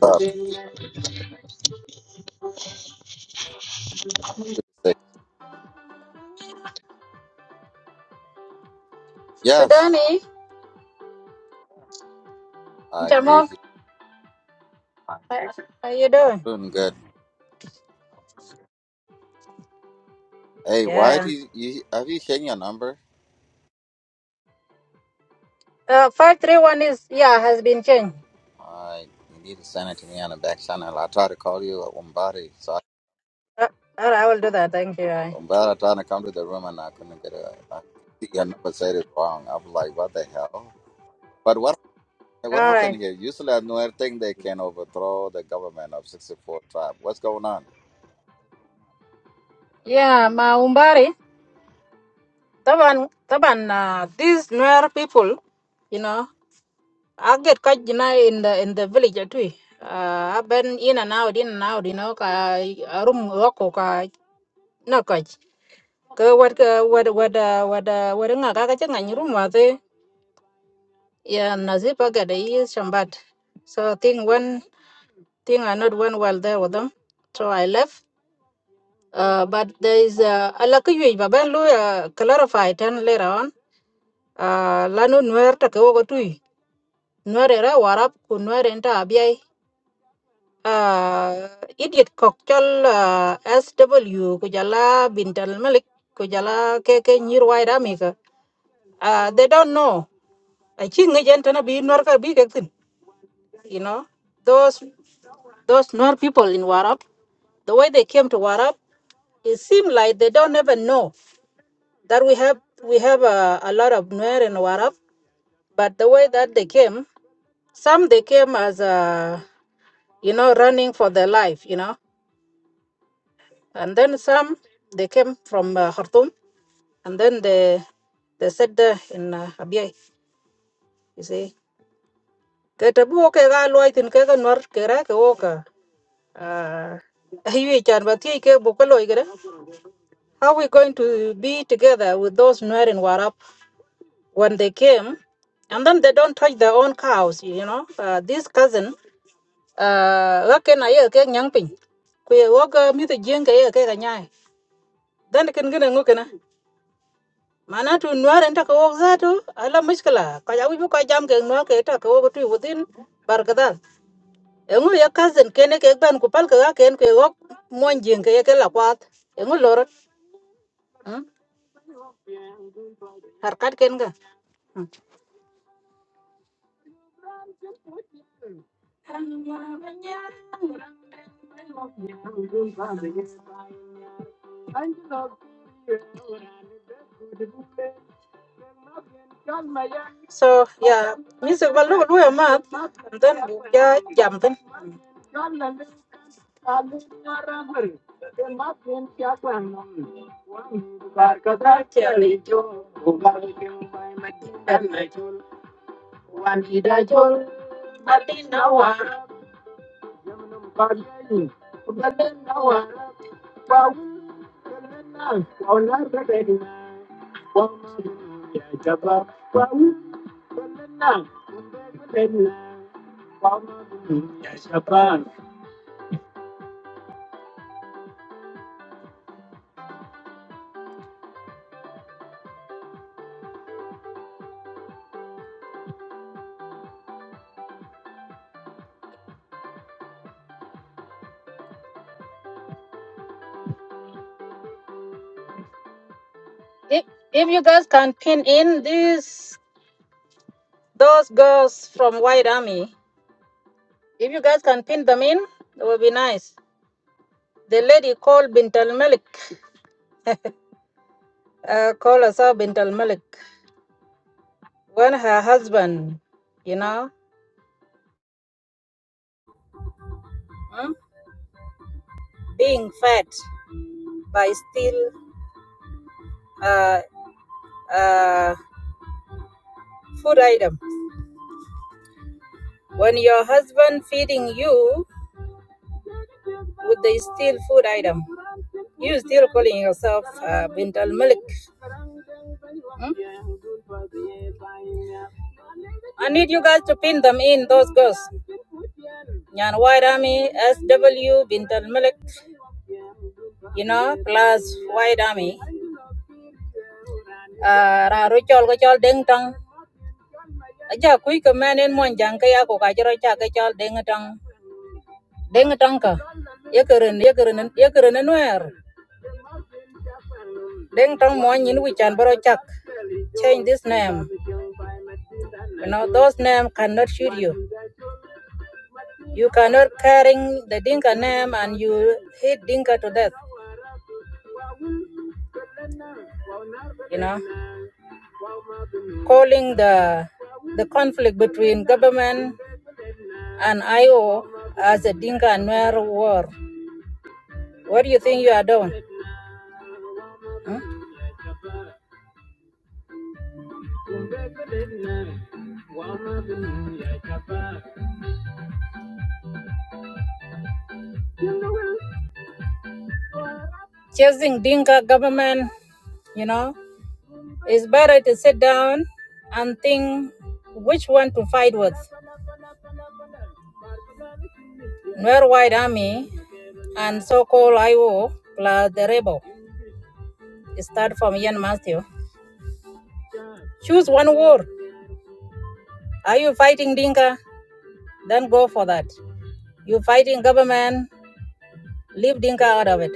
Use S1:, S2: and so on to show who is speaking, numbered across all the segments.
S1: Uh, yes, I agree.
S2: Jamal, how how you
S1: I'm
S2: doing?
S1: doing good. Hey, why do
S2: Yeah.
S1: you, you have you changed your number?
S2: Uh, five three one is yeah has been changed.
S1: I you need to send it to me on the back channel. I tried to call you at Umbari, so I,
S2: Uh, all right, I will do that. Thank you. All
S1: Umbari trying to come to the room and I couldn't get a. I, your number said it's wrong. I was like, what the hell? But what what
S2: right.
S1: happened here? Usually, I know everything they can overthrow the government of 64 tribe. What's going on?
S2: Yeah, Maumbari. Taban, taban. Uh, these Nuer people, you know, I get caught you know, in the in the village at we. Uh, I've been in and out, in and out. You know, ka room work ka no catch. Ka what ka what what uh, what uh, what nga ka ka changa room wa te. Yeah, nazipa ga de is shambat. So thing one. Things are not went well there with them, so I left. Uh, but there is uh, a lucky you, but Ben Louis uh, clarified then later on. Uh, Lanu Nuer Takawa Tui, Nuerera Warap, Kunuerenta Abiai, uh, idiot cocktail uh, SW, Kujala Bintal Malik, Kujala keke Nirwai Ramika. Uh, they don't know. I think agent and a be Norka big. you know those those Nuer people in Warab, the way they came to Warab, it seemed like they don't even know that we have we have a, a lot of Nuer in Warab. But the way that they came, some they came as a you know running for their life, you know, and then some they came from uh, Khartoum, and then they they sat there in uh, Abyei, you see. Ketabu ke ga loitin ke ga Nuer ke ra ke wo ka. Uh, hiyo chan ba tie ke bokolo igere. How we going to be together with those Nuer in Warap when they came? And then they don't touch their own cows, you know. Uh, this cousin, uh, wake na ye ke nyang pin. Kuye woga mi the jeng ke ye ke ganyai. Then ken gina ngukena. Mana tu Nuer enta ko wok zatu, ala mishkala. Kaya wibu ka jam ke Nuer ke enta ko wok tu within barkadal. Engu ye cousin kene ke ban kupal ke ga ken ke wok mon jeng ke ye ke la kwat. Mm. Harkat ken ga. Mm. So yeah, music well no a month and then you yeah jumping. If if you guys can pin in these those girls from White Army, if you guys can pin them in, it would be nice. The lady called Bint al Malik, uh, call herself Bint al Malik, when her husband, you know, mm, being fed by still uh, uh, food item. When your husband feeding you with the steel food item. You still calling yourself uh, Bint al Malik. hmm? I need you guys to pin them in, those girls. Nyan White Army, SW, Bint al Malik, you know, plus White Army. Uh, ra ru chol ko chol deng tang. Aja kui ka man en mon jang ka ya ko ka jero cha ka chol deng tang. Deng tang ka. Ye keren, ye yekeren nuer. Deng tang mon nyin wi chan baro chak. Change this name. You know, those name cannot shoot you. You cannot carrying the Dinka name and you hate Dinka to death, you know, calling the the conflict between government and IO as a Dinka and Nuer war. What do you think you are doing? huh? Chasing Dinka government, you know, it's better to sit down and think which one to fight with, Nuer White Army and so-called IO plus the rebel. Start from Ian Matthew. Choose one war Are you fighting Dinka? Then go for that. You fighting government, leave Dinka out of it.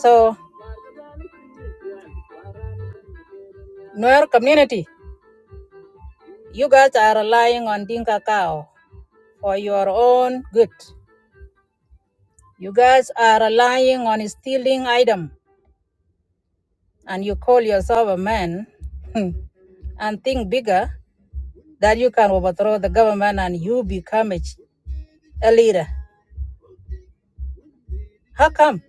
S2: So, Nuer community, you guys are relying on Dinka cow for your own good. You guys are relying on stealing item and you call yourself a man and think bigger that you can overthrow the government and you become a, a leader. How come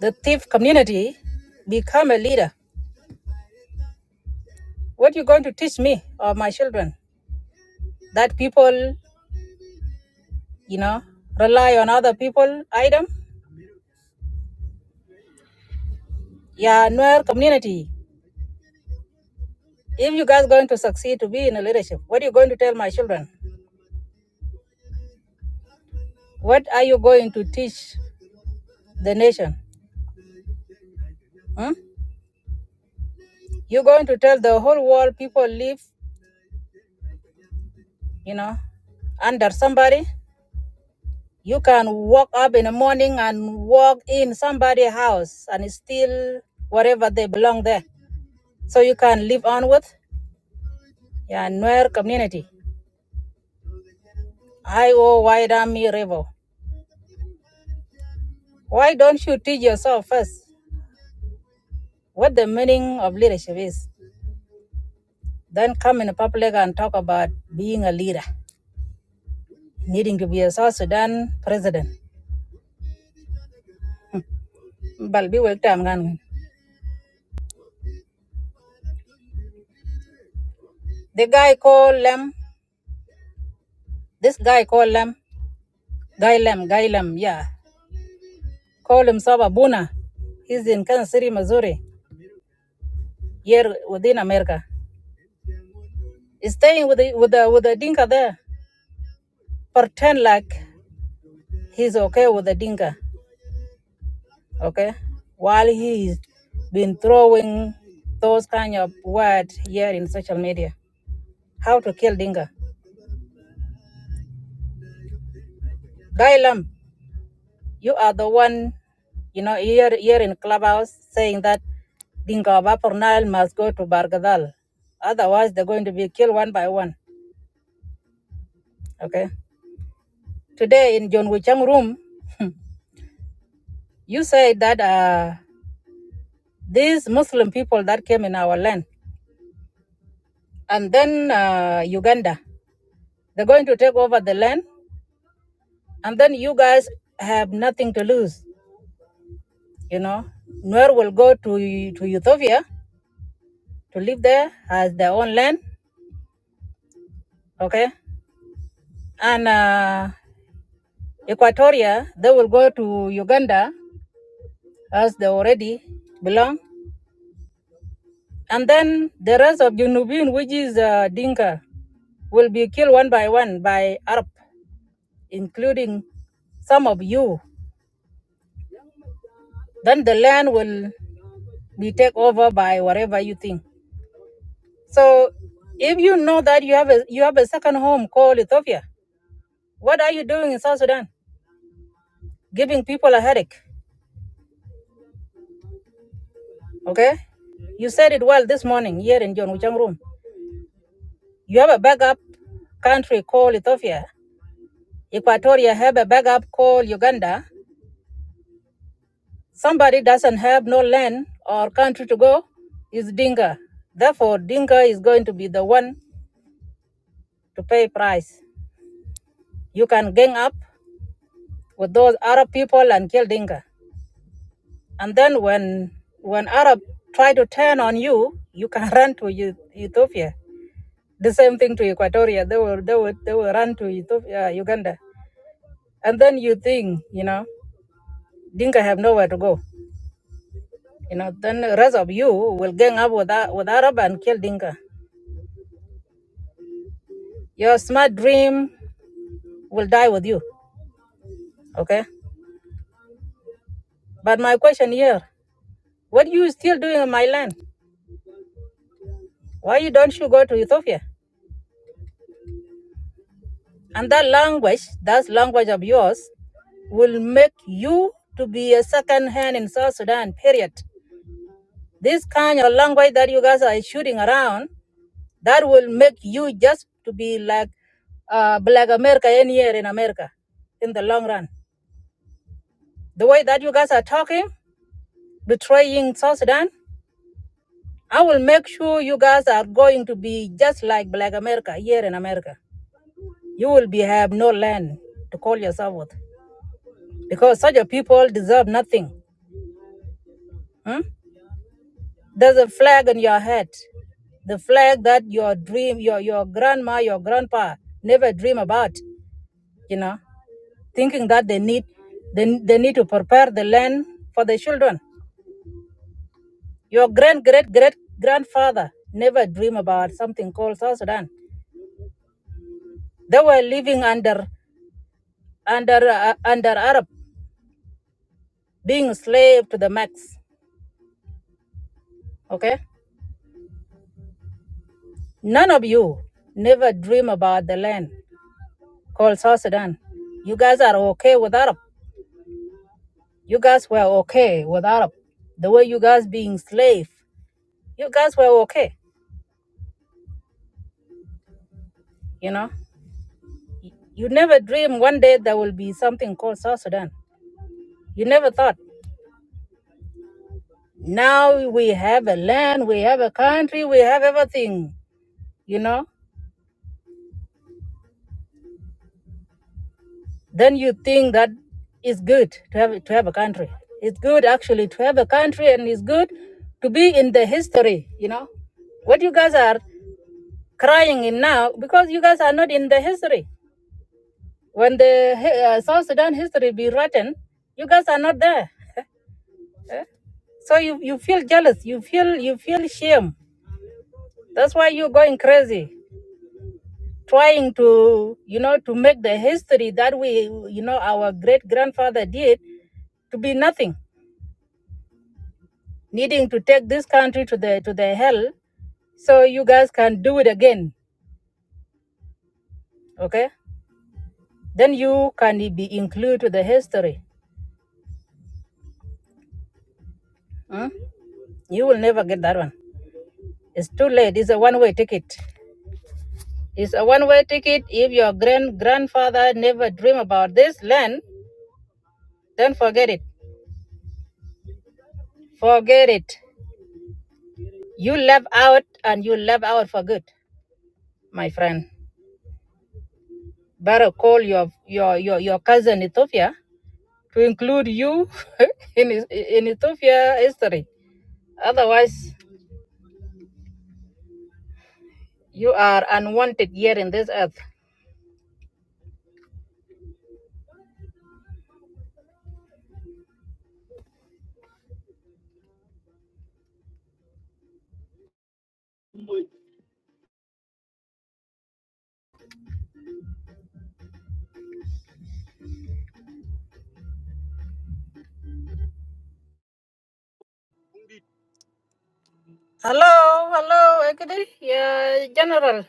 S2: the thief community become a leader? What are you going to teach me or my children? that people, you know, rely on other people item. Yeah, Nuer community. If you guys going to succeed to be in a leadership, what are you going to tell my children? What are you going to teach the nation? Hmm? you going to tell the whole world people live, you know, under somebody. You can walk up in the morning and walk in somebody's house and steal whatever they belong there. So you can live on with yeah, Nuer community. I O Y Dami revo. Why don't you teach yourself first what the meaning of leadership is? Then come in the public and talk about being a leader, needing to be a South Sudan president. But be worked gan- The guy called Lem, this guy called Lem, Guy Lem, Guy Lem, yeah. Call himself a Buna. He's in Kansas City, Missouri, here within America. He's staying with the, with the, with the Dinka there. Pretend like he's okay with the Dinka. okay while he's been throwing those kind of words here in social media how to kill dinka gailam you are the one you know here here in clubhouse saying that dinka of upper nile must go to bargadal otherwise they're going to be killed one by one okay today in john wichang room you said that uh, these muslim people that came in our land and then uh, uganda they're going to take over the land and then you guys have nothing to lose. You know, Nuer will go to to Ethiopia to live there as their own land, okay? And uh, Equatoria, they will go to Uganda as they already belong. And then the rest of Junubin, which is uh, Dinka, will be killed one by one by Arab, including some of you. Then the land will be taken over by whatever you think. So if you know that you have a you have a second home called Ethiopia, what are you doing in South Sudan? Giving people a headache. Okay? You said it well this morning here in John Wuchang Room. You have a backup country called Ethiopia. Equatoria have a backup called Uganda. Somebody doesn't have no land or country to go is Dinka. Therefore, Dinka is going to be the one to pay price. You can gang up with those Arab people and kill Dinka. And then when when Arab try to turn on you, you can run to Eu- Ethiopia. The same thing to Equatoria. They will they will they will run to Ethiopia, uh, Uganda. And then you think, you know, Dinka have nowhere to go. You know, then the rest of you will gang up with Ar- with Arab and kill Dinka. Your smart dream will die with you. Okay. But my question here, what you still doing in my land? Why you don't you go to Ethiopia? And that language, that language of yours, will make you to be a second hand in South Sudan, period. This kind of language that you guys are shooting around, that will make you just to be like uh, Black America anywhere in America in the long run. The way that you guys are talking, betraying South Sudan, I will make sure you guys are going to be just like Black America here in America. You will be have no land to call yourself with because such a people deserve nothing. Hmm? There's a flag on your head. The flag that your dream, your your grandma, your grandpa never dream about, you know, thinking that they need they, they need to prepare the land for the children. Your grand great great grandfather never dream about something called South Sudan. They were living under under uh, under Arab, being slave to the max. Okay, none of you never dream about the land called South Sudan. You guys are okay with Arab. You guys were okay with Arab, the way you guys being slave. You guys were okay, you know. You never dreamed one day there will be something called South Sudan. You never thought. Now we have a land, we have a country, we have everything, you know. Then you think that it's good to have to have a country. It's good actually to have a country, and it's good to be in the history, you know what you guys are crying in now because you guys are not in the history When the uh, South Sudan history be written, you guys are not there. So you, you feel jealous. You feel you feel shame. That's why you're going crazy, trying to you know to make the history that we you know our great grandfather did to be nothing, needing to take this country to the to the hell, so you guys can do it again. Okay, then you can be included to the history. Hmm? You will never get that one. It's too late. It's a one-way ticket. It's a one way ticket. If your grand grandfather never dreamed about this land, then forget it. Forget it. You left out and you left out for good, my friend. Better call your your your, your cousin Ethiopia to include you in in Ethiopia history. Otherwise, you are unwanted here in this earth. Hello, hello, Ekiri, yeah, General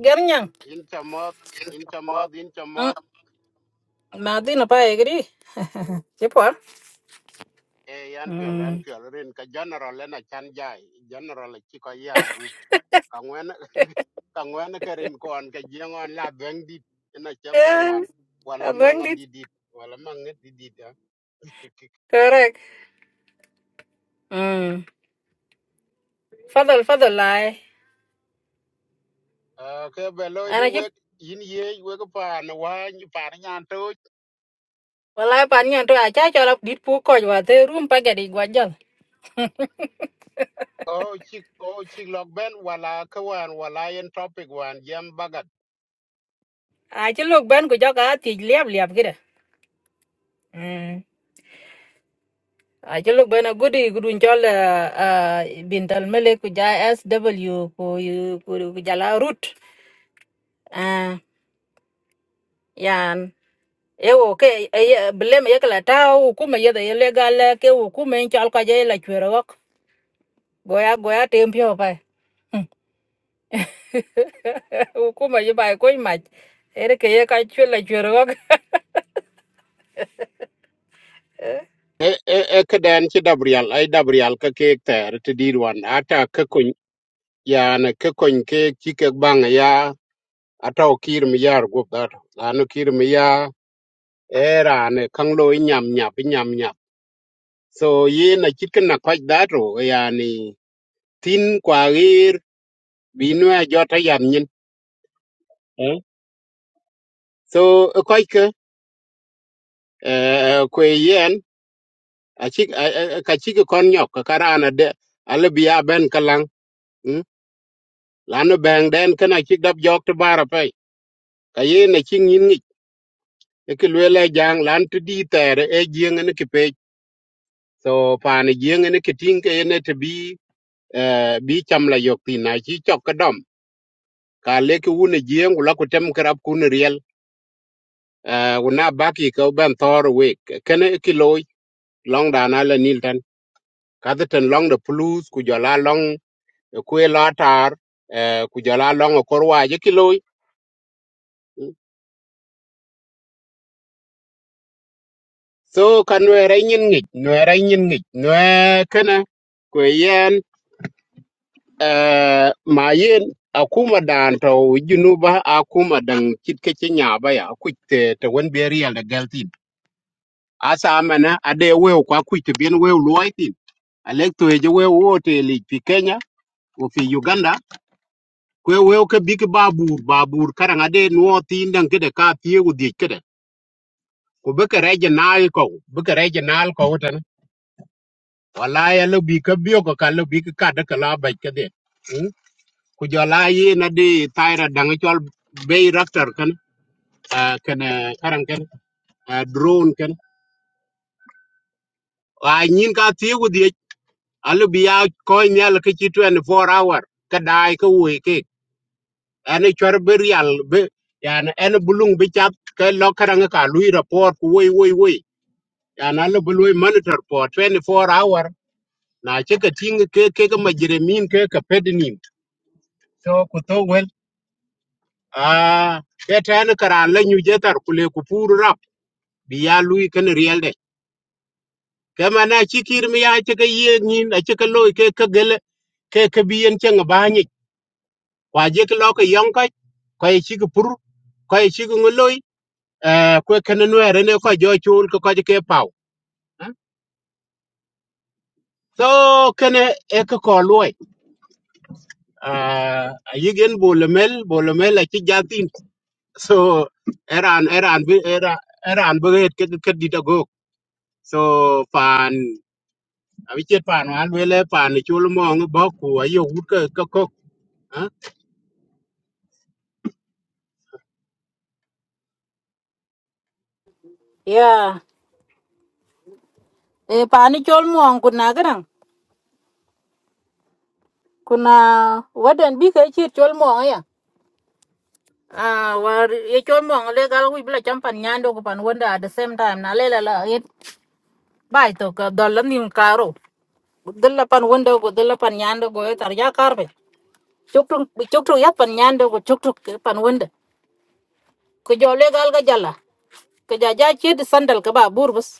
S2: Gernyang.
S3: Inchamot, inchamot,
S2: Mm,
S3: inchamot,
S2: Madina pa Ekiri. Chipwa.
S3: e yan piol, yan
S2: Mm.
S3: piol, rin ka general en achan jai, general e chiko ya gup, ka ngwen, ka rin koan, ka jiengon la beng dit, ina chak
S2: Yeah,
S3: bengwan,
S2: I
S3: wala manga
S2: learned it.
S3: didit, wala manga didit, ha.
S2: Correct. Mm. Fadal, fadal, lai.
S3: Uh, ke beloy di
S2: Ana chip.
S3: wek, yin ye, wek paan, wany, paan nyan toj,
S2: Walai pan nyan tu acha chola dit pu koj wa te room pa gadi gwajal.
S3: o chik, o chik lok ben, wala ka wan, wala yen topic wan, jem bagat.
S2: Acha lok ben ku joka ati liab liab kira. Mm. Acha lok ben a gudi gudun chol uh, uh, bintal mele ku ja SW ku yu- ku ku jala root. Ah, yan. Ewo ke eh, bileme yekla ta hukuma yedhe ilegal ke u kuma en chal inchal kaje la chwerok. Goya goya tempio pa. Kuma ji bai koi mach. Ere ke ye ka chwe la chwe ro.
S3: E, e, e, ka den chi dabrial, ay dabrial ka kek ter, ti dir wan, ata ke yani ke kon ke chike bang ya atau kir mi yar gop dar lanu kir mi ya era ne kang lo nyam nyap nyam nyap so ye na chit kan na kwaj daro yani tin kwa gir binu a jota yam nyin eh? so kwaj ke eh, eh, kwe yen a chik a- a- ka chike kon nyok ka karana de ala biya ben kalang mm? lanu bang den kana chik dab jok te bara pai ka ye na ching yin ngi ke lwele jang lan tu di tere e jieng ni so paani jieŋ ene ke tiŋ ke ene te bi eh, bi cham la yok tin na chi chok ka dom ka leke ne jieŋ wula ku tem kerap kun riel eh, wuna baki ka ben thor we kene e ki loy long da na la nil tan kadhi ten long the plus ku jola long e kwe la tar eh, ku jola long e kor waje ki loy so ka nwere nyin ngic nwere nyin ngic nwe kene kwe yen eh ma yen akuma dan to junuba akuma dan kit nya ba ya ku te te won be real da galtin asa amana ade we kwa ku te bien we loitin electo e je we wote li fi Kenya o fi Uganda kwe we ke big babur babur karang ade no tin dan kede ka pie u di kede ku be ke reje nal ko be ke reje nal ko tan wala ya lo bi ke bio ko ka lo bi ka da kala ba kede ku jɔl a yi na di tayra daŋa cɔl bei raktor kan ah, kən ah, karan kən ah, drone kan. a nyin ka tiigu dhiec alu bi ya kɔc nial ke ci 24 hour ke daai ke woi kek ɛni cɔr bi rial bi yani ɛni bi luŋ bi cap ke lɔ karaŋa ka lui report ku woi woi woi yani alu bi monitor for 24 hour na ci ka tiŋ ke ke ke majeremin ke ke pedinim so ku tho wel a ke tɛni karan la nyu je kule ku puur rap bi ya lui kan real de kama na chikir mi ya chika ye nin a chika loy ke ka gele ke ka biyen chang ba ni kwa je ka lo ka yong ka kwa ye chika pur kwa ye chika ngoloi eh kwe kan no ere ne kwa jo chul ka kwa je ke pau eh. so kene e ka ko loy ah yigen bolomel bolomel a chi jatin so eran eran bi- era eran bu ke ke ditago. so pan abi chet pan wan wele pan ni chul mo ngi bo ku ayo gut ka ka ko ha
S2: Yeah. E pani chol muong kuna garang. Kuna wadan bi kai chir chol muong ya. Ah, war ye chol mo le gal wi bla champan nyando ko pan wanda at the same time na le la la ye bai to ka dol nim karo. Dalla pan wanda ko dalla pan nyando ko tar ya karbe. Chukru chukru ya pan nyando ko chukru pan wanda. Ko jole gal ga jalla. Ko jaja chir sandal ka ba burbus.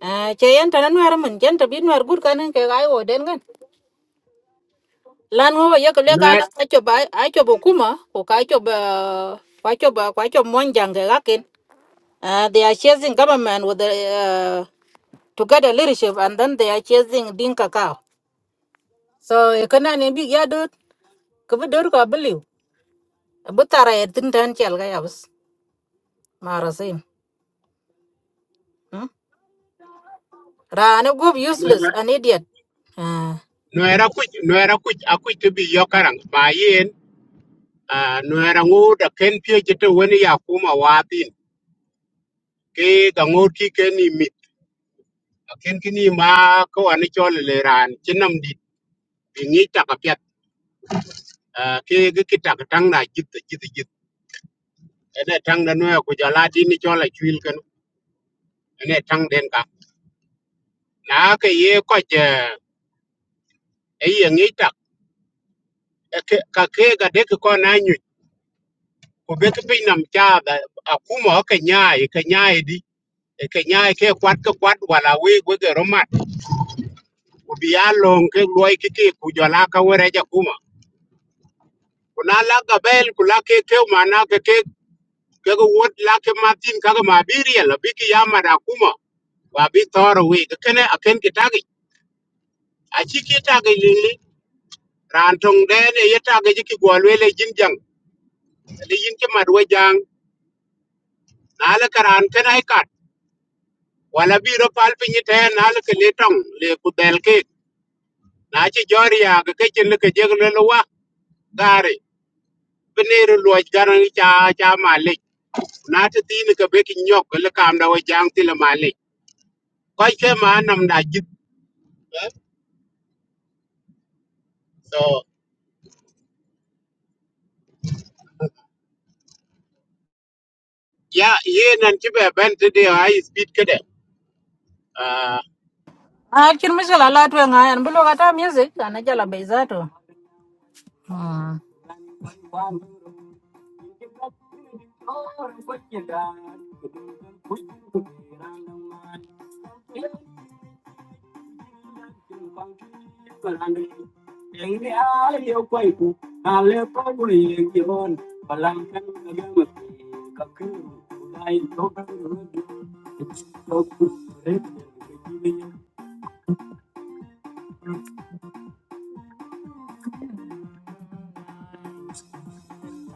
S2: à chị em ta nó ra mình chân ta biết nó gut cái nên cái gái ở đến gần lan ngô vậy cái
S3: no
S2: cái là ai cho bà ai cho bố kuma của cái cho bà quái cho bà quái cho mon jang cái gác in à they are chasing government with the uh, together leadership and then they are chasing dinka cow so cái này nên biết ya đốt cái bữa đốt có believe bữa ta ra tin tan chel cái abs mà ra sin ra nó go useless an idiot
S3: no era ku no era ku aku te bi yo karang ma yen ah, no ngu da ken pye jete wen ya kuma watin ke ga ngu ki ken ni mi A ken ki ni ma ko ani chol le ran chinam di bi ngi ta ka pet ah, ke ga ki ta ka tang na jit jit jit ene tang na no ya ku jala di ni chol a chwil ken ene tang den ka na ke ye ko je e ye ngi ta ka ke ga de ko na ku be ke piny nam cha da akuma ke nyaai ke nyaai di e ke nyaai ke kwat ke kwat wala we we ke romat ku bi ya ke loy ke ke ku jola ka were ja kuma ku la ga bel ku ke ke mana ke ke ke ke wot la ke matin ka ga mabiria la bi ki ya da kuma wa bi toro we ke kene aken ke tagi a chi ke tagi lili ran tong de ne ye tagi ji ki gwalwe le jin jang le yin ke madwe jang na la karan kenai wala biro pal pinyi ten na le ke letong le kudel ke na chi jori ya ke ke chin le ke jeg le wa gari biniru luoj garang cha cha malik na ti tin ke be ki nyok le kam da wa jang ti le malik ko ke ma nam da jit eh? so ya ye nan ti be ben ti de high speed ke de ah
S2: Ah, kin mishkila la tuwe nga yan. Bilo kata music, ana jala bezato. Hmm.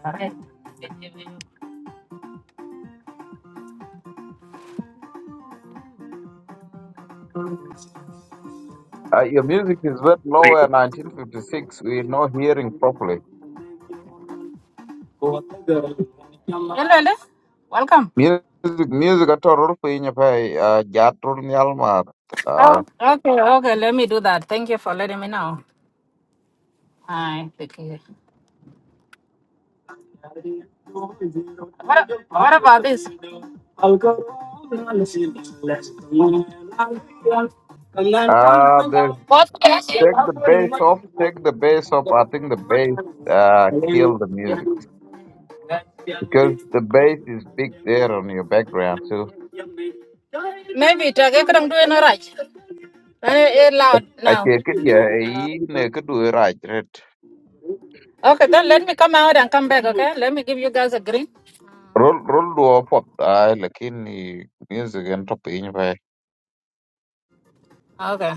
S2: Alright.
S4: Uh, your music is that nowhere 1956 we're not hearing properly
S2: Hello, hello. Welcome.
S4: music music at all for in uh jatul nyalmar uh
S2: Oh. Okay, okay. Let me do that. Thank you for letting me know. Hi. Take care. What, what about this? What?
S4: uh they take the bass off take the bass off i think the bass uh kill the music because the bass is big there on your background too
S2: Maybe it okay, couldn't do any right. It's loud
S4: i
S2: now.
S4: take it yeah you could do it right right
S2: Okay, then let me come out and come back, okay? Let me give you guys a green.
S4: roll roll do up uh like in the music and top in your
S2: Okay.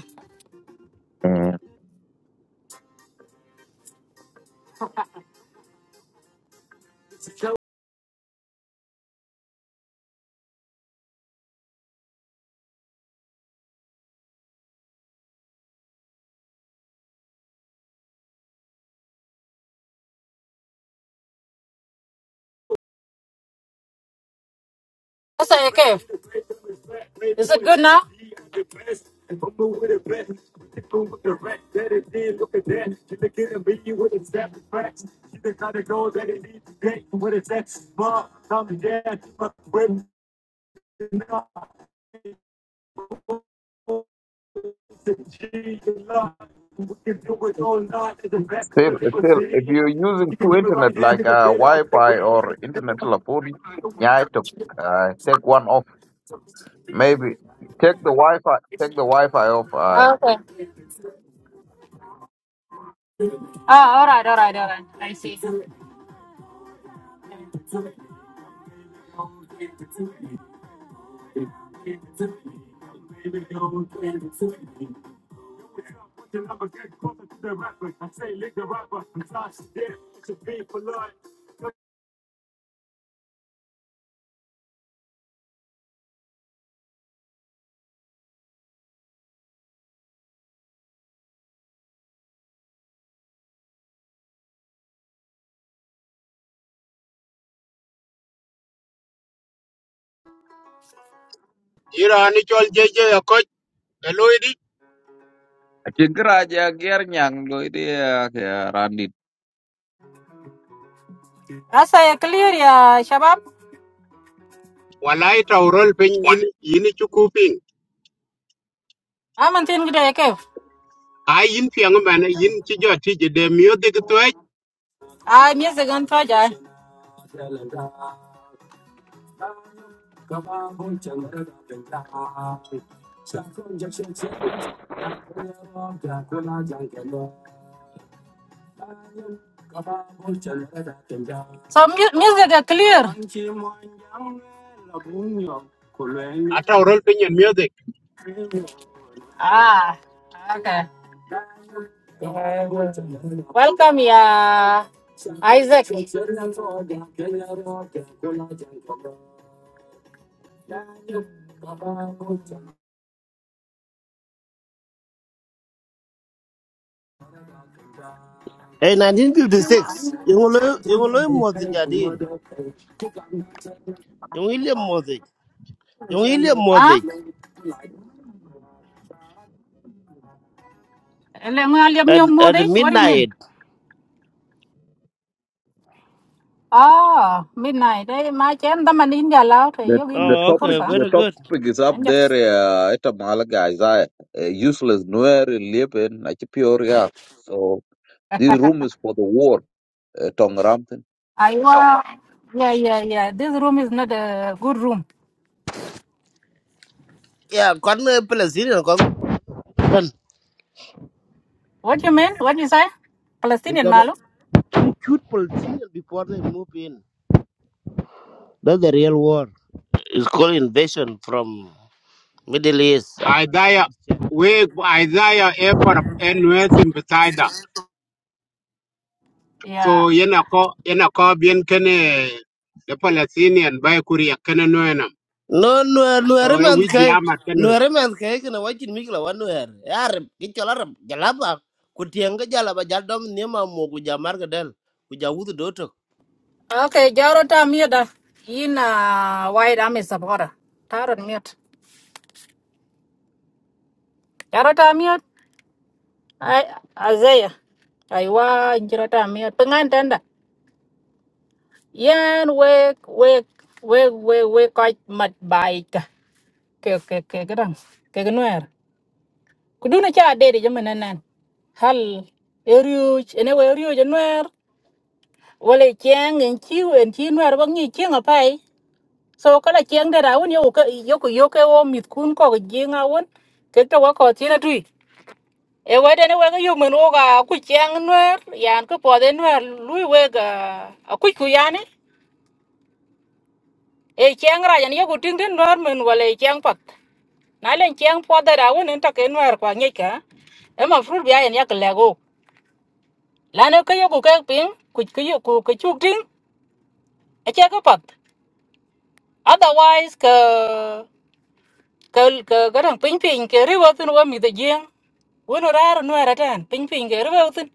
S2: That's okay. Is it good now?
S4: Still, still, if you're using two internet like uh, Wi-Fi or internet telephone, yeah, to uh, take one off. Maybe take the Wi-Fi, take the Wi-Fi off. Uh,
S2: Ah, Okay. Ah, all right, all right, all right. I see.
S3: ira ni chol je je ya ko loy
S4: Aci geraja ger nyang lo ini ya, ya Randy.
S2: As I clear, ya, Shabab.
S3: wala ita taw rol pin yin yin chu ku ping
S2: I'm on thing today, okay?
S3: a yin piang ma na yin chi jo ti je de myo de ke to
S2: I music on Toja. So mu- music is clear.
S3: a taw pin yin myo
S2: Ah, okay. Yeah. Welcome, ya, Isaac.
S5: In 1956, yung ulo, yung ulo music adil. Yung William music. Yung William
S2: Ah?
S5: music.
S2: Let me- let me
S5: At,
S2: move
S5: at
S2: this. What do you mean?
S5: midnight.
S2: Ah, midnight. Eh, ma chen da man in giờ lao te
S4: The
S2: yogin
S4: the
S5: Oh,
S4: topic
S5: okay,
S2: pursa.
S4: the
S5: very good.
S4: topic is up
S2: And
S4: there.
S2: yes.
S4: Uh, itu malah guys, I uh, uh, useless nuer living aci pure ya. So this room is for the war. Uh, Tong ramten.
S2: I wa Yeah, yeah, yeah. This room is not a good room.
S5: Yeah, kon uh, Palestinian, kon Well,
S2: What you mean? What you say?
S5: You
S2: Palestinian
S5: gotta
S2: malu?
S5: you shoot Palestinian before they move in. That's the real war. It's called invasion from Middle East. I don't like
S3: Isaiah
S5: that shit.
S3: we Isaiah airport NUS beside that.
S2: Yeah.
S3: so yana ko yana ko bien kene the Palestinian by Korea kene noena
S5: No, nuer, nuer
S3: so e
S5: man
S3: wi di
S5: kai.
S3: ama kene
S5: Nuer man kai kena wajin mikla wan nuer. Arab, kichol Arab, jalaba. Kutianga jalaba jaldom nima mo kuja marga del. Kuja wudu doto.
S2: Okay, Jarota mute in uh white army supporter. Tarot mute. Jarota mute. I Isaiah. I wa Jarota mute. Pengan tanda. Yan wake wake wake wake wake quite mad bike. Ke ke ke gedang. Ke genuer. kuduna cha dede jaman nanan hal eriuch ene we eriuch anwer wala cheng en chiu en chi nwer ba ngi cheng apai so kala cheng da rawun yo ka yo ko yo ka jinga won ke to tina tui e we ne we yo men o ku cheng nwer yan ko po nwer lui we ga a yani e cheng ra yan ting den nwer men wala cheng pat na len cheng da rawun en ta nwer kwa ngi ka e ma yak lego lana ka yoku ka ping ku ku yo- ku ku chuk ting a ka pat otherwise ka ka ka garang ping ping ke ri wa tin wa mi de jing wo no no ra ping ping ke ri tin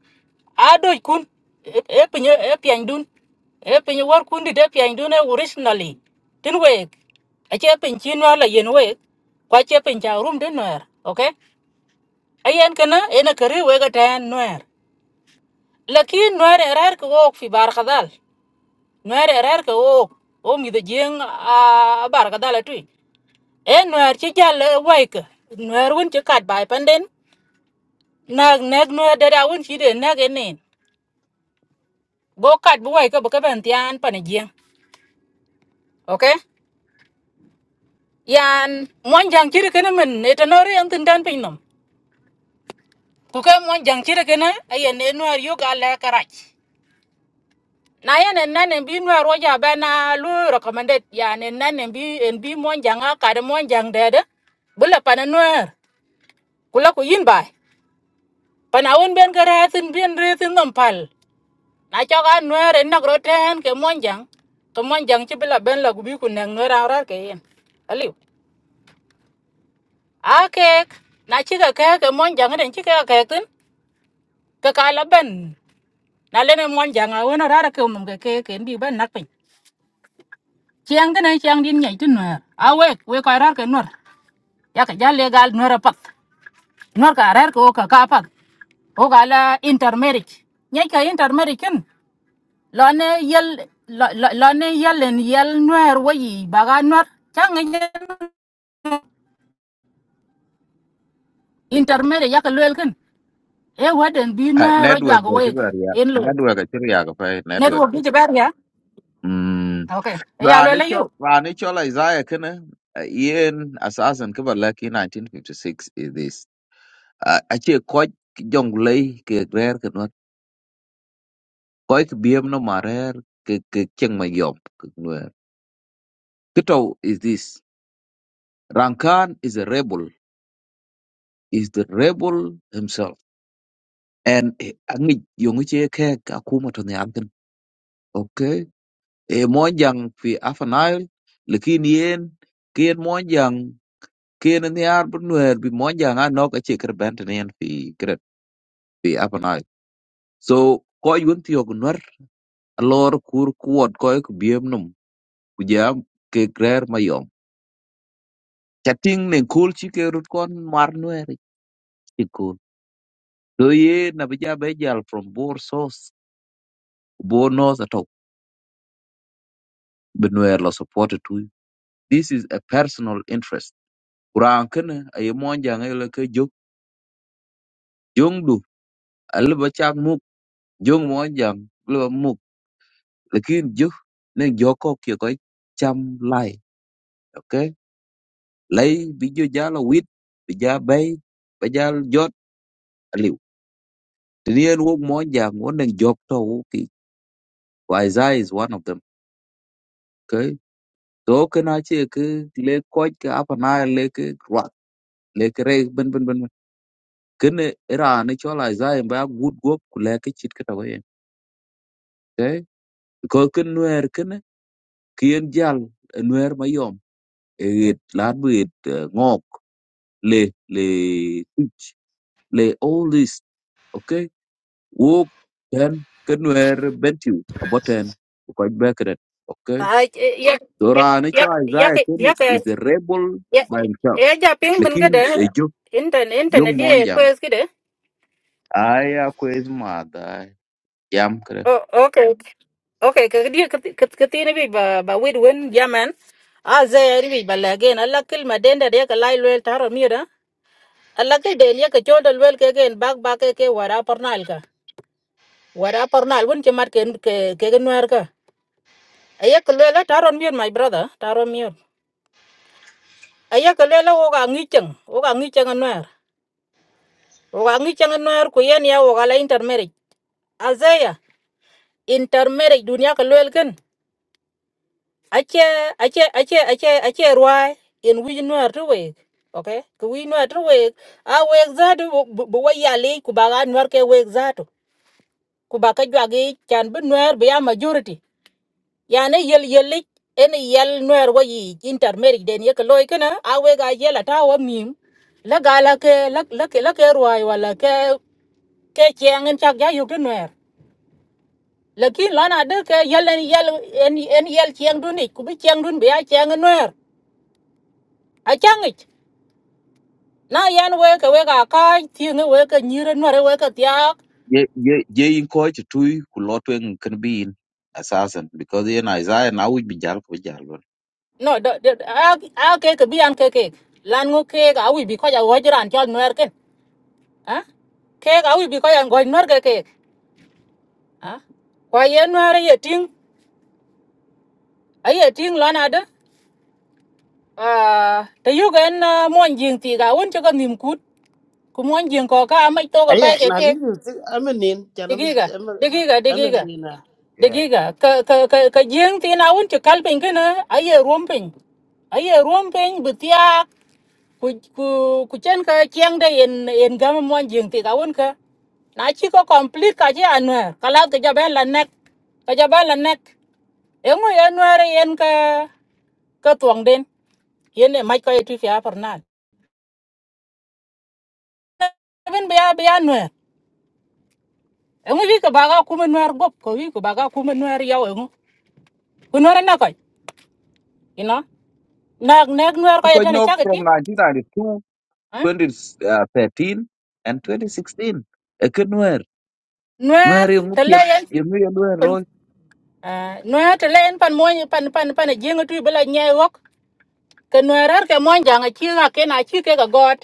S2: a do kun e e pin e pian dun e pin war kun di de pian dun e originally tin we a pin chin wa la yen we kwa che pin cha rum din no okay ayen kana ena kari we ga tan no lakin no ra ra ko ok fi bar khadal nuer erer ke o o mi the jeng a bar ka dala tui e nuer chi jal e wai ke nuer wun chi kat bai panden nag nag nuer dada wun chi de nag enen go kat bu wai ke bu ka ben tian pan jeng okay yan mon jang chi ke men e to nori an tin dan pin nom ku ke mon jang chi ke na ayen e nuer yu ga le karach na yan en nan en bi nuer wo ja ba na lu recommended yan en nan en bi en bi mon jang a ka de mon jang de de bula pana nuer kula ku yin bai pa na won ben kareatin bien retin nom pal na cho ga nuer en nagro ten ke monjang to monjang chi ben la gubi ku nang nuer ara ke yen aliu a kek na chi ga ke ke monjang den chi ke tin ke ka ben na lene ne monjang a won ara ke mum ke ke ken bi ben nak pin chiang den chiang din nyai tin nuer a we we ka ara ke nuer ya ka ja legal nuer pat nuer ka ara ke o ka ka pat o ka la intermarriage nyai ka intermarriage ken. lɔne yel lɔ- lɔ- lɔne yelen yel nuɛɛr wɔ yi baga nuɔr caŋ intermede yaka luel ken e waden bi
S4: Uh,
S2: nuɛɛr ɔ
S4: network
S2: juak
S4: aja
S2: week
S4: bari ya.
S2: en loi
S4: Network aja ya, kapai
S2: netwok
S4: network.
S2: di jibɛr ya ok e eya luele yu
S4: Ranichol Ranichol Isaiah kene uh, yen asasan kibalaki 1956 is this. Uh, achi koj jonglei ke rer ke nuat. Koj ke biem no marer ke ke cheng ma yom ke nuer. Kito is this. Rankan is a rebel. Is the rebel himself. And eh, angi yungu che ke akuma to ne amken. Okay. E monjang fi Afanile. Lekin yen kien monjang Ken and the Arbor were be Monjanga knock a chicker bantanian fi gret fi apanai. So koi yunti yogunwer a lor kur kuot koi kubiemnum kujam ke grer mayom. Chatting ne cool chike rutkon marnuer chikul. So ye nabija bejal from Boer source. Boer knows at Benuer lo supported to. This is a personal interest. Kurang kene a ye monjanga yole ke jok. Jong du a liba chak muk. Jong monjang Lakini ju nên vô có kia có chăm lại ok lấy ví dụ giá là quýt ví giá bay bây giá giót liệu thì nên wo mo ja mo nên jok to wo ki why za is one of them okay so kana che ke le ko ke apa na le ke ra le ke re ben ben ben kene era ne chola za em ba good go ku le ke chit ka to ye okay ko ken nuer kene kien jal nuer mayom et lat bit ngok le le Lay all this, okay? Walk then can wear bentu a button quite back at it, okay?
S2: ai ya
S4: So
S2: ya
S4: Rani cho
S2: ya ya
S4: Isaiah
S2: ke
S4: Kenny
S2: ya ke
S4: is a rebel
S2: ya
S4: by himself.
S2: ya ja ping
S4: The
S2: bin ga de
S4: king, a young
S2: inten
S4: young
S2: inten de
S4: monjang.
S2: pues
S4: Aya quiz mother yam kere.
S2: Oh, okay. Okay, kadia katina bi ba ba wid win yaman. Aze ri bi ba lagen alla kil madenda de ka lai lwel taro mira. Alla ke de ya ka chodol wel ke gen bag ba ke ke wara parnal ka. Wara parnal won ke mar ke ke ke nuar ka. Aya ka lela taro mir my brother, taro mir. Aya ka lela o ga ngicheng, o ga ngicheng nuar. O ga ngicheng nuar ku yen ya o ga la intermarriage. Aze ya intermarriage dunia ka lwel ken. ache ache ache ache ache ruai in wi no atwe okay ku wi no atwe a we zatu bu wa ya le ku ba ga ke we zatu Kubaka ba ka jwa ge chan bu nor be ya majority ya yel yelik le en yel nor wa yi intermarriage den ye ko loy kana a we ga yel ta wa la ga ke la la ke la wala ke ke cheng en chak ya yu ke nor lakin lana de ke yel en yel en en yel cheng kubi ni ku bi cheng dun be ya cheng nor a chiang and wear. I chang it. na yan weka weka ka ti ne weka nyire no re weka tia
S4: Ye ye ye in coach tui kulotwing can be in assassin because in Isaiah now would be jal for jal.
S2: no de do- a a ke ke bi an ke ke lan ngo ke ga wi bi ko ja wo jran jol no er ken ha ke ga wi bi ko ya ngo no er ke ke ha kwa ye no ye ting a ye ting lan ada de a te yu gen ah, mon jing ti ga won che ga nim kut ku mon jing ko ka mai to ga pa
S5: Aye,
S2: ke ke
S5: nanti nanti amenin, jangan
S2: digiga
S5: amen
S2: digiga digiga
S5: amenin ah. Yeah.
S2: Degiga, ka ka ka ka jeng tin awun ci kalpin kana aye romping Aye rompin betia ku ku ku chen ka kiang de en en gam mon jeng ti awun ka. Na ci ko complete ka ci anwer. Kala ka jaban la nek. Ka jaban la nek. Engo anwer en ka ka tuang den. Yen e mai ko itu fi aparnal. Ben biya biya anwer. Engo wi ka baga kuma anwer gop ko wi ka baga kuma anwer yaw engo. Ku anwer na ko. You know. Nak nak anwer ko
S4: Because
S2: yetene
S4: no from
S2: chagatin.
S4: nineteen ninety two,
S2: Hả?
S4: twenty uh, thirteen, and 2016 a can wear.
S2: nuer
S4: Nuer yung
S2: te
S4: upiat,
S2: leyen
S4: yung nuer nuer loy.
S2: nuer te leyen pan moñ pan pan pan jeng tu bela nye wok ke nuer ar ke moñ janga chi ga ke na chi ke ga got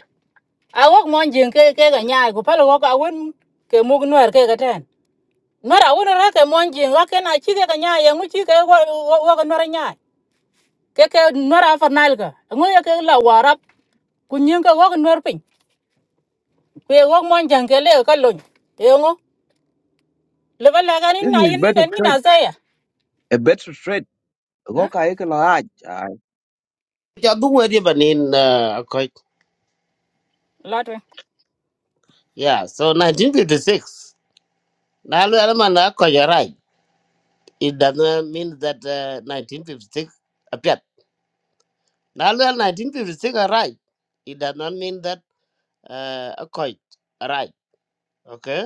S2: a wok moñ jeng ke ke ga nyaa ku pal wok a won ke mug nuer ke ga ten nuer a won ra ke moñ jeng ga ke na chi ke ga nyaa ye ngu chi ke wok wo nuer nyaa ke ke nuer a fanal ga ngu ye ke la warap ku nyen ke wok nuer pin ku wok moñ jang ke le ka lon ye ngu le ba la ga ni
S4: This
S2: na
S4: is
S2: yin ni na
S4: better
S2: ni na
S4: trade,
S2: za ya
S4: a better trade. Go
S2: ha
S4: ka eka la aj.
S5: Jadu wedi banin akoi.
S2: lotwe
S5: Yeah, so 1956. Nalu alaman akoi you're right. It doesn't mean that uh, 1956 appeared. Nalu 1956 are right. It does not mean that uh, akoi right. Okay?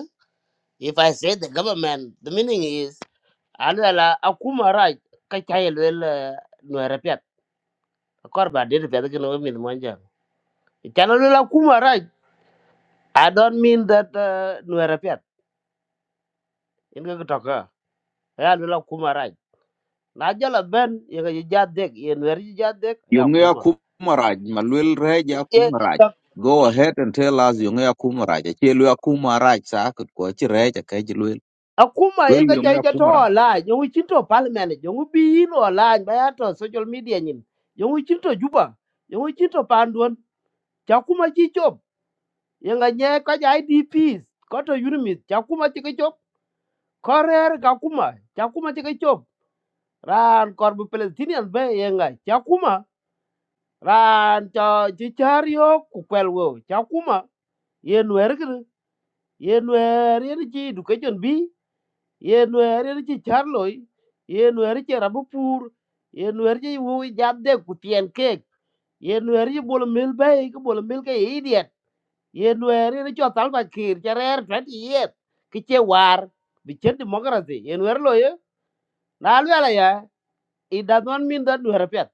S5: If I say the government, the meaning is alala akuma right kachayel well no repeat. Akorba did repeat again no me the manja. Chanalula akuma right. I don't mean that uh, no repeat. In the talker. Alula kuma right. Najala ben yaga jadek yen weri jadek ya
S4: Yung ya
S5: kuma.
S4: kumaraj, malwil rej
S5: Ye
S4: ya
S5: ye
S4: kumaraj. Go ahead and tell us yung ya kumaraj. Achi lu ya kumaraj sa akut ko achi rej akaj luil.
S5: Akuma yen
S4: Luil
S5: ka
S4: yung
S5: chai
S4: ya
S5: chato
S4: kumaraj.
S5: la yongu chinto parliament yongu bi in la bayato social media nyin yongu chinto juba yongu chinto panduan chakuma chichop yenga nye ka ja IDPs koto unimit chakuma chike chop korer kakuma chakuma chike chop ran korbu Palestinian be yenga chakuma ran cho chichario kukwelwo chakuma yenwer kre yenwer yen chi education bi yenwer yen chi charloi yenwer chi rabupur yenwer chi wuwi jadde kutien kek yenwer chi bolo mil bay ko bolo mil ke idiot ye nuer ni cho salva kir charer 20 years kiche war bi chen democracy ye nuer lo ye na lu ala ya it does not mean that nuer pet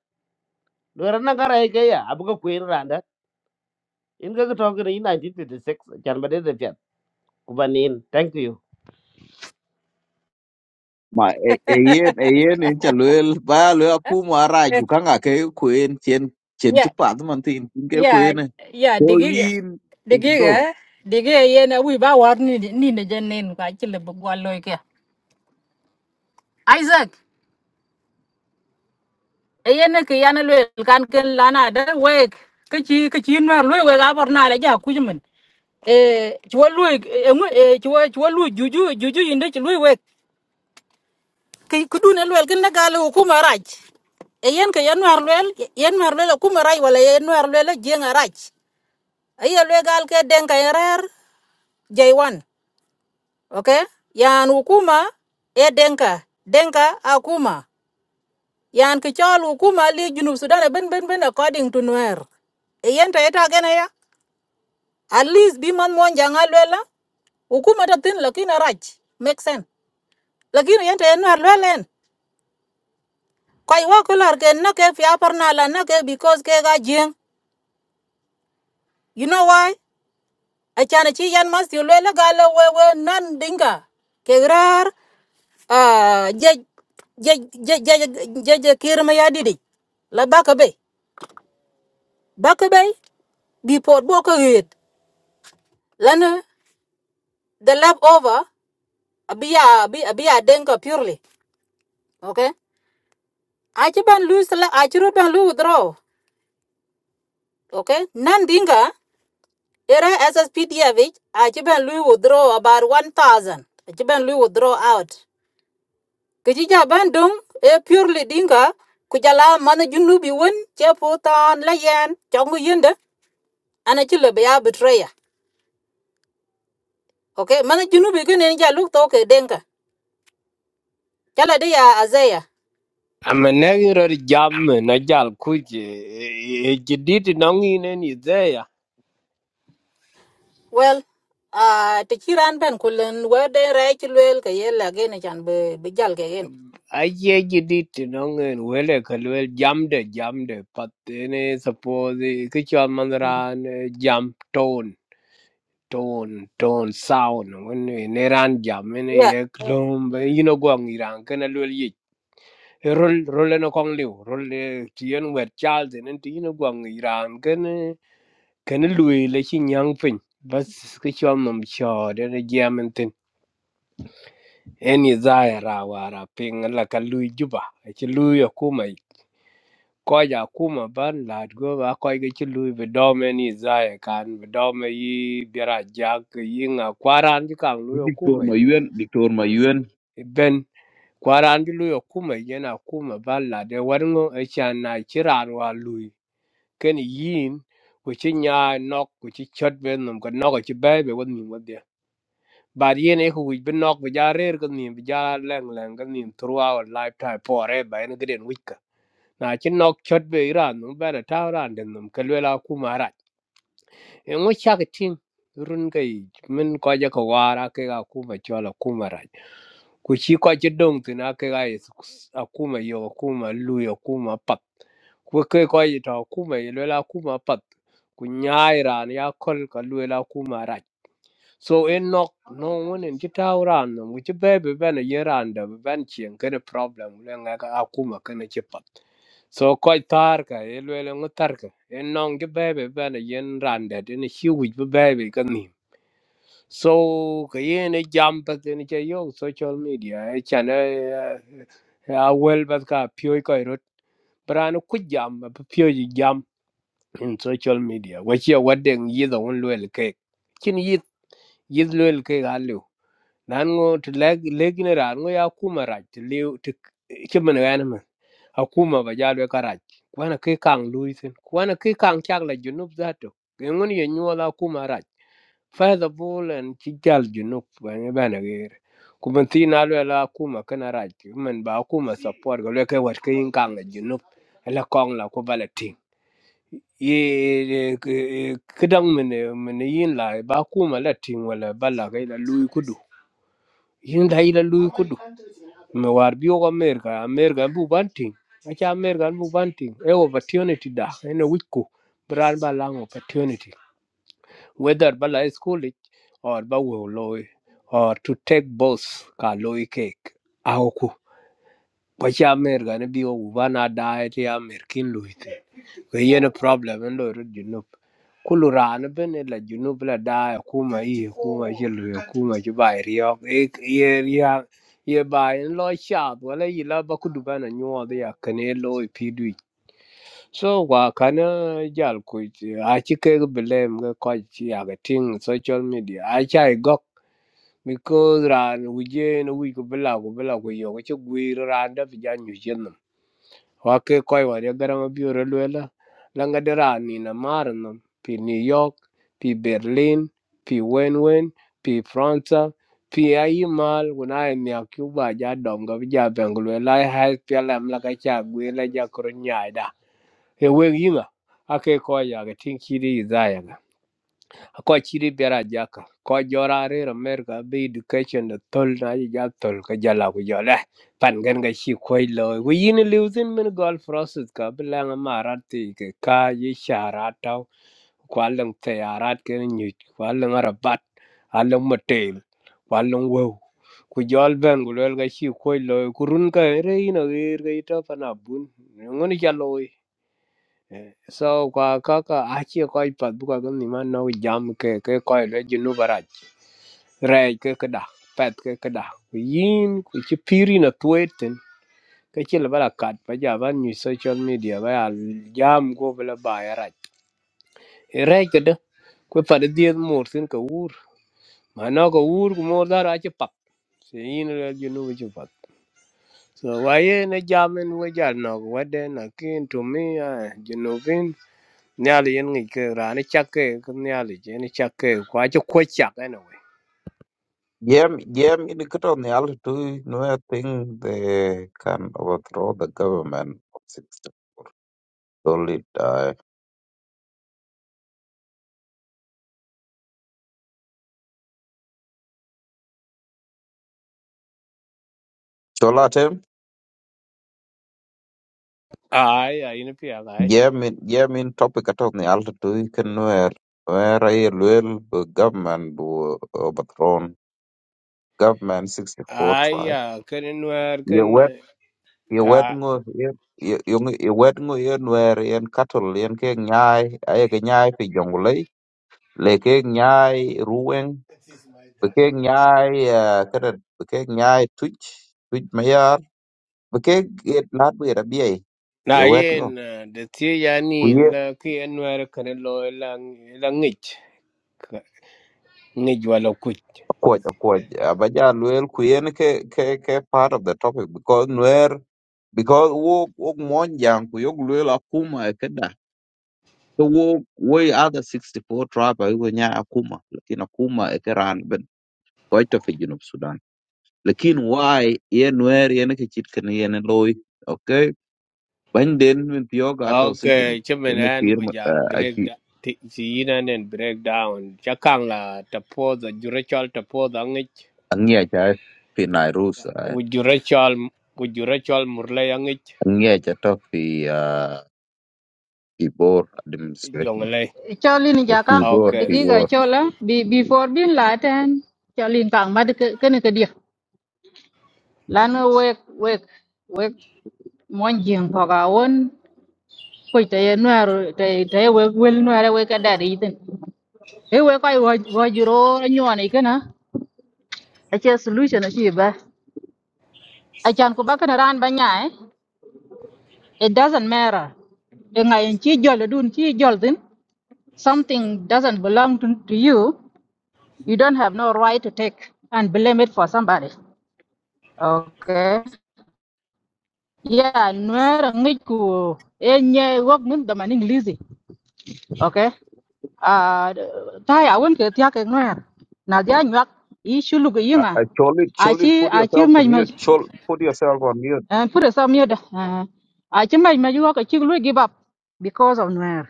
S5: nuer na gara ke ya abu ko queen randa Inga ka talk in ga to ga 1956 chan ba de pet kubanin thank you
S4: Ma e e yen e yen en cha luil ba lu ya kumaraj ukanga ke kuen chen chen
S2: yeah
S4: chipat man tin tin ke
S2: yeah
S4: kuen.
S2: yeah
S4: So
S2: digiga
S4: in is go.
S2: digiga digiga yena wi ba war ni ni ne janen ka chile bu gwaloy ke isaac yena ke yana le kan ken lana da wek ke chi ke chi no lo we ga bor na le ja ku jmen e chwo lu e chwo chwo lu juju juju inde chwo lu we ke kudu ne lo ken na ga lo ku maraj e yen ke yan war lwel yen war lwel ku maraj wala yen war lwel jeng araj e ye gal ke den ka eh, rer jay okay yan ukuma e denka denka akuma yan ki chol hukuma li junub sudan e ben ben ben according to nuer e yenta eta gene ya at least bi man mon janga Ukuma hukuma ta tin lakin raj make sense lakin yenta en nuer lwelen koy wa kular ken na ke fi apar la na because ke ga jeng you know why achana ci yan mas yu lwela galo wewe nan dinga kegrar ah je je je je je je kirma ya didi la baka bay baka be bi pot bo yit lana the lap over abia abi abiya denga purely okay achi ban lose la achi lu withdraw okay nan dinga era sspdf achi ban lu withdraw about 1000 achi lu withdraw out Kiji ja bandung e purely dinka kujala mana junubi won che potan la yen chongu yende ana chile beya ya betraya. Okay, mana junubi kene ja luk toke denka. Chala de ya azaya.
S6: amanegiro di jamme na jal kuji e jiditi nongine ni zeya
S2: Well, uh, te chiran ben kulen wede rai chilwel ke yela gene chan be bejal ke gen.
S6: aye jiditi nongen wele kalwel jamde jamde patene suppose kichwa mandran jam tone tone tone sound when ne ran jam ne
S2: Yeah.
S6: ye klom yino gwang iran kana lwel yi rol rol no kong liu rol tien wet chal den tino gwang iran kana kana lui la chi nyang pin bas ke chom nom cho de de jamen tin en i za ya ra wa ra pin la ka lui juba chi lui ya kuma ko ja kuma ban la go ba ko ge chi lui be do men i za ya kan be do me yi bera ja ke yi nga kwaran ji kan lui ya
S4: Diktor
S6: kuma
S4: ma yuen, diktor ma yuen
S6: ben kwaran ji lui ya kuma yana kuma ban la de war ngo e chan na chi ran wa lui ken yin ku ci nya nok ku ci chot ben nom ko nok ci bay be won nim wadia bar yen e ku bi nok bi ja rer ko nim bi ja leng leng ko nim throughout lifetime forever en gren wika na ci nok chot be iran no ba ta ran den nom ko la ku m a ngo chak ting run kai min ko ja ko wara ke ga kuma chola kuma ra ku chi ko chi dong tu na ke ga is akuma yo akuma lu yo akuma pat ku ke ko yi ta akuma yi lo la akuma pat ku nyai ra ni ya kol ka lu la akuma ra so in nok no one in chi tau ran no ku chi be be ben ye ran da be ben chien ke ne problem le nga ka akuma ke ne chi pat so koy tar ka e lwele ngu tar ka e nong ge bebe bana yen rande de ne shi wij be bebe ka ni so ka yen e jam pa te ne che yo social media e chan e e, a wel ba ka pyo ko ro bran ku jam ba pyo ji jam in social media wachi wadde yidha won loyal ke kin yith yith loyal ke ga lew nan ngo to leg legne ran ngo ya kuma raj to lew to kimen yana men akuma ba jalo karaj kwana ke kang luisin kwana ke kang chagla junub zato ngun ye nyola kuma raj fayda bolan ci jal junub ba ne ba na gere kuma ti na lo la kuma kana raj men ba kuma support ga lo ke wat ke yin kang junub la kong la ko bala ye ye- ke- kidang mene mene yin la ba kuma la ting wala ba la kai la lui kudu yin la ila lui kudu me war bi ko amerika amerika bu ban ting acha amerika bu ban ting e opportunity da ene wiko bran ba lang opportunity whether ba la e school it or ba wo loy or to take boss ka loy cake aoku kwaci amer gane bi wo ba na daye ti amer kin luiti ko yen problem en lo ru junub kulu ran ben la junub la daye kuma yi kuma yi lu kuma ji ba riyo E, ye riya ye ba en lo shat wala yi la ba kudu bana nyo de ya kane lo pi du so wa kana jal ku a ci ke blem ga ko ci ya ga ting social media a chai because ran wije na wi ko bela ko bela ko yo ko che gwi ran da fi jan yu chen nam wa ke koi wa ya garang bi ro le la la nga de ran ni na mar nam pi new york pi berlin pi wen wen pi france pi ai mal wona ai mi ku ba ja dom ga bi ja beng lu la ha pi la la ka cha gwi la ja ko nya da e we yinga ake koi ya ga tin ki di za ya ga ko chiri biara jaka ko jora re america be education the tol na ji ja tol ka jala ku jole pan gen ga shi ko lo ku yin losing min gol process ka bla nga marat ti ke ka yi shara ta ko alang te arat ke ni ko alang arabat alang motel ko alang wo ku jol ben ku lel ga shi ko lo ku run ka re ino ge ga ita pana bun ngun ja so kwa kaka achi ko ipat buka ko ni man no jam ke ke ko le jinu baraj re ke ke da pet ke ke da yin ku chi piri na tueten ke chi le bala kat pa ja ban ni social media ba ya jam go bala ba ya raj re ke da ku pa de diet mor sin ka ur ma no ko ur ku mor da ra chi pat se yin le jinu bu chi pat so wa ye jamen we ja no wa de na kin to me jinu nhà lì yên nghỉ cái nyali yen ngi cái rani chakke ke nyali je ni chakke kwa cho quay kwa chak ene we
S4: Yeah, Jam, jam indicate on the altitude No, I think they can overthrow the government of 64. Solid die. Cholatem,
S6: ai ai ni pia ai
S4: jam yeah, jam in topic at on the altitude can where, where I will the government will overthrown. Government 64
S6: ai
S4: tribe.
S6: ya cái nuer
S4: You wet,
S6: ken
S4: you wet
S6: ah,
S4: ngo, here. you you you wet ngo yen where yen cattle yen ke nyai, ay ke nyai fi jongulei, le ke nyai ruweng bekek nyai uh, kadet bekek nyai tuc tuc ma yar bekek yet lat bi rabiei
S6: na
S4: ye wet ngo
S6: yen eh, de ti ya
S4: ku
S6: ni
S4: ye
S6: la ki en nuer ken lo la la ngich vào ngich quýt.
S4: akuoc akuoc aba ja luel ku yen ke ke ke part of the topic because nuer because wo wok mon jang ku yok luel akuma e keda so wo wo i other 64 tribe ayo nya akuma lakini akuma e keran ben koito fi junub sudan lakini why ye nuer yen ke chit ken yen loy okay ban den min pio ga to
S6: Ok,
S4: sigini
S6: okay chimen
S4: yana
S6: ăn,
S4: fir
S6: ku giờ
S4: a
S6: break
S4: ci
S6: da ti si yinan en break down chakang la tapo da jurachal tapo da ngich
S4: angiya fi nairus
S6: ku jurachal ku jurachal murle ya ngich
S4: angia ta to fi ah, fi bor administration
S6: jongle
S2: Cholin
S4: fi
S2: jaka
S4: bor
S6: Okay.
S4: fi
S2: digiga
S4: bor
S2: chola be before bin laten cholin kang mad kene ke dia lan wek wek wek mon jing ko ga ko te ye nuer te te we wel nuer we ka da ri tin e we ko wo wo jiro nyone kana a che solution a chi ba a chan ko ba kana ran ba nya eh. it doesn't matter e nga en chi jol dun chi jol tin something doesn't belong to, to you you don't have no right to take and blame it for somebody okay yeah nuer ngi ku e nye wok mun da maning lizi okay à tai à quên cái tiếc cái nữa na dia nyak i chu lu cái
S4: Uh,
S2: yinga
S4: uh, Cholit,
S2: a
S4: Cholit,
S2: chi
S4: put
S2: a chi
S4: yourself on
S2: mai mai
S4: mute. Chol, put yourself on mute.
S2: and put us on mute uh, a chi mai mai yo cái chi lu give up because of nữa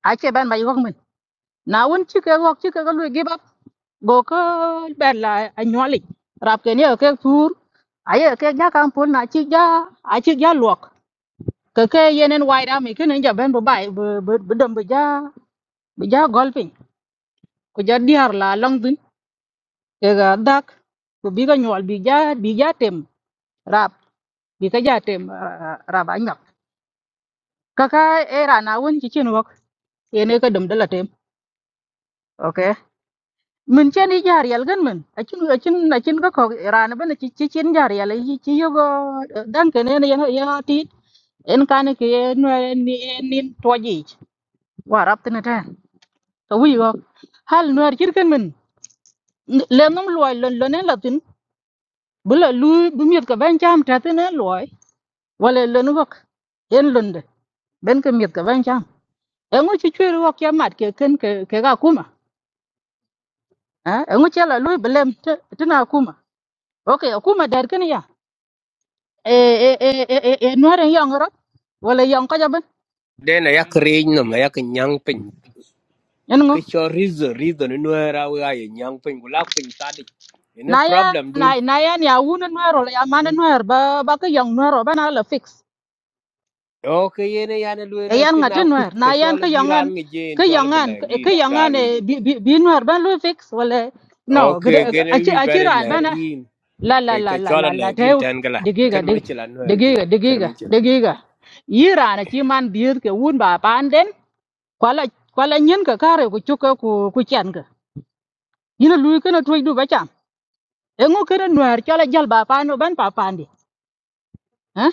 S2: a chi ban mai yo mình na won chi cái wok chi cái lu give up go ko ben la a nyoli rap cái này cái tour ai cái nhà cam pun na chi ja a chi ja luộc cái cái yenen wai ra mi cái này ja ben bu bai bu bu dum bu ja bu ja golfing ku ja diar la long tin ke ga dak ku bi ga nyol bi ja bi ja tem rap bi ka ja tem eh, rap anyap kaka era na won ci cin wok yene ka dum dala tem okay min chen i jar yal gan min achin achin achin ka ko ran ban ci ci cin jar yal yi ci yogo dan ke ne ya ya ti en kan ke no ni ni toji wa rap tin ta to wi go hal no ar kirken min le nom loy lon lonen latin bu la lu bu miet ka ban cham ta te ne loy wala le nu bok en lunde ben ka miet ka ban cham e ngo chi chwe ro kya mat ke ken ke ke ga kuma ha e ngo chala loy blem te te na kuma okay e kuma dar ken ya e e e e e e no ren yang ro wala yang
S6: Then I create no me yak nyang pin.
S2: ngo
S6: Kicho reason reason no era we ay nyang pin gula pin tadi. Ine
S2: na ya
S6: problem
S2: na
S6: dun.
S2: na ya ni awun no ro ya man nuôi rồi, ba ba ka yang no ro ba na la fix
S6: Okay yene yana luela
S2: Ayan
S6: kina
S2: ngati
S6: kuch
S2: nuer. Na
S6: kicho
S2: yan ke
S6: la bi
S2: yongan
S6: ran
S2: ke
S6: ngejen cho la
S2: yongan ke
S6: belagin
S2: yongan
S6: ran ngi.
S2: eh, bi bi bi nuer ban lu fix wala no
S6: Okay
S2: gida-
S6: kene
S2: aci
S6: wi
S2: aci
S6: bare
S2: ran ban ah.
S6: lagin.
S2: la la
S6: Kay
S2: la la
S6: kicho la
S2: la la te
S6: lagin tan gala.
S2: digiga
S6: Kan
S2: dig-
S6: michila no ergi.
S2: digiga
S6: Kan
S2: digiga
S6: michila.
S2: digiga yi rana ci man biir ke wun ba pan den kwala kwala nyen ka kare ku chuka ku ku chen ka yina lui kana tuj du bacham engo kere nuer chala jal ba pan no ban pa pandi ha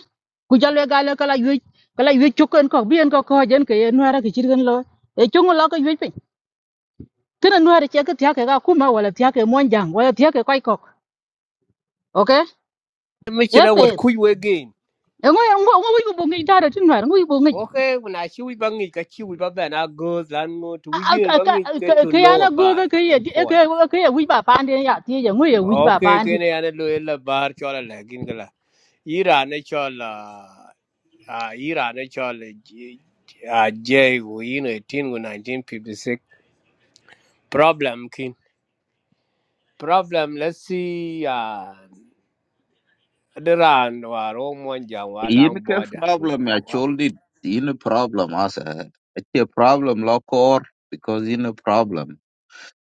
S2: ku jalo ga le kala yu kala yu chuken ko bien ko ko jen ke no ara ke chirgen lo e chungu lo ko yu pe tena no ara che ke tya ke ga kuma wala tya ke monjang wala tya ke koi kok okay e
S6: Michila
S2: pe
S6: wat kuj we gain.
S2: e ngo ngo ngo wi bu ngi dara tin war ngo wi bu ngi
S6: Okay, when I see we bangi, kachi we baba na girls lan ngo to we yin bangi get to
S2: ke
S6: know
S2: yana go
S6: about
S2: ga
S6: it
S2: ke ye
S6: in
S2: e ke
S6: point.
S2: ke ye wi ba pande ya ti ye ngo ye wi ba
S6: okay
S2: pande
S6: kene yana lo ella bar chola lagin gala ira ne chola ah ira ne chola ah j, go you know 18 go 1956 problem kin problem let's see ah dran waro mon jang wa
S4: yin
S6: lang
S4: ke
S6: border
S4: problem ya choldi yin problem asa it's a problem lokor because yin a problem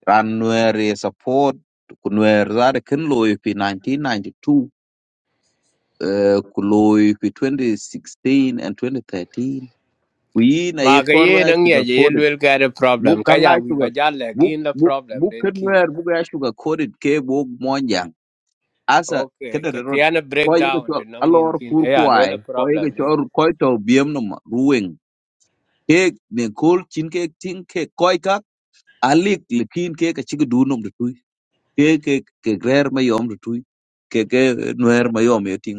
S4: ran nuer support kunwer zare kin loy fi 1992 uh, kuloi fi 2016 and 2013 kuyina ye
S6: ma ga ye
S4: korwa ya
S6: nang ye
S4: sugar
S6: ye
S4: coated
S6: lwel ka de
S4: bu
S6: problem ka ya
S4: kanga
S6: wi ba
S4: sugar
S6: ja
S4: bu
S6: lagin la
S4: bu
S6: problem
S4: bu
S6: den kin
S4: kenwer bu ya sugar coated ke bu monjang asa
S6: okay
S4: kada
S6: ka
S4: da rot
S6: tiana
S4: ko ye ko
S6: breakdown
S4: chol
S6: to nang in
S4: alor
S6: kin
S4: kur
S6: eh ya lwel la
S4: kuai ko ye ko
S6: problem den
S4: chol ko to biem no ma ruweng ke ne kol chin ke tin ke koi ka alik likin ke ka chig du nom de tui ke ke ke rer ma yom de tui ke ke nuer ma yom ye ting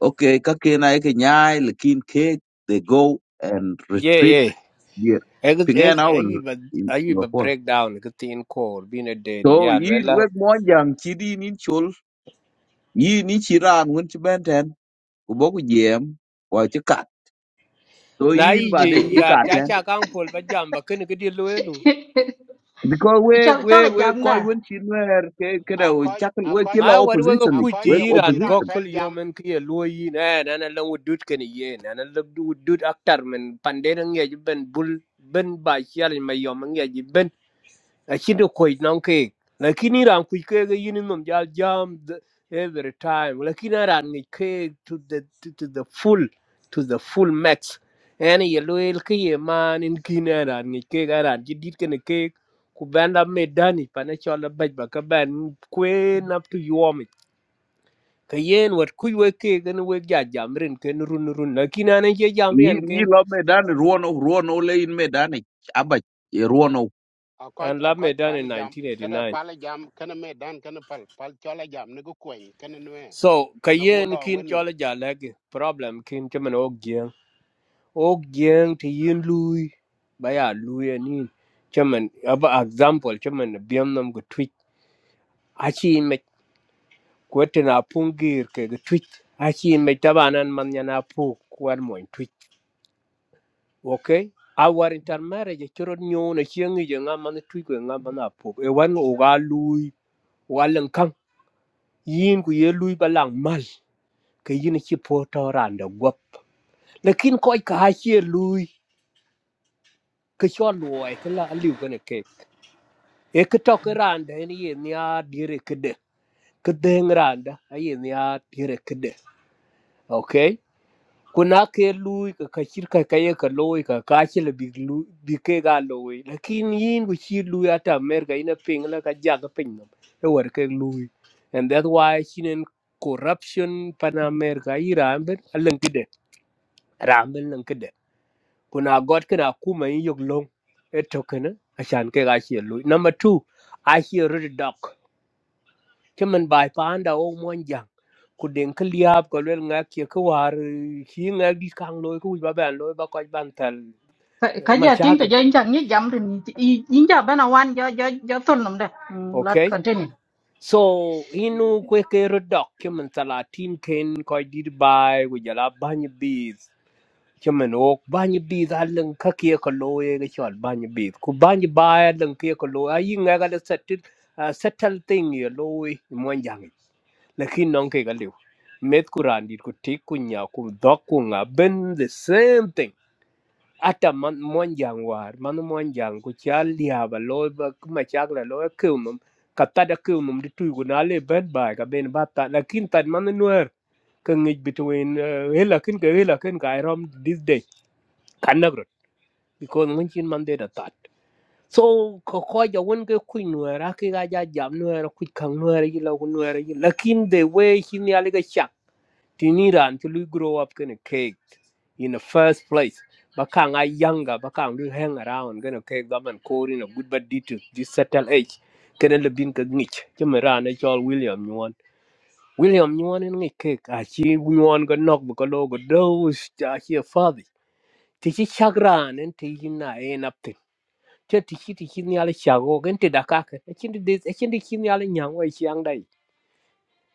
S4: okay kakena eke nyai lekin ke they go and
S6: yeah,
S4: retreat
S6: yeah.
S4: here
S6: Ek ek
S4: pingen awel
S6: ek iba
S4: in
S6: ek
S4: in
S6: iba
S4: a
S6: breakdown ke tin kor bin a dedi
S4: so
S6: ya
S4: yin
S6: wala
S4: wek monjang chidi nin chol yin ni chiran won chibenten kubo ku boku jem ko chikat so
S6: na
S4: yin
S6: yi
S4: ba
S6: je
S4: de yu
S6: ya ja
S4: katen
S6: cha kan pol ba jam ba ken ke di loelu
S4: because we
S2: cho cho
S4: we
S2: là
S4: we
S2: jam đó
S4: koi won chinwer ke ke da
S3: a
S4: we
S3: ko
S4: chakal
S3: a
S4: we
S3: ko
S6: ma
S4: kila
S6: war we ko
S4: opposition
S3: a
S4: ni
S6: ku
S3: ko
S6: ti
S4: we
S3: je ngi
S6: iran
S3: ran
S4: opposition
S3: pel
S6: gokul yo
S3: jam
S6: men ke ye lo yi na na na la wudut ken ye na na la wudut aktar men pande na nge ben bul ben ba chial ma yo men nge Achino koi nang kek. Lakini ran kui kek e yini nom jal jam the- every time. Lakini ran ngi kek to the to, to the full to the full max. Ani ye loyal ke ye man in kin a ran ngi kek a ran jidit kene kek. Ku ben la me dani pa ne chola baj ba ka ben kwen up to yomi. Ka yen wat kui we kek ene we ja jam rin ken run run. Lakini ane ye jam
S4: yin
S6: rin
S4: yin
S6: ken.
S4: lo me dan ruono ruono le in me dan aba
S3: a ko
S6: And
S3: a
S6: la
S3: ko
S6: me
S3: pal
S6: dani
S3: jam kada
S6: 1989.
S3: pal jam kene me dan kene pal pal chola jam ne ko kwen kene noe
S6: So
S3: kana go
S6: kayen
S3: lo
S6: kin
S3: weni
S6: chola jalege problem kin chaman ok jeng. Ok jeng ti yin lui baya lui anin. Chaman aba example chaman biam nam go twitch. Achi in me kwete na pungir ke go twitch. Achi in me tabanan man yana pu kwan mo twitch okay our intermarriage choro nyo na chieng je nga man tui ko nga man apo e wan o ga lui wa lan kan yin ku ye lui balang mal ke yin chi po to ran da gop lakin ko ka ha chi lui ke cho luoi ke la liu ke ne ke e ke to ke ran da ni ye nya dire ke de ke de ran da ye nya dire ke de okay kuna ke lui ka ka ka ka ka loy ka ka chi le big lu bi ke ga loy lakin yin ku chi lui ata mer ina ping la ka ja ga ping nam e war ke lui and that's why shinen corruption pan america iran ben alang kide ramben lang kide kuna god kana kuma yin yog long e tokena ashan ke ga chi lui number 2 i hear red dog ci min bai panda o mon jang ku den ka liab ko lel nga ke ko war ki nga di kang loy ku ba ban loy ba ko ban tal eh,
S2: cái
S6: ma
S2: giờ tiếng cái
S6: chakel
S2: giờ anh chẳng nhớ jam thì anh giờ bên nào anh giờ giờ giờ tuần lắm đó lát
S6: okay
S2: còn trên
S6: so inu kwe ke rodok ci min talatin ken ko di bai ku jala ban biz ci min ok ban biz alin ka ke ko loy ga chol ban biz ku ban bai alin ke ko loy ayi nga ga da settle settle thing ye loy mon jang e. lakin non ke galiw met ku randit ku tik ku nya ku dok ku nga ben the same thing ata man mon jang war man mon jang ku chal ya ba lo ba ma chak la lo ku mum ka ta da ku mum di tu ku na le ben ba ka ben ba ta lakin tan man nuer ka ngej between uh, hela kin ka hela kin ka iram this day kan nagro because mun chin man de da tat so ko ko ja won ke ku nuer a ki ga ja jam nuer ku kang nuer yi la ku nuer yi lakin the way chin ya le ga chak tiniran to lui grow up gonna cake in the first place. Bakang I younger, bakang will hang around, gonna cake them and call in a good bad detail, this settle age. Kena lebih ke ngich, cuma rana call William nyuan. William nyuan and ngich cake, aci nyuan ke nok bekalo ke dos, aci a father. Tici chagran and tici na en aptin. Cuma tici tici ni ala chago, kan tidak kak. Aci ni des, aci ni kini ala nyangwa isi yang where she young day.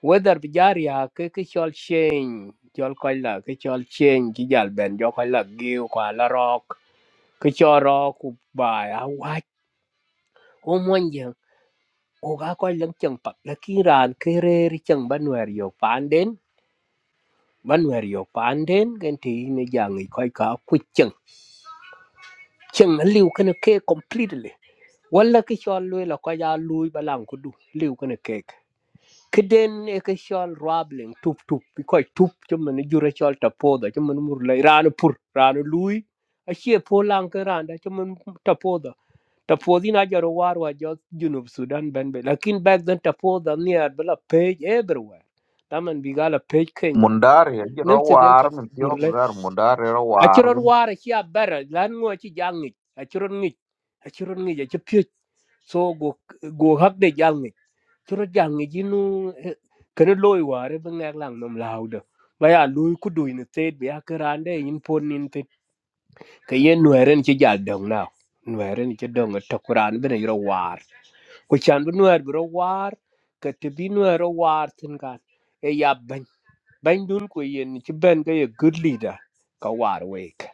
S6: Whether bijaria ke ke chol change chol koy la ke chol change ki jal ben jo koy la giu kwa la rock ke cho ro ku bai a wa o mon yang o ga koy lang chang pat la ki ran ke re ri chang ban wer yo pan den ban wer yo pan den gen ti ne jang i koy ka ku chang chang na liu ke ne ke completely wala ke chol lwe la koy ya lui balang ku du liu ke ne ke kiden e ke shol rabling tup tup bi koy tup ci man jure shol ta poda ci man mur lay ranu pur ranu lui a che po lan ke randa ci man ta poda ta podi na jaro war wa jo junub sudan ben be lakin back then ta poda near bela page everywhere taman bi gala page kenya
S4: mundar ya
S6: nem
S4: jiro
S6: ci gen ta
S4: war min tiok
S6: mur
S4: zar mundar he ro war
S6: Aciron
S4: gun
S6: ware ci a bera lan ngo ci jangi aciron ngi aciron ngi ci pye so go go hak de jangi curo jangi jinu kana loy ware ba ngak lang nom lauda ba ya loy ku duy ne tet be akarande yin pon ke yen nweren ci jal dong na nweren ci dong to quran bene yoro war ku chan bu nwer bu ro war ke te bi nwer ro war tin kan e ya ban ban dun ko yen ci ben ga ye good leader ka war wek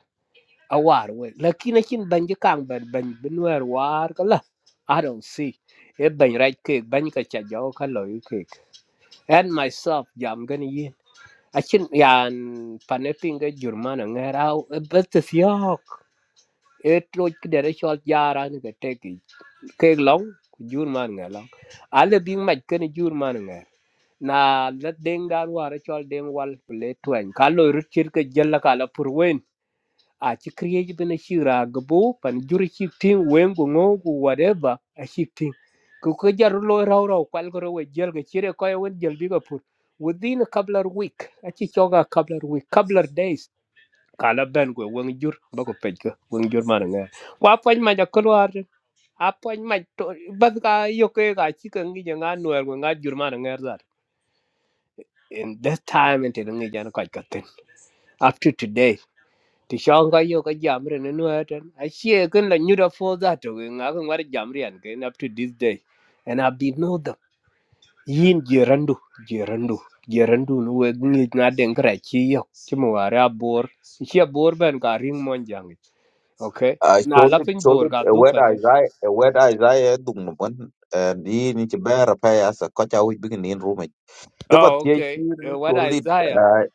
S6: a war wek lakini chin ban ji kang ban ban bu nwer war ka la i don't see e ban right ke ban ka cha jaw ka lo yu ke and myself jam gani yin achin yan panepinga jurmana ngerau bet yok e tro de re chol yara ne ke te ki ke long jur man nga long ale bi ma ke ne jur man nga na la deng dan wa re chol deng wal ku le twen ka lo ru chir ke jel la ka la pur wen a chi kriye ji bene shira gbo pan jur chi tin wen go ngo ku whatever a chi tin ku ke jar lo raw raw kwal ko we jel ke chire ko wen jel bi ko pur within a couple of week a chi choga couple of week couple of days kala ben ko wang jur ba ko pej ko wang jur man nga wa poj ma ja kolwar a poj ma to bas ka yo ke ga chi ka ngi ja nga nuer ko nga jur man nga zar in that time inte ngi jan ka ka ten up to today ti shang ka yo ka jam re ne nuer ten a chi ken la nyura fo za to nga ko ngar jam re an ken up to this day and i did know them yin jerandu jerandu jerandu no we ngi na den kra chi yo chi mo ara bor chi bor ben ka ring mon jang Okay.
S4: a
S6: Now
S4: cholit
S6: laughing board
S4: cholit
S6: got
S4: e
S6: do for
S4: weda
S6: this.
S4: izai e weda izai e dung no bon ni ni ti ber pa ya sa ko cha wi bigin in rume ke ba
S6: Oh,
S4: tie ti
S6: okay. Uh, what
S4: cholit
S6: Isaiah?
S4: eh,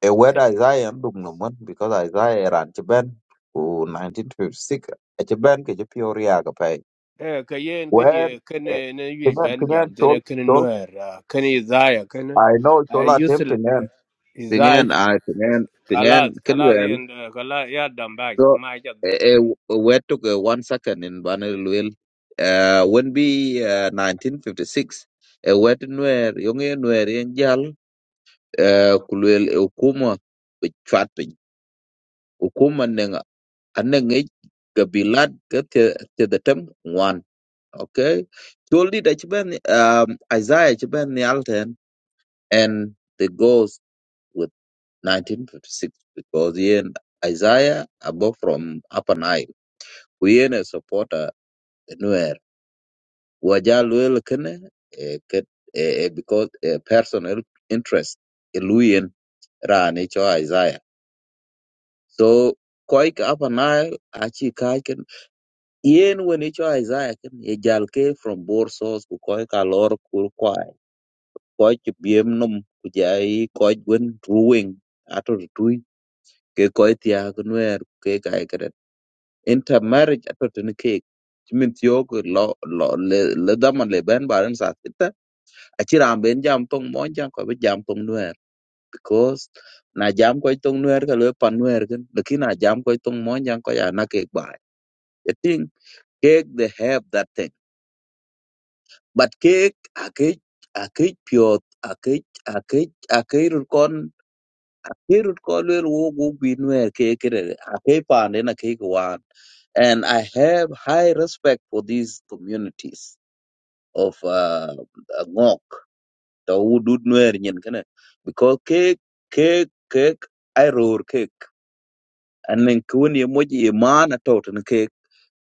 S4: e weda izai e dung no bon because izai e ran ti ben ku 1956 e ti ben ke ti pior ya ga pa
S6: Eh, ka yen ka
S4: when
S6: die ka
S4: eh,
S6: ne ne yu
S4: pingan
S6: ben
S4: pingan
S6: jam te
S4: chol
S6: ne ka ne
S4: chol
S6: nuer ka ne Isaiah ka ne
S4: i know
S6: I
S4: chola
S6: use
S4: tem pingan
S6: Isaiah
S4: pingan i pingan pingan
S6: kalas kalas
S4: kelwe
S6: yen kalas ya dam bag
S4: So,
S6: ma ja do
S4: uh,
S6: ne.
S4: we took uh, one second in Banilwil. Uh, when be uh, 1956, uh, wet nwer yonge nwer in jal uh, kulwel ukuma chwatpin ukuma neng aneng ich kabilat ke te te the term one okay toldi da chiben um isaiah chiben the alten and the goes with 1956 because yen isaiah above from upper nile we ain't a supporter nowhere waja luel kene eh, ket- eh, eh, because eh, personal interest eluyen rani cho Isaiah so koik apa nile achi kai ken yen wen icho Isaiah ken ye jal ke from bor source ku koik alor kur kwai koik biem num ku jai koik wen ruwing ato tui ke koik tia kunwer ke kai kret intermarriage ato tin ke chimin tiyo ku lo lo le le daman le ben baran sa aci raan ben jam tong mon jang ko be jam tong nuer because na jam ko tong nuer ka le pan nuer ken lekin na jam ko tong mon jang ko ya na ke ba i think cake they have that thing but cake a cake a cake pure a cake a cake a cake rut kon a cake rut kon le wo go bi nuer ke ke re a cake pan de na cake wan and I have high respect for these communities of uh, Ngok. to wudut nuer nyin kene because cake, cake, cake, I roar cake. And then kun ye moji ye mana to tan ke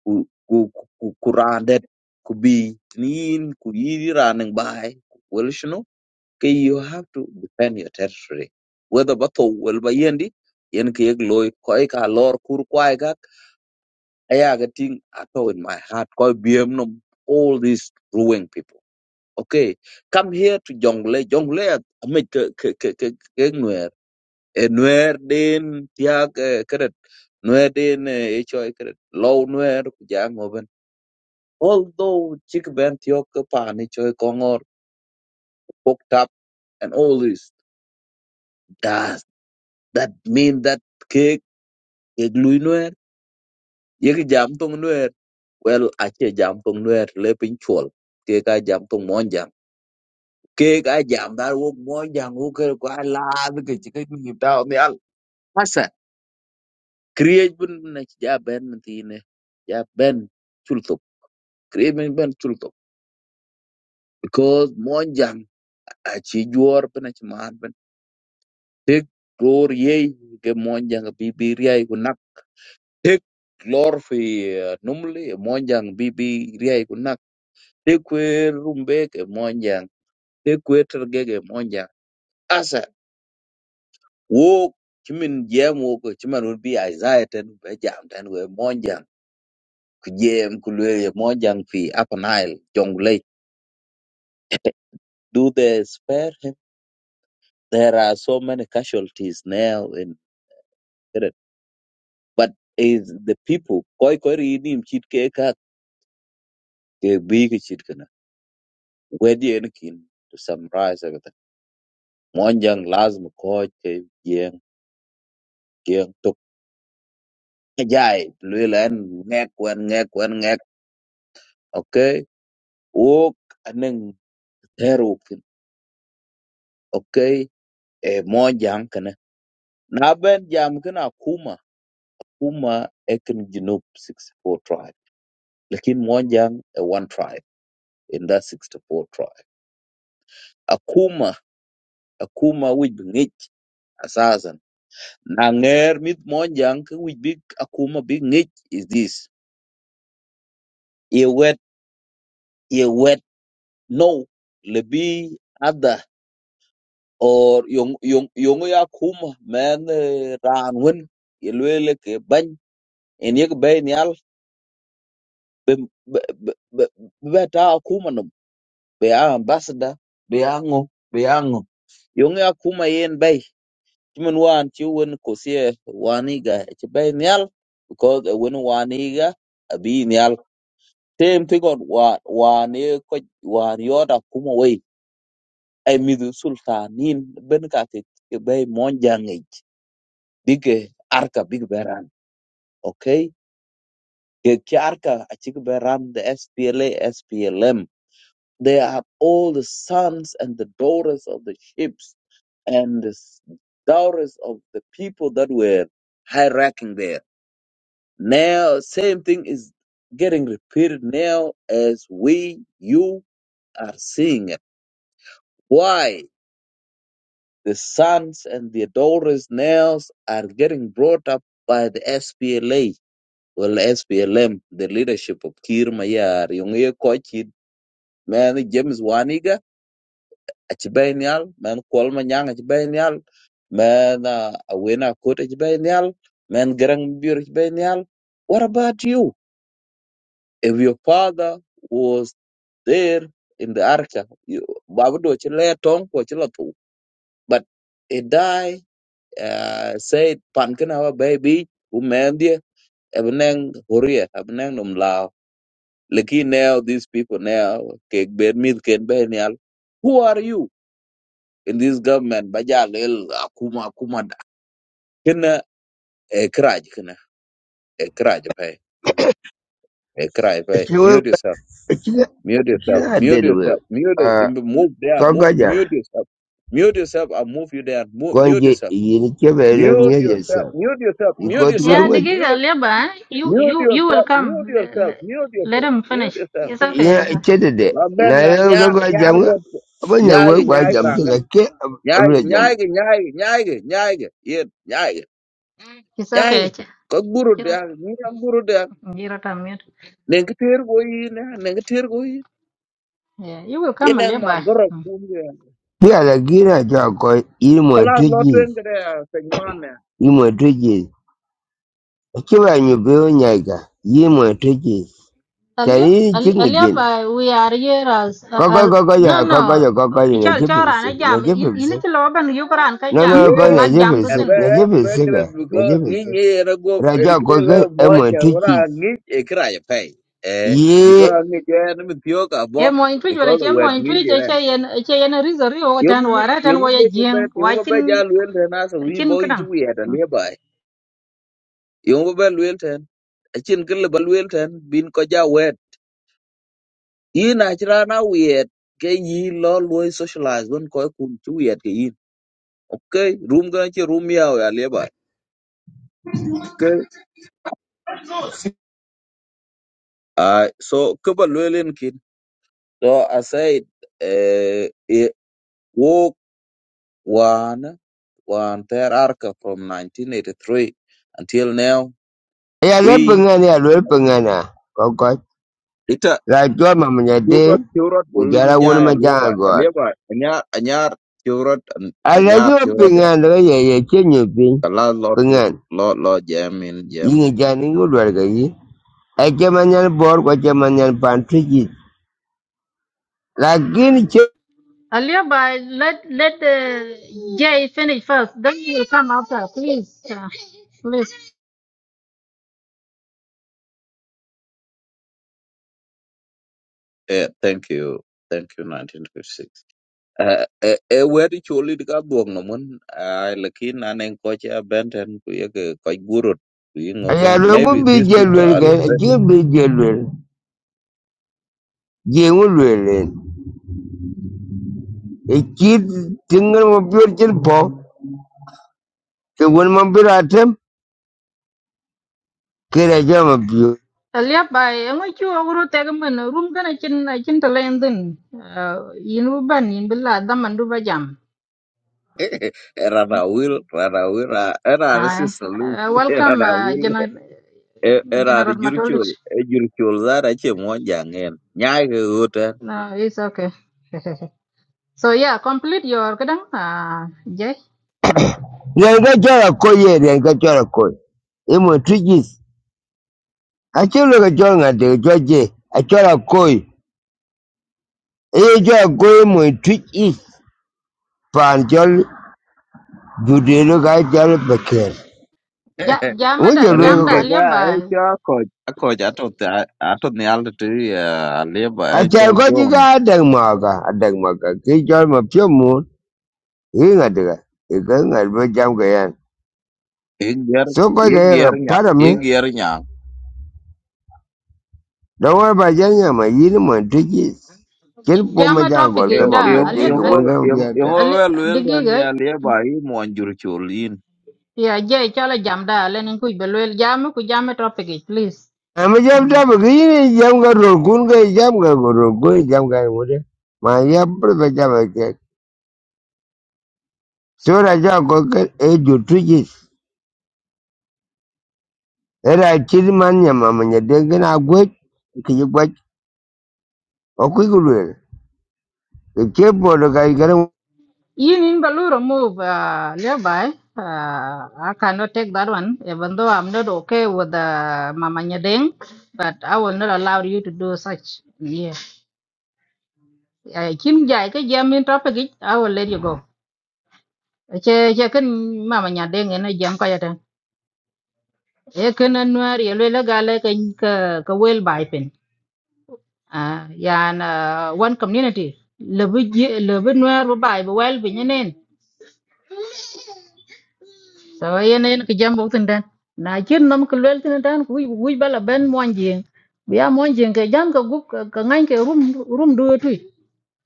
S4: ku ku ku ku randet ku be nin ku yiri running by, well shino ke you have to defend your territory whether bato wel ba yendi yen ke loy koy ka lor kur kwai ga aya ga ting ato in my heart koy biem nom all these ruling people Okay, come here to Jongle. Jongle, I mean, ke ke ke ke ke nuer. E nuer den tiag eh, keret. Nuer den eh, e choy keret. Low nuer kujang oben. Although chick ben tiok ke pan e choy kongor poked up and all this. Does that mean that ke ke glue nuer? Yek jam tong nuer. Well, ache jam tong nuer le pin chol. Ke ka jam tong monjang. Ke ka jam dar wok monjang. Uker kwa la ke chick ni tao ni Hasa create bun na ja ben tine ja ben chulto create ben ben chulto because monjang a chi juor ben a chi man ben tek glor ye ke monjang bi bi riai ku nak tek glor fi eh, numli monjang bi bi riai ku nak tek we rumbe ke monjang tek we terge ke monjang asa wo chimin jam wo ko chiman bi aizaiten be jam tan we monjang kujem kulwe mojang fi upper nile jonglei do they spare him there are so many casualties now in Keren. but is the people koi koi rinim chit ke ka ke big ke chit kana wedi en kin to summarize everything mojang lazim koi ke jeng jeng tok jai lwe len ngek wen ngek wen ngek okay wok aneng teruk okay e mojang kana na ben jam kana kuma Puma Akan Group 64 tribe lakini moja a one tribe in that 64 tribe akuma akuma which ngich asasan na nger mit moja which big akuma big ngich is this ye wet ye wet no lebi other or yung yung yong ya kuma man eh, ran wen ye lwele ke bany en ye ke bay nyal be be be be be ta akuma be a ambassador be a be a ngo yong ya kuma yen bay kimen wan ti won ko se waniga ti bay nyal because won waniga abi nyal tem ti gon wa wane ko wan yoda kuma wai ay midu sultanin ben ka ti bay mon jangej bige arka big beran okay ke ki arka a beran the SPLA SPLM they are all the sons and the daughters of the ships and the s- daughters of the people that were hierarching there. Now, same thing is getting repeated now as we, you are seeing it. Why? The sons and the daughters now are getting brought up by the SPLA. Well, SPLM, the leadership of Kir Mayar, Yongye Kochid, man, James Waniga, ci bay nyal men kwal ma nyang ci bay nyal men uh, awena kota ci bay nyal men garang biur ci bay nyal what about you if your father was there in the arca you babu do ci le tong ko ci la tu but he die uh, said pan kana wa baby u men dia ebneng horia ebneng num lao lekin now these people now ke bed mid ken be nyal who are you in this government baja lel akuma akuma da kena e kraj kena e kraj pay e kraj pay
S7: Ekiwe
S4: mute yourself mute
S7: ekira
S4: yourself
S7: ada
S4: mute
S7: dua.
S4: yourself mute
S7: ah,
S4: move there
S7: kau kau
S4: move
S7: kau
S4: mute yourself mute yourself and move you there move,
S7: kau
S4: mute
S7: ni
S4: yourself
S7: ini rumah, ia cerita dek. Naya twagajja konje yini kyebere
S4: mute
S7: myezi
S4: yourself
S7: esatu
S4: mute yourself mute
S7: ikoti
S4: yourself
S2: Yeah,
S7: kurunga
S2: دقيقة
S4: mute
S2: اليابا you
S4: mute
S2: you you will
S4: yourself mute
S2: come let,
S4: yourself
S2: let,
S4: mute
S2: let
S4: yourself
S2: him
S4: mute
S2: finish
S4: yourself
S2: it's
S7: yina
S2: okay it's,
S7: ekyedede
S4: la ben
S7: naye
S4: na nyar
S7: olwokuba
S4: nyar
S7: jamu
S4: bot nyar
S7: abanyangu kwa
S4: nyar
S7: jamu
S4: rangan
S7: tuleke
S4: nyar
S7: abula jamu
S4: nyar nyar nyar nyar yen
S2: it's okay
S4: Ay,
S2: Ch-
S4: ko guru
S2: Jiro
S4: da, ni ang guru da,
S2: Jiro time mute
S4: neng ketir go yi na, neng ketir go yi.
S2: yeah you will come
S4: Ina ma
S2: اليابا
S4: goro kum ya.
S7: byalagira twako yimwe
S4: Kala lo
S7: tuji
S4: tuen kada segman ya.
S7: yimwe tuji kau kau kau tuji kau
S2: اليابا
S7: kingi jini
S2: اليابا we are here as
S7: kokoyo
S2: uh, uh,
S7: kokoyo
S2: no
S7: kokoyo
S2: no
S7: kokoyo
S2: chal chara na jam
S7: nekipipisiki
S2: ini ci loban yukran ka
S7: No, no,
S2: jam ko
S7: ko
S4: Yen,
S2: jam
S7: Najibisik,
S4: ebe
S2: dutin
S4: en
S7: Najibisik,
S4: bekret buko ni
S7: Najibisik.
S4: ni era go
S7: Raja
S4: erge
S7: ko ke
S4: moja
S7: emotiki.
S4: ora ni ekra ya pay. Eh,
S7: Ye,
S4: because ni je na mi pio ka
S2: e
S4: bo,
S2: mo intu
S4: because
S2: wala
S4: the
S2: che mo intu
S4: ni je
S2: che
S4: na.
S2: che yen che yen rizori o tan
S4: Yung ni-
S2: wara tan
S4: yung
S2: wo ye
S4: je ni
S2: jing
S4: be,
S2: wa
S4: yung ba
S2: chin
S4: ja luel ten asa wi
S2: chin
S4: bo yi
S2: kadang
S4: ju ya da ne ba. Yung ba luel ten, achin kele ba luel ten bin ko ja yin achira na wiyet ke yi lo luoi socialize wen ko kun chi wiyet ke yin okay room ga chi room yaw ya le ba ke
S8: No,
S4: ai so ke ba lo len kin so i said eh it walk one one ter arka from 1983 until now
S7: ya le
S4: we
S7: pengana, ya le pengana. Kokot.
S4: ita
S7: Raja mamanya de,
S4: Tiurot Tiurot bolu
S7: ujara wun
S4: minya ya leba
S7: majang god.
S4: leba anyar anyar Tiurot anyar
S7: Alaji
S4: Tiurot ya
S7: pengan la ye ye chenyu pin,
S4: kalau lo
S7: pengan.
S4: lo lo Jam.
S7: Yingi jani ngudwar ga yi. Ache manyan bor ko che manyan pantiki. Lakin che,
S2: Aliaba, let let the Jay finish first. Then you will come after, please, uh, please.
S4: Yeah, thank you. Thank you, 1956. Uh, eh, eh, eh, where did you lead ka buok no mun? Uh, lakin aneng koche abandon kuye ke koi gurut. Kuye
S7: ya
S4: ngoben.
S7: le ngu
S4: Maybe
S7: bi
S4: these people
S7: jelwel
S4: are
S7: ga,
S4: liberated.
S7: ache bi jelwel. Jengu lwelen. Ekit tinggal mobil jelpo. ke wen ma bira tem ke da jama biyo
S2: Aliaba, I'm going to go to the room can I can I can tell chin then. Uh, inu ban in billa daman ruba jam.
S4: Erana will, erana will, erana
S2: Aye.
S4: sister Louis,
S2: Uh, welcome,
S4: erana
S2: uh,
S4: will,
S2: General
S4: erana
S2: General
S4: jurchul,
S2: Matolich.
S4: eh, jurchul zara che moja ngen. Nyai ke uta.
S2: No, it's okay. so yeah, complete your kadang uh, Jay. Hmm.
S7: ren ga jara ko ye ren ga jara ko e mo lo ga jara nga de jo je a jara ko e jara ko e mo tujis pan lo ga jara beker
S2: Ja,
S7: mo je
S2: jamada
S7: lo
S2: jamda
S4: Ringe ka, eh,
S2: aliaba
S4: cho akoj. Akoj atot, atot ni alde tu, eh, aliba, eh,
S7: ga
S4: cho
S7: ko
S4: John.
S7: juga ada ko ada ga dag ma ga a dag ma ga ke jara ma pyo mo e e
S4: Igyer
S7: so ko ga ya,
S4: igyer nya
S7: para
S4: igyer nya
S7: Dawar ba janya ma yiri man tijis. Kin po ma
S2: jama
S7: jan
S2: topic
S7: gor ga mam
S2: da
S7: ya
S4: yung
S2: ali
S7: den ga
S4: yung
S2: ali
S7: gun ga
S4: yung yung
S7: biyata.
S2: ali
S4: wel wel
S2: digi
S4: tan
S2: ga
S4: ya le ba yi mo anjur chulin
S2: Yeah, jay chala jam da lenin kuj belwel jam ku jam e topic it, please.
S7: A ma jam
S2: Mm.
S7: ta ba ga yiri jam ga ro gun ga jam ga go ro gun jam ga mu de. Ma ya bur ba jam ba ke. So ra ja go ga e ju tijis. Era kin man ya ma ma ya den ga na gwe ki ji gwa o ku gu le. Ke ke bo do ga ga ran-
S2: Yin in balu remove uh, nearby. Uh, I cannot take that one, even though I'm not okay with uh, Mama Nyadeng, but I will not allow you to do such. Yeah. Uh, Kim jay ke jam in topic it, I will let you go. Che che ken Mama Nyadeng ene jam kaya ten. E ken anwar yelwe la gale ke ke wel bai à yan uh, one community lebu je- lebu nuer bu bay bu wel bi ñeneen so yen yen ko jambo tin dan na cin nam ko lel tin dan ku wuj bala ben monjing biya monjing ke jam ka gup ka ngañ ke rum rum do tuy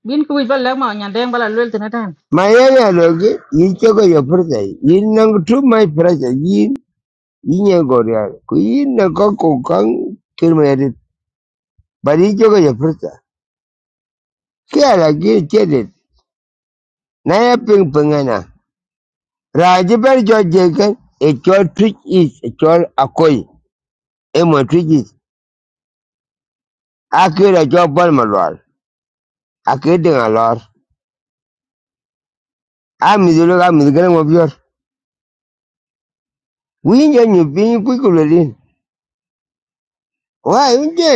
S2: bin ko wuj bala ma ñan den bala lel tin dan
S7: ma ya ya lo ge yi ke go ya fur ga yi Yin nan tu mai fura ga yi. Yin ya go ya. Ku yin na ko ko kan bari jogo ya furta ki ala gi tedit na ya ping pingana raji bar jo jegan e chol twitch is e chol akoi e mo twitch is akira jo bol malwal akide ngalor amidulo ga midgana mo bior winjo nyu pin kuikulo din wa inje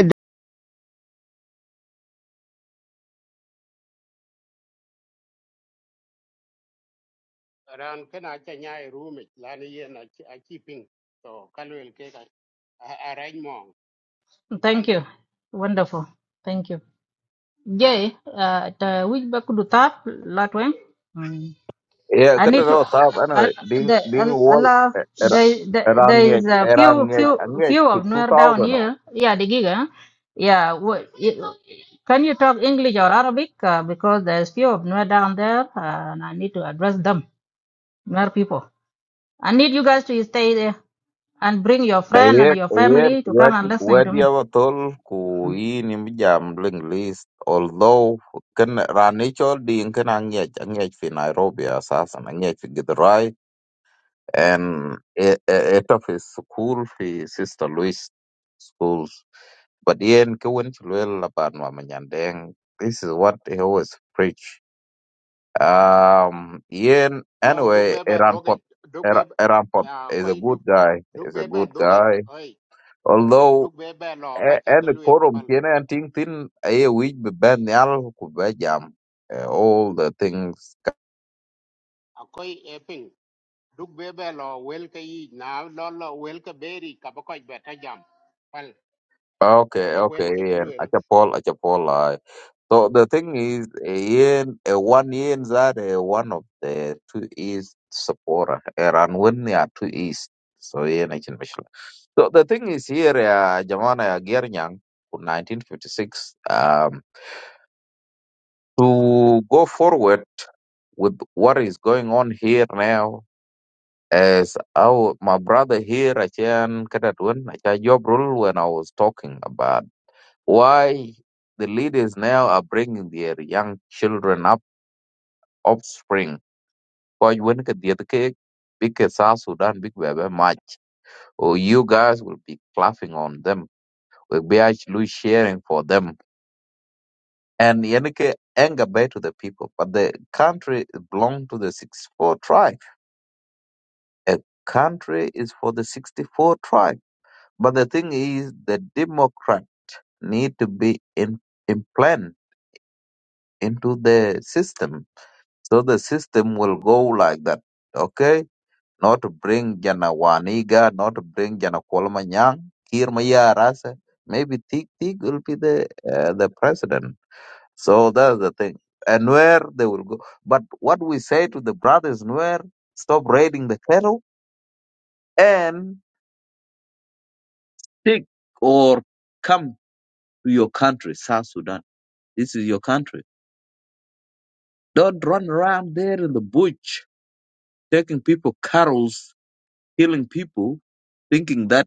S3: ran kana cha nyai rumi lani yen a chi a chi ping so kalwel ke ka arrange mong
S2: thank
S3: thank
S2: you
S3: you
S2: wonderful thank you jey uh, ta wuj ba ku du tap latwen
S4: yeah
S2: I
S4: kata
S2: need to.
S4: no tap anyway ding
S2: the,
S4: ding
S2: al-
S4: wall
S2: Allah,
S4: e, era
S2: there, there,
S4: erang
S2: there is
S4: ngej
S2: a
S4: erang
S2: few,
S4: ngej
S2: few,
S4: angej
S2: few
S4: pi
S2: of Nuer down
S4: 2000
S2: here. Yeah, the giga. Yeah, what, can you talk English or Arabic? Uh, because there's few of Nuer down there, uh, and I need to address them, Nuer people. I need you guys to stay there and bring your friend and
S4: ayen
S2: your
S4: ayen
S2: family to come
S4: wet
S2: and listening
S4: wet
S2: to
S4: ya
S2: me.
S4: batol ku yin im jam ling list although kan ranich ding kan angej angej fi Nairobi asasan angej fi Githurai and e- e- head of his school في Sister Louis schools. But Ian Kewin Chilwell about Mama Nyandeng, this is what he always preach. Um, Ian,
S3: no duk
S4: anyway,
S3: bebe
S4: Eran
S3: dogi
S4: Pop,
S3: duk
S4: Era-
S3: bebe
S4: Eran Pop
S3: ya
S4: is a
S3: koi
S4: good
S3: duk
S4: guy,
S3: duk
S4: is a
S3: bebe
S4: good
S3: dogi
S4: guy.
S3: oi
S4: Although,
S3: duk bebe lo
S4: a-
S3: kache
S4: any
S3: kalwel
S4: quorum
S3: pal
S4: here and thing, thin, a week be ban nyal, ku be jam, eh, all the things
S3: a koi eping duk bebe lo wel ka yi na lo lo wel ka beri ka beta jam pal
S4: Okay,
S3: pal wel
S4: okay,
S3: che
S4: Ian. Achapol, Achapol. I. So the thing is, Ian, uh, one Ian that uh, one of the two East supporter, and when they are two East, so Ian, I can mention. So the thing is here, uh, Jamana Gernyang, 1956, um, to go forward with what is going on here now, as our my brother here, I can job Jobrul, when I was talking about. why the leaders now are bringing their young children up, offspring. Because when the other cake, big South Sudan, big baby match, or you guys will be clapping on them, we will be actually sharing for them. And Yenike anger back to the people, but the country belongs to the 64 tribe. A country is for the 64 tribe. But the thing is, the Democrat need to be in, implant into the system So the system will go like that. Okay? Not to bring Jana Waniga, not to bring Jana Kolmanyang, Kirmaya Rasa. Maybe Tik Tik will be the uh, the president. So that's the thing. And where they will go. But what we say to the brothers where stop raiding the cattle and take or come to your country, South Sudan. This is your country. Don't run around there in the bush taking people carols, killing people, thinking that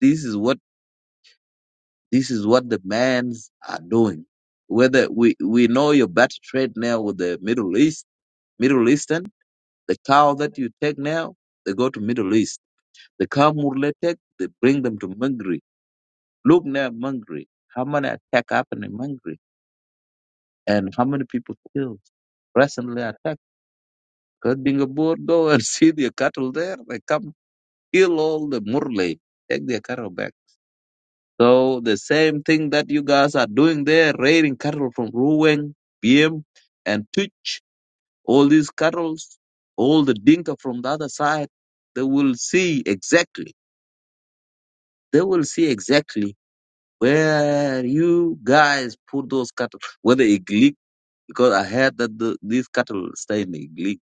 S4: This is what this is what the mans are doing. Whether we we know your battle trade now with the Middle East, Middle Eastern, the cow that you take now, they go to Middle East. The cow Murle take, they bring them to Mangri. Look now, Mangri. How many attack happened in Mangri, and how many people killed? Recently attacked. Because being a board, go and see their cattle there. They come kill all the Murle, take their cattle back. So the same thing that you guys are doing there, raiding cattle from Ruweng, Biem, and Tuch, all these cattle, all the Dinka from the other side, they will see exactly, they will see exactly where you guys put those cattle, whether Iglik, because I heard that the, these cattle stay in Iglik.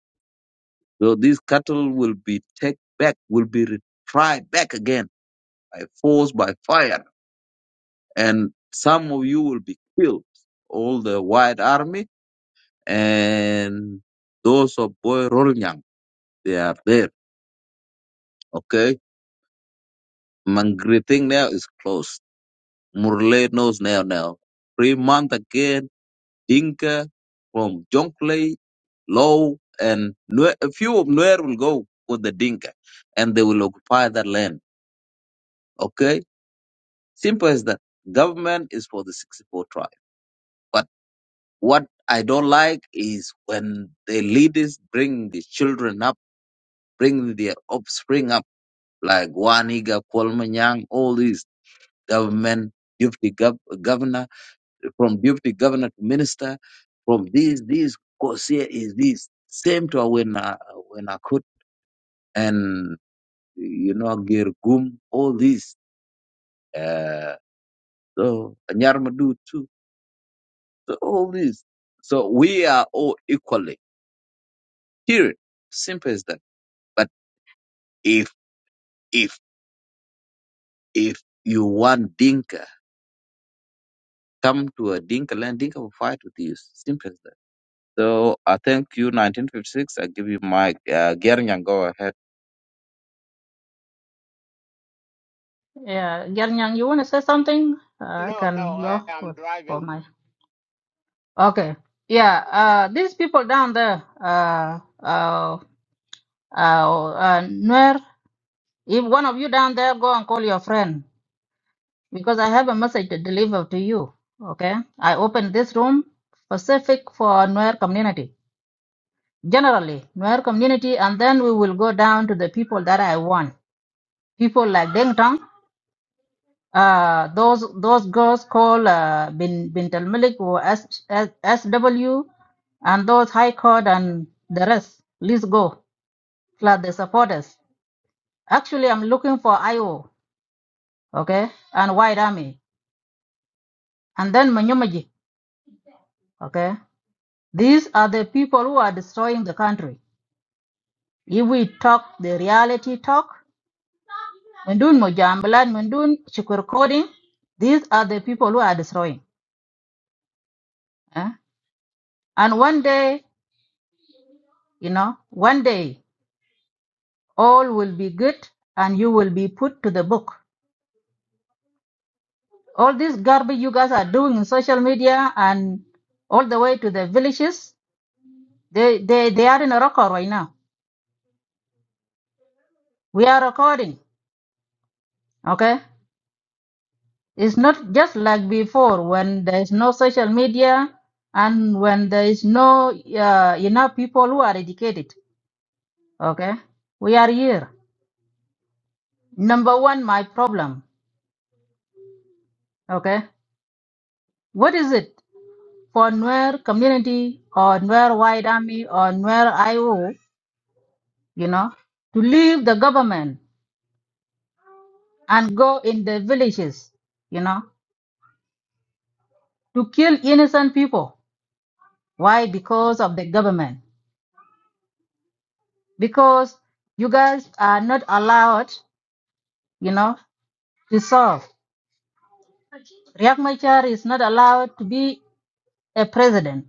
S4: So these cattle will be take back, will be retried back again by force, by fire and some of you will be killed, all the white army and those of Boy Rolnyang, they are there, okay? Mangriting now is closed. Murle knows now now. Three month again, Dinka from Jonglei, Low, and Nue- a few of Nuer will go with the Dinka and they will occupy that land, okay? Simple as that. Government is for the 64 tribe. What I don't like is when the leaders bring the children up, bring their offspring up, like Waniga, Kwalmanyang, all these government, deputy gov- governor, from deputy governor to minister, from this, this, course here is this. Same to when I, when I could, and, you know, Girgum, all these, uh, so, Nyarmadu too, so all these. So we are all equally here. Simple as that. But if If if you want Dinka, come to a Dinka land, Dinka will fight with you. Simple as that. So I thank you, 1956. I give you my uh, Gernyang, go ahead.
S2: Yeah, Gernyang, you want to say something? Uh, I
S3: no no
S2: can
S3: i
S2: go
S3: am
S2: with, for
S3: driving
S2: my. Okay. Yeah. Uh, these people down there, uh, uh, uh, uh, Nuer, if one of you down there, go and call your friend because I have a message to deliver to you. Okay. I open this room specific for Nuer community, generally Nuer community, and then we will go down to the people that I want. People like Deng Tong. Uh, those those girls called uh, Bin Bint al Malik or S, S, SW and those High Court and the rest. Let's go. Flood the supporters. Actually, I'm looking for IO, okay, and White Army, and then Manyumaji, okay. These are the people who are destroying the country. If we talk the reality talk, Mundun Mujambalan, Mundun Shukur Coding, these are the people who are destroying. eh? And one day, you know, one day All will be good and you will be put to the book. All this garbage you guys are doing in social media and all the way to the villages, they, they, they are in a record right now. We are recording, okay? It's not just like before when there is no social media and when there is no uh, enough people who are educated, okay? We are here. Number one, my problem, okay? What is it? for Nuer community or Nuer White Army or Nuer IO, you know, to leave the government and go in the villages, you know, to kill innocent people. Why? Because of the government. Because you guys are not allowed, you know, to solve. Riek Machar is not allowed to be a president.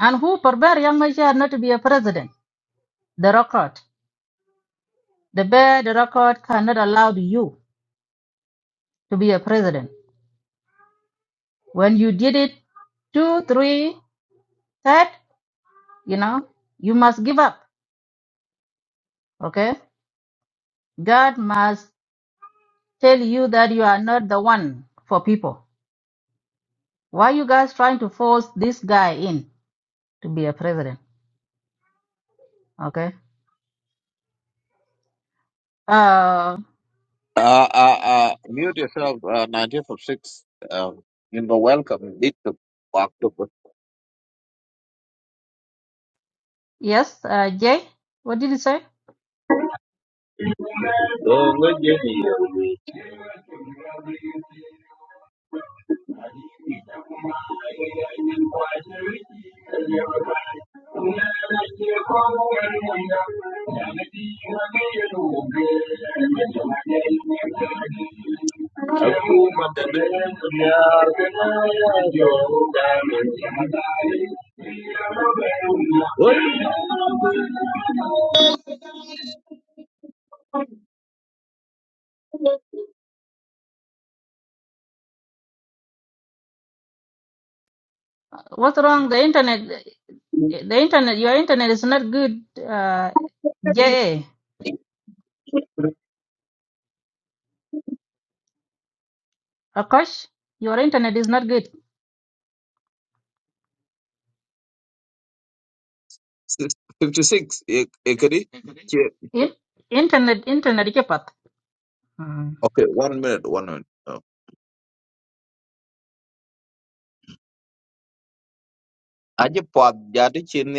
S2: And who forbade Riek Machar not to be a president? The record. The bear, the record cannot allow you to be a president When you did it two, three, third, you know, you must give up. Okay? God must tell you that you are not the one for people. Why you guys trying to force this guy in to be a president? Okay? Uh,
S4: Uh, uh, uh, mute yourself, uh, 1956. Um, you know, welcome. Need to walk to
S2: yes, uh, Jay, what did you say?
S4: What?
S2: What's wrong? The internet, the internet, your internet is not good. Uh, Jay, Akash, your internet is not good.
S4: 56 ekedi
S2: In, internet, internet, ke pat. Hmm.
S4: okay one minute one minute Oh. aje pod jadi chin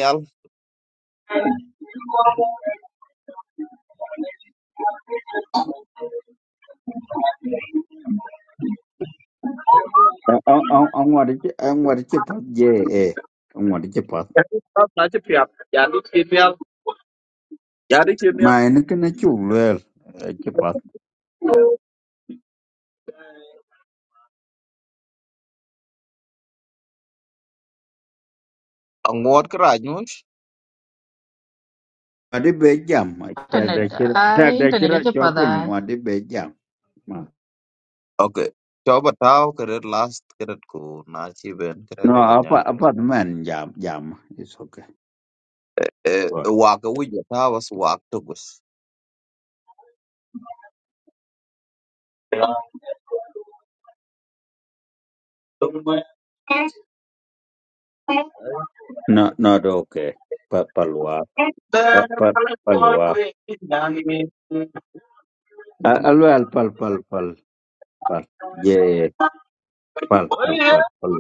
S9: ông ngoại chứ ông ngoại chứ phát dễ ê ông ngoại chứ phát
S4: Jadi kimia
S9: mà nó cái nó chung luôn chứ phát
S4: angot keraj nus.
S9: mà đi bế jam mà ta
S2: internet
S9: đây chứ ta
S2: I
S9: đây chứ
S2: internet
S9: ra
S2: ike
S9: cho quên
S2: pada.
S9: ngoại đi bế jam mà
S4: Okay. Coba tahu keret last keret ku naci ben keret
S9: no
S4: kau
S9: apa
S4: nya.
S9: apa man jam jam is okay
S4: Eh,
S9: Right.
S4: wak wujud tahu was wak tugus.
S9: no not okay pa palwa pa pa palwa alwal pal pal pal pal ye pal pal
S4: Thank
S9: pal pal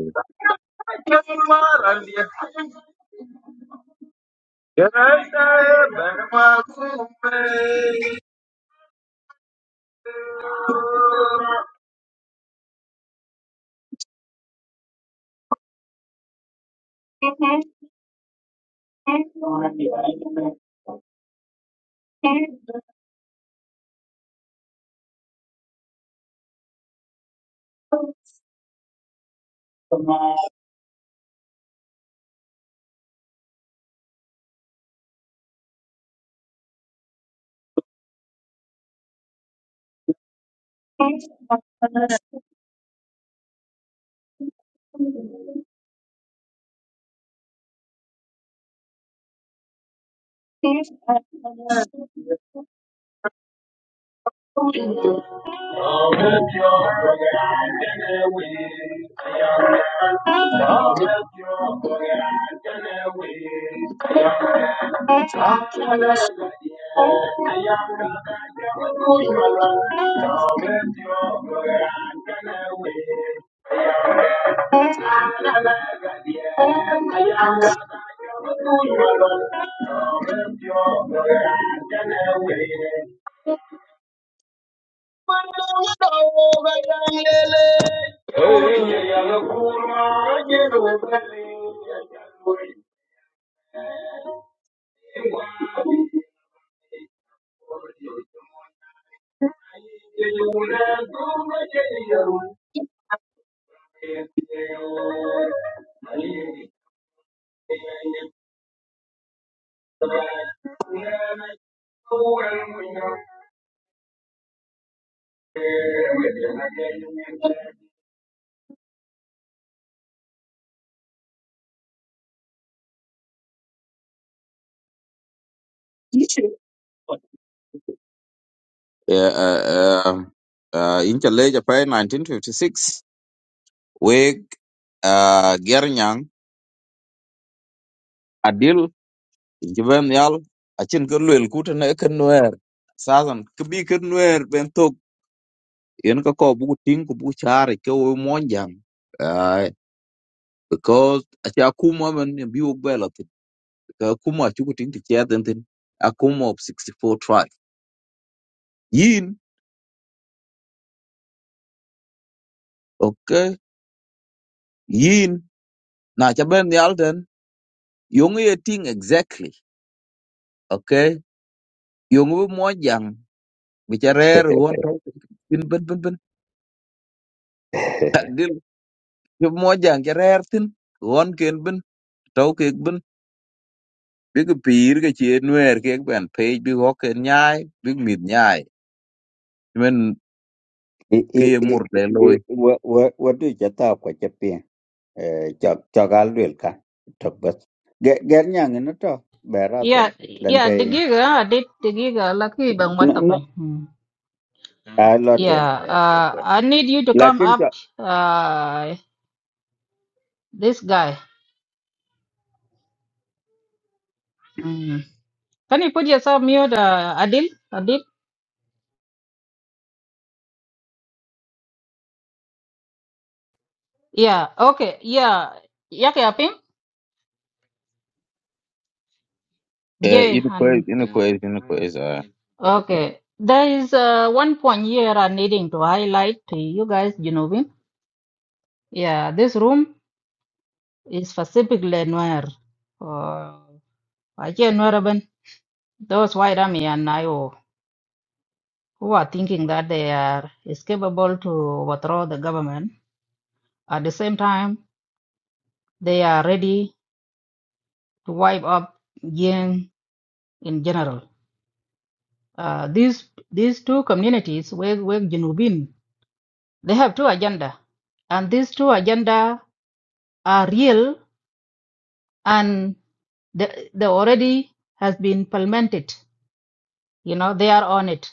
S4: you. I never get tired. I am not a fool. You are not a messiah. But I never wait. But now I know I am the one. Hey, I am the fool. I am the one. I am the fool. Yeah, uh, um, uh, in Chile, Japan, 1956. We, uh, Gernyang, Adil, Jiben Yal, Achin Kurluel, Kutan Ekenwer, Southern, Kubi Kenwer, Bentok, Yenkako, Butin, Kubuchar, Ko Monjang. Uh, because Achakuma and Biu Belot, Kuma Chukutin to Chatantin, Akuma of 64 tribe. Yin, okay, Yin. na ca ben yal ten yong ye ting exactly okay yong bu mo jang bi ca rer won taw bin bin bin bin dil yu mo jang ca rer tin won ken bin taw ke bin bi ke pir ke che nwer ke ben pe bi ho ken nyai bi mit nyai men
S9: i
S4: ke
S9: i i
S4: mur le
S9: i
S4: loy
S9: wa wa wa du jata ko chok chok al dwel ka tok bas ger ger nyang no to bera to
S2: Yeah, yeah. ya
S9: lente
S2: ya
S9: in
S2: digiga did digiga Lucky, bang
S9: no
S2: wata
S9: no
S2: ko
S9: a lo to
S2: yeah uh, i need you to come
S9: lakin
S2: up uh this guy mm. can you put yourself mute uh, adil adil yeah okay yeah yake apin
S4: eh
S2: jay
S4: in quiz
S2: and
S4: in quiz in quiz uh
S2: okay there is uh, one point here i'm needing to highlight to you guys you yeah this room is specifically noir uh, I can't know Those white army and Nayo who are thinking that they are is capable to overthrow the government, at the same time they are ready to wipe up Yin in general. Uh, these these two communities, Weg Weg Jinubin, they have two agenda, and these two agenda are real and they, they already has been implemented. You know they are on it.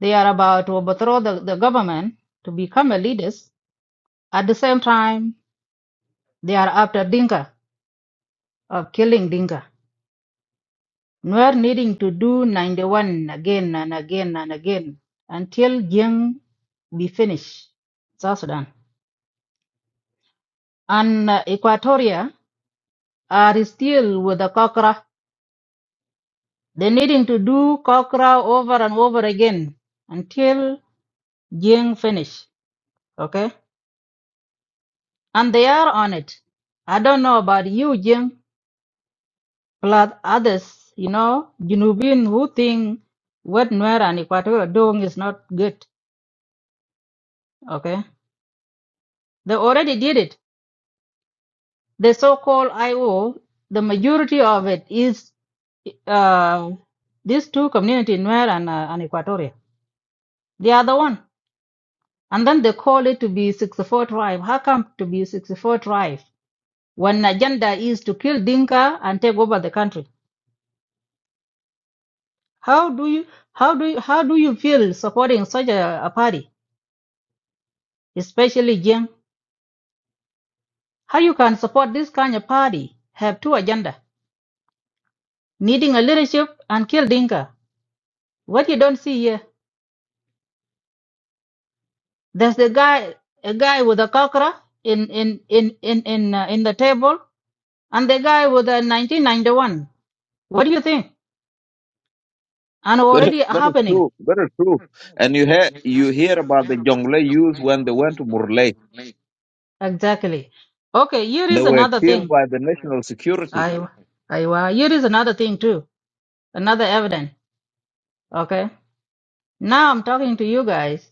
S2: They are about to overthrow the, the government to become a leaders. At the same time, They are after Dinka, of killing Dinka. Nuer needing to do 91 again and again and again until Jiang be finished. South Sudan. And uh, Equatoria are still with the Kokra. They needing to do Kokra over and over again until Jiang finish. Okay? And they are on it. I don't know about you, Jiang. plus others, you know, Junubin who think what Nuer and Equatorial are doing is not good. Okay. They already did it. The so-called IO, the majority of it is uh, these two communities, Nuer and, uh, and Equatoria. They are the one. And then they call it to be 64 tribe. How come to be 64 tribe when agenda is to kill Dinka and take over the country? How do you, how do you, how do you feel supporting such a, a party, especially Jiang? How you can support this kind of party have two agenda, needing a leadership and kill Dinka. What you don't see here, there's the guy, a guy with a cockra in in in in in, uh, in the table, and the guy with a 1991. What do you think? And
S4: Very,
S2: already
S4: very
S2: happening
S4: true, very true. And you hear you hear about the Jonglei youths when they went to Murley.
S2: exactly. Okay, here
S4: They
S2: is
S4: were
S2: another
S4: killed
S2: thing.
S4: by the national security
S2: I I uh, here is another thing too, another evidence. Okay, now I'm talking to you guys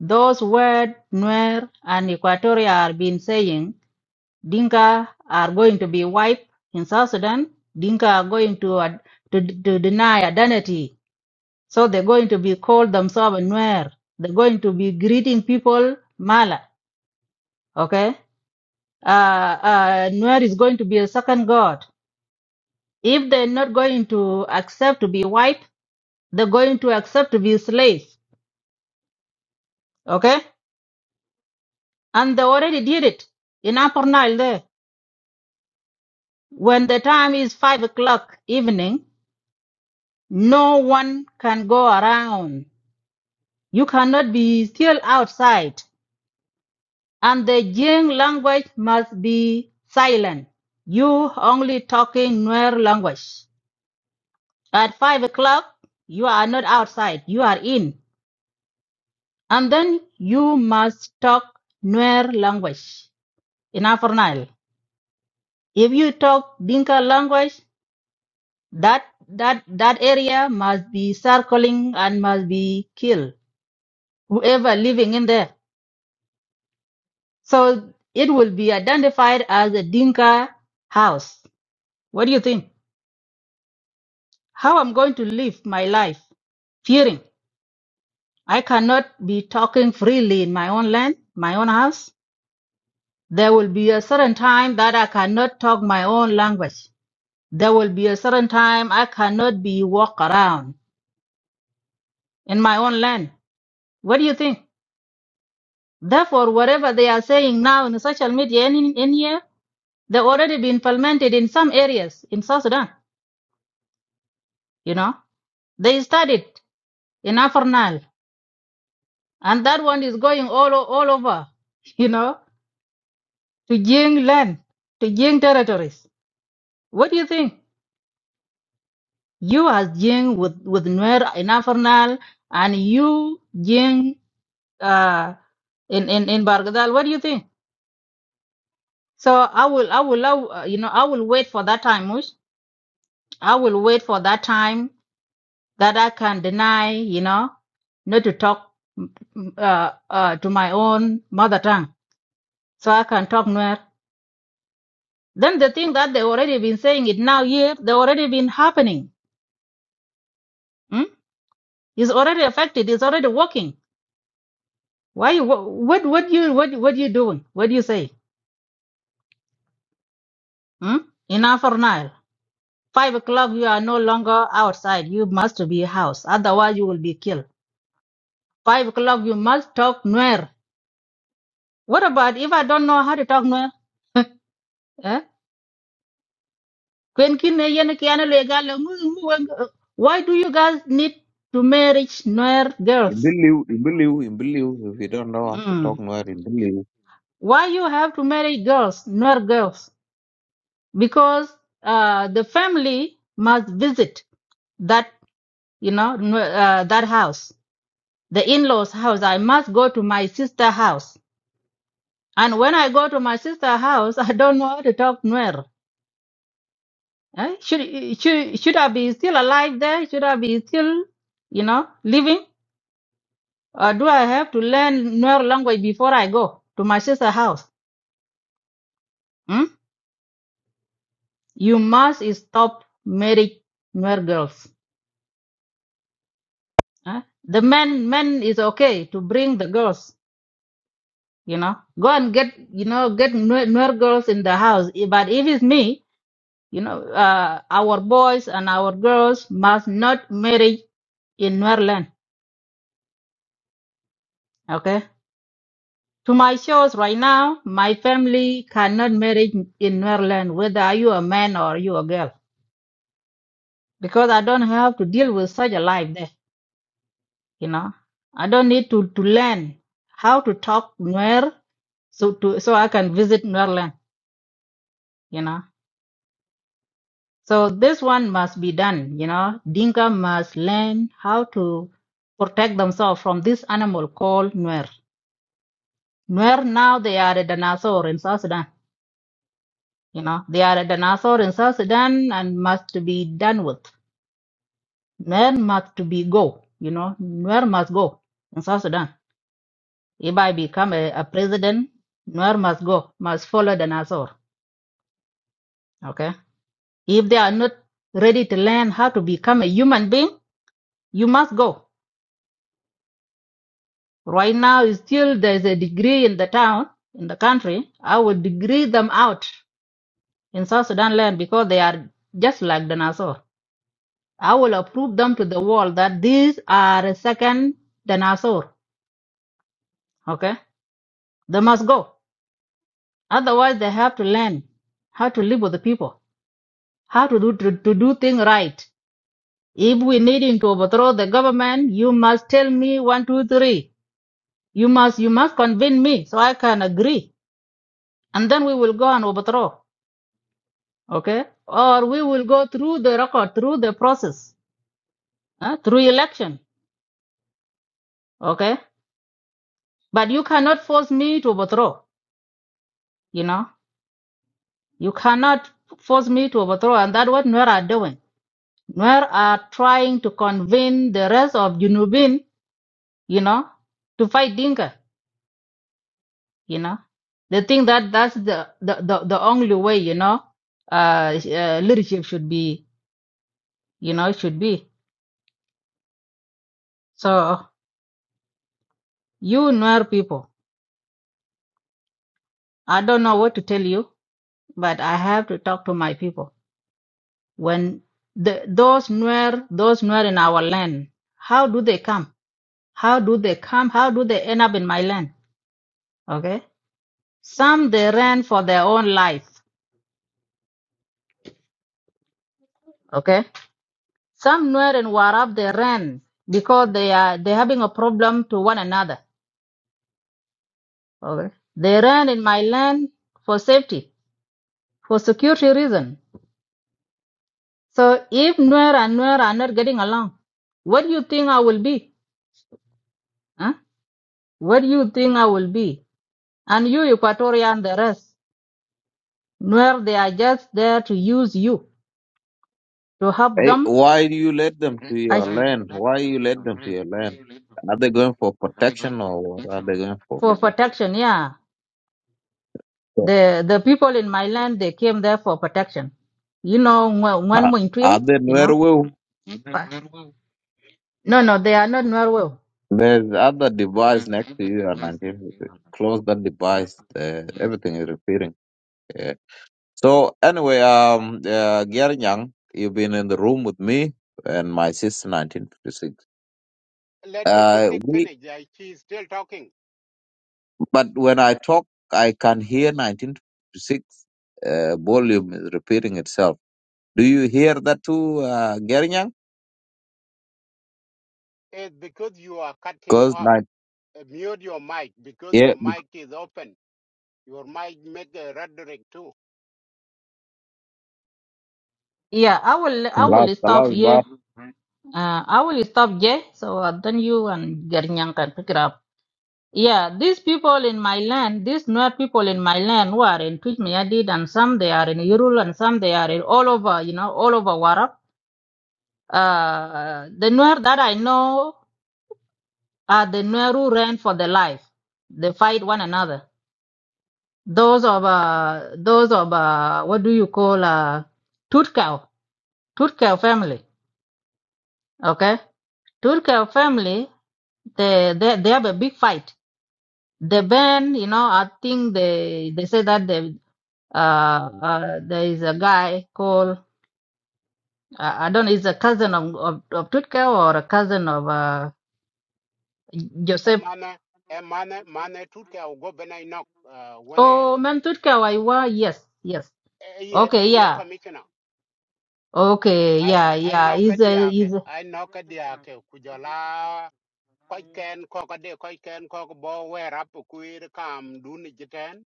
S2: Those words Nuer and Equatoria have been saying, Dinka are going to be wiped in South Sudan. Dinka are going to, ad- to, to deny identity. So they're going to be called themselves Nuer. They're going to be greeting people Mala. Okay? Uh, uh, Nuer is going to be a second god. If they're not going to accept to be wiped, they're going to accept to be slaves. Okay? And they already did it in Upper Nile there. When the time is five o'clock evening, no one can go around. You cannot be still outside, and the Jing language must be silent. You only talking Nuer language. At five o'clock, you are not outside. You are in, and then you must talk Nuer language in Upper Nile. If you talk Dinka language, that that that area must be circling and must be killed whoever living in there. So it will be identified as a Dinka house. What do you think? How I'm going to live my life? Fearing. I cannot be talking freely in my own land, my own house. There will be a certain time that I cannot talk my own language. There will be a certain time I cannot be walk around in my own land. What do you think? Therefore, whatever they are saying now in the social media and in, in here, they've already been implemented in some areas in South Sudan. You know, they studied in Afernal, and that one is going all o- all over. You know, to Jing land, to Jing territories. What do you think? You as Jing with with Nuer in Afernal, and you Jing uh, in in in Bargadal. What do you think? So I will I will love, uh, you know I will wait for that time, Mush. I will wait for that time that I can deny. You know, not to talk mm, uh, uh, to my own mother tongue so I can talk Nuer. Then the thing that they already been saying it now here, they already been happening. Hmm? It's already affected. It's already working. Why? you- What? What you? What? What you doing? What do you say? Hmm? Enough for now. Five o'clock, you are no longer outside. You must be house. Otherwise, you will be killed. Five o'clock, you must talk Nuer. What about if I don't know how to talk Nuer? Eh? Kwen kin ne yen ki ane le gal le ngu ngu weng uh, why do you guys need to marry Nuer girls?
S4: Imbiliu, Imbiliu, Imbiliu. If you don't know how to
S2: Mm.
S4: talk Nuer, Imbiliu.
S2: Why you have to marry girls, Nuer girls? Because uh, the family must visit that you know Nwe- uh, that house, the in-laws house. I must go to my sister house, and when I go to my sister house, I don't know how to talk Nuer. Eh? Should, should should I be still alive there? Should I be still, you know, living? Or do I have to learn Nuer language before I go to my sister's house? Hmm? You must stop marrying Nuer girls. eh? The men men is okay to bring the girls, you know. Go and get you know get Nuer Nuer girls in the house. But if it's me, you know, uh, our boys and our girls must not marry in Nuer land. Okay To my shows right now, my family cannot marry in Maryland, whether are you a man or you a girl, because I don't have to deal with such a life there. You know, I don't need to to learn how to talk Nuer, so to so I can visit Maryland. You know, so this one must be done. You know, Dinka must learn how to protect themselves from this animal called Nuer. Nuer now they are a dinosaur in South Sudan You know, they are at an author in South Sudan and must be done with. Where must to be go? You know, where must go in South Sudan? If I become a, a president, where must go? Must follow the Nasser. Okay. If they are not ready to learn how to become a human being, you must go. Right now, is still there's a degree in the town, in the country. I would degree them out in South Sudan land because they are just like the Nasser. I will prove them to the world that these are a second dinosaur. Okay? They must go. Otherwise, they have to learn how to live with the people, how to do, to, to do things right. If we need him to overthrow the government, you must tell me one, two, three. You must, you must convince me so I can agree. And then we will go and overthrow. Okay? Or we will go through the record, through the process, huh? through election. Okay? But you cannot force me to overthrow, you know? You cannot force me to overthrow, and that's what Nuer are doing. Nuer are trying to convince the rest of Junubin, you know, to fight Dinka, you know. They think that that's the, the, the, the only way, you know, uh, uh, leadership should be, you know, should be. So, you Nuer people, I don't know what to tell you, but I have to talk to my people. When the, those Nuer, those Nuer in our land, how do they come? How do they come? How do they end up in my land? Okay. Some they ran for their own life. Okay. Some Nuer and Warab they ran because they are they having a problem to one another. Okay. They ran in my land for safety, for security reason. So if Nuer and Nuer are not getting along, what do you think I will be? Huh? What do you think I will be? And you, Equatorian, the rest, Nuer, they are just there to use you to help
S4: Hey,
S2: them
S4: why do you let them to
S2: I
S4: your land? Why you let them to your land? Are they going for protection or what are they going for?
S2: for protection. Yeah,
S4: So,
S2: the the people in my land they came there for protection. You know,
S4: are,
S2: one
S4: are
S2: Mointril,
S4: they
S2: you
S4: Nuer
S2: know.
S4: will?
S2: But- No, no, they are not Norwell.
S4: There's other device next to you and I give you the- close that device. Uh, everything is repeating. Yeah. So anyway, um, uh, Gyar Nyang, you've been in the room with me and my sister 1956.
S3: let
S4: Uh,
S3: 56
S4: we
S3: finish I, she's still talking
S4: But when I talk, I can hear 1956 uh, volume is repeating itself. Do you hear that too, uh, Gerinyang?
S3: it's because you are cutting
S4: Because
S3: up
S4: like,
S3: Uh, mute your mic because
S4: yeah,
S3: your
S4: because
S3: mic is open your mic make a rhetoric too
S2: Yeah, I will I will
S4: last, the
S2: stop
S4: last
S2: here.
S4: bar,
S2: Uh, I will stop here. So uh, then you and Gernyan can pick it up. Yeah, these people in my land, these Nuer people in my land who are in Twitmiadid and some they are in Irul and some they are in all over, you know, all over Warab. Uh, the Nuer that I know are the Nuer who ran for their life. They fight one another. Those of uh, those of uh, what do you call uh, Tutkal, Tutkal family. Okay, Tutkal family. They, they they have a big fight. The band, you know, I think they they say that they uh, uh there is a guy called uh, I don't know, he's a cousin of of, of Tutkal or a cousin of uh,
S3: emane emane mane tut ke au go bena inok uh,
S2: Oh,
S3: wene
S2: Mantutka Waiwa, yes, yes.
S3: eye
S2: Okay,
S3: eye
S2: yeah.
S3: commissioner
S2: Okay,
S3: i
S2: yeah,
S3: i
S2: yeah.
S3: knock a
S2: Is a
S3: diake
S2: is a-
S3: i knock a diake kujola ko ken ko ko de ko ken ko ko bo wer up kuir kam duni jiten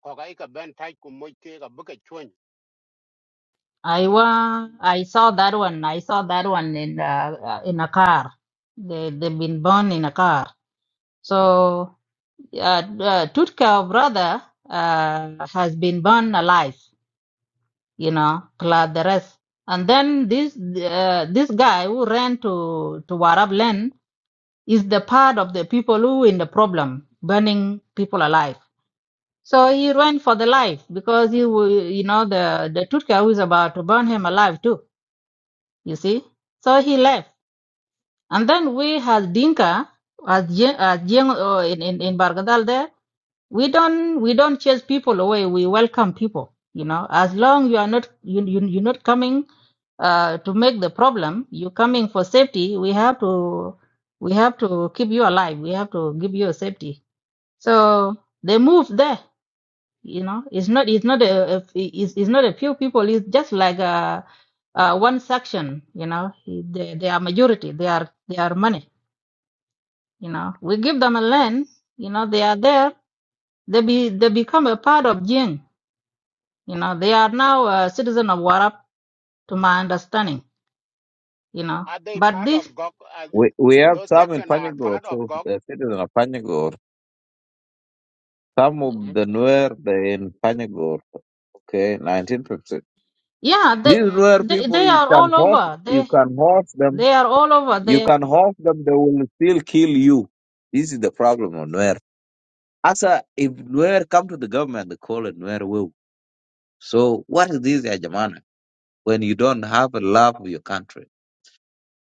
S3: ko ga ka ben tai ku mo ke ga buke chun
S2: I wa I saw that one. I saw that one in uh, uh, in a car. They they've been born in a car. So uh, uh, Tutka brother uh, has been born alive, you know, clad the rest. And then this uh, this guy who ran to to Warab land is the part of the people who in the problem, burning people alive So he ran for the life because he, wa- you know, the the Tutka was about to burn him alive too. You see, so he left, and then we had Dinka as Jen, as Jen uh, in in in Bargadal there. We don't we don't chase people away. We welcome people. You know, as long you are not you you you're not coming uh, to make the problem. You're coming for safety. We have to we have to keep you alive. We have to give you safety. So they moved there you know it's not it's not a, a it's, it's not a few people it's just like a, uh one section you know they, they are majority they are they are money you know we give them a land you know they are there they be they become a part of jing you know they are now a citizen of warap to my understanding you know
S3: are they
S2: but
S3: part of
S2: this
S3: gok are, th-
S4: we, we have
S3: those
S4: some in
S3: section are
S4: Panyagor,
S3: part of
S4: too,
S3: gok
S4: the citizen of Panyagor. Some of the Nuer, they in Panyagor. Okay, 1956.
S2: yeah they
S4: These Nuer
S2: they,
S4: people,
S2: they
S4: you
S2: are
S4: can
S2: all
S4: host,
S2: over
S4: you
S2: they
S4: can host them,
S2: they are all over
S4: you
S2: they
S4: can host them, they will still kill you. This is the problem of Nuer Asa, if Nuer come to the government, they call it Nuer will. So what is this, ya Jamana, when you don't have a love of your country?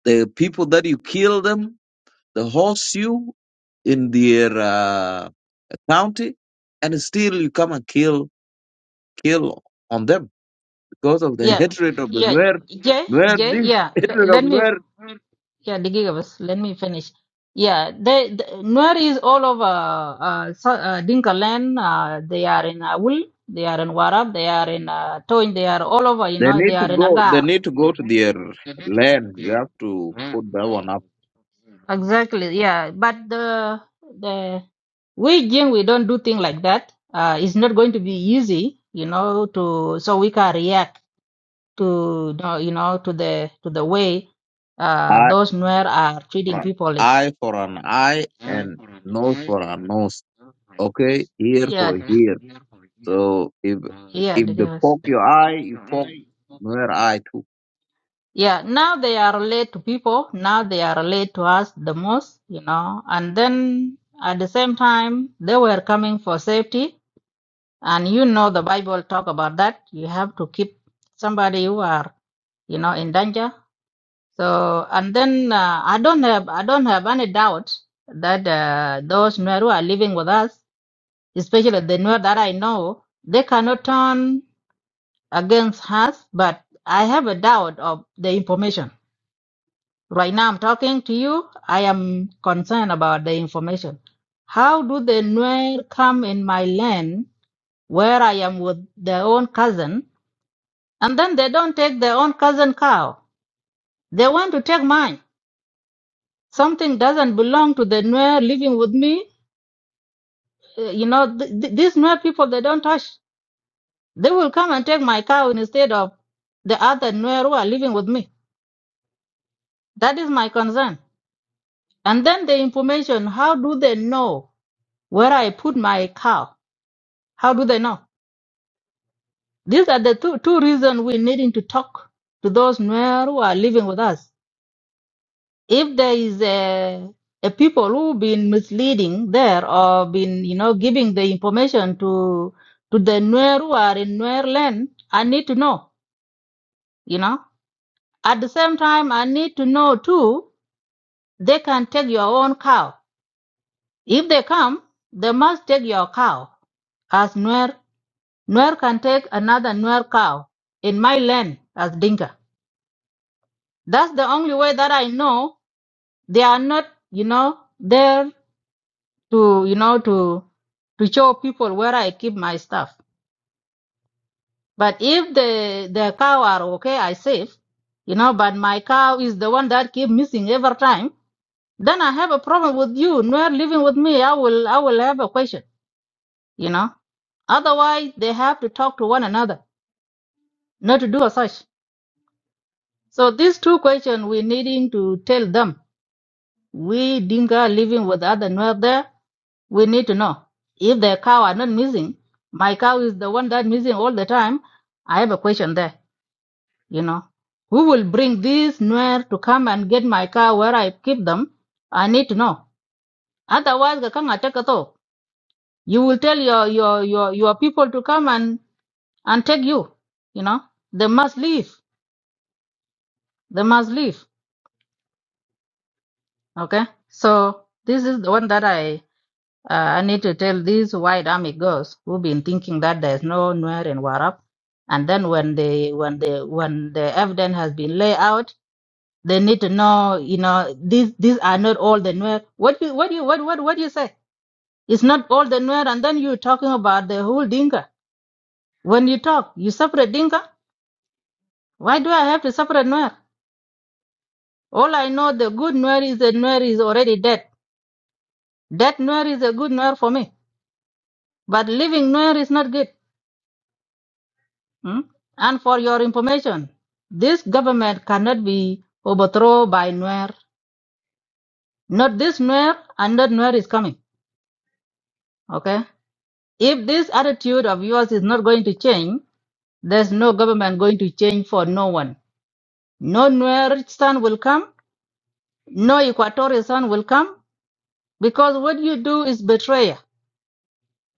S4: The people that you kill them, the horse you in their uh, county, and still you come and kill kill on them because of the
S2: yeah
S4: hatred of the
S2: yeah
S4: Nuer.
S2: jay
S4: Nuer,
S2: jay
S4: this
S2: yeah let,
S4: hatred of
S2: let me
S4: Nuer,
S2: Yeah, the Digigabus, let me finish. Yeah, they, the Nuer is all over uh, so, uh, Dinka land. Uh, they are in Awul, they are in Warab, they are in uh, Toin, they are all over, you
S4: they
S2: know, they
S4: need to
S2: are in
S4: go. They
S2: Agar.
S4: need to go to their land. You have to put that one
S2: Exactly, yeah. But the the we Jin, we don't do things like that. Uh, it's not going to be easy, you know, to so we can react to you know you know, to the to the way
S4: up.
S2: uh, those Nuer are
S4: for
S2: treating
S4: an
S2: people. It,
S4: eye for an eye and nose for a nose. Okay, ear for ear.
S2: yeah,
S4: So if
S2: Yeah,
S4: if
S2: the
S4: they
S2: girls.
S4: poke your eye, you poke their eye too.
S2: Yeah, now they are related to people. Now they are related to us the most, you know. And then at the same time, they were coming for safety. And you know the Bible talk about that. You have to keep somebody who are, you know, in danger. So and then uh, I don't have I don't have any doubt that uh, those Nuer who are living with us, especially the Nuer that I know, they cannot turn against us. But I have a doubt of the information Right now, I'm talking to you. I am concerned about the information. How do the Nuer come in my land where I am with their own cousin, and then they don't take their own cousin cow? They want to take mine. Something doesn't belong to the Nuer living with me. Uh, You know, th- th- these Nuer people, they don't touch. They will come and take my cow instead of the other Nuer who are living with me. That is my concern. And then the information, how do they know where I put my cow? How do they know? These are the two, two reasons we're needing to talk to those Nuer who are living with us. If there is a, a people who've been misleading there or been, you know, giving the information to to the Nuer who are in Nuer land, I need to know, you know. At the same time, I need to know too, they can take your own cow. If they come, they must take your cow as Nuer. Nuer can take another Nuer cow in my land as Dinka. That's the only way that I know they are not, you know, there to, you know, to to show people where I keep my stuff. But if the the cow are okay, I save, you know. But my cow is the one that keep missing every time. Then I have a problem with you. Not living with me, I will I will have a question, you know. Otherwise, they have to talk to one another, not to do as such. So these two questions we needing to tell them We Dinka living with other Nuer there, we need to know. If their cow are not missing, my cow is the one that missing all the time, I have a question there, you know. Who will bring this Nuer to come and get my cow where I keep them? I need to know. Otherwise, Gakanga take it off. You will tell your, your, your, your people to come and, and take you, you know. They must leave. They must leave. Okay. So this is the one that I Uh, I need to tell these white army girls who've been thinking that there's no Nuer in Warap, and then when they when they when the evidence has been laid out, they need to know, you know, these these are not all the Nuer. What you what you what what what you say? It's not all the Nuer, and then you're talking about the whole Dinka. When you talk, you separate Dinka. Why do I have to separate Nuer? All I know, the good Nuer is the Nuer is already dead. Dead Nuer is a good Nuer for me, but living Nuer is not good. Mm? And for your information, this government cannot be overthrown by Nuer. Not this Nuer, and not Nuer is coming. Okay? If this attitude of yours is not going to change, there's no government going to change for no one. No Nuer son will come, no Equatorial son will come, because what you do is betrayal.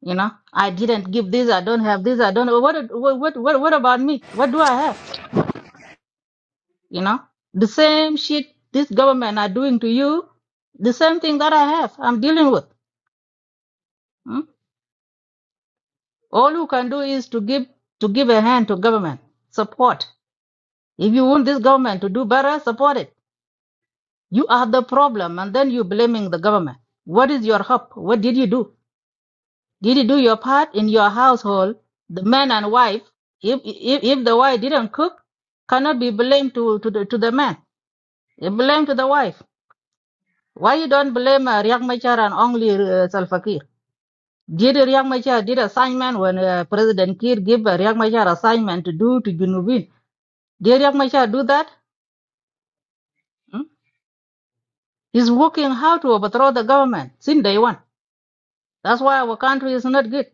S2: You know, I didn't give this, I don't have this, I don't. What, what, what, what about me? What do I have? You know, the same shit this government are doing to you, the same thing that I have, I'm dealing with. Hmm? All you can do is to give to give a hand to government support. If you want this government to do better, support it. You are the problem, and then you blaming the government. What is your hope? What did you do? Did you do your part in your household? The man and wife. If if, if the wife didn't cook, cannot be blamed to to the, to the man. Blame to the wife Why you don't blame uh, Riek Machar and only uh, Salva Kiir? Did Riek Machar did assignment when uh, President Kiir gave uh, Riek Machar assignment to do to Junubin? Did Riek Machar do that? Hmm? He's working how to overthrow the government since day one. That's why our country is not good.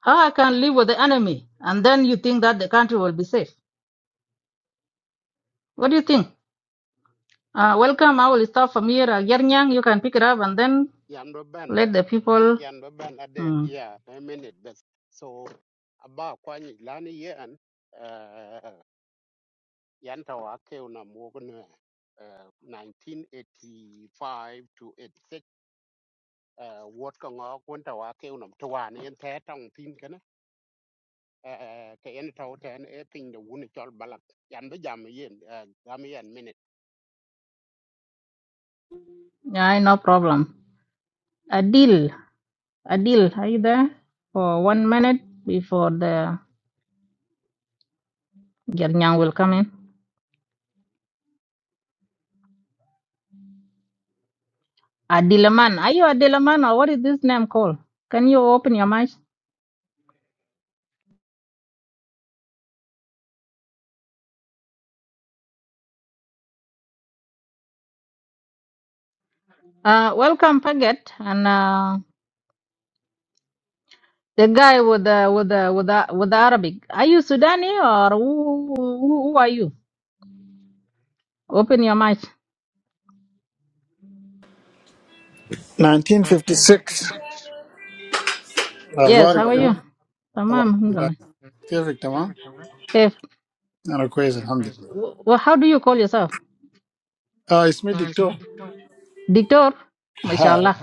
S2: How I can live with the enemy and then you think that the country will be safe? What do you think? Uh, welcome. I will start from here. Uh, Yernyang, you can pick it up and then
S3: yan do ben
S2: let the people.
S3: yan do Are they?
S2: Hmm.
S3: yeah a minute best so aba kwani lani yen yanta wake una mugne uh, 1985 to 86 uh, wot ka ngok wanta wake unam twan yen te tong tin kana uh, ke en tau ten e ping de wuni chol balak yan be jam yen uh, gam yen minute
S2: Yeah, no problem. Adil. Adil, are you there for one minute before the Gernyang will come in? Adilaman, are you Adilaman or what is this name called? Can you open your mic? Uh, welcome, Paget, and uh, the guy with the with the with the with the Arabic. Are you Sudani or who who, who are you? Open your mic.
S10: 1956
S2: Yes, how
S10: اخبارك
S2: are you?
S10: شنو؟ طبعا
S2: Tamam,
S10: السودان
S2: alhamdulillah.
S10: كيفك تمام؟
S2: Hey,
S10: انا كويس الحمد لله
S2: wh- wh- how do you call yourself?
S10: اه اسمي دكتور
S2: Dictor?
S10: هاي
S2: MashaAllah.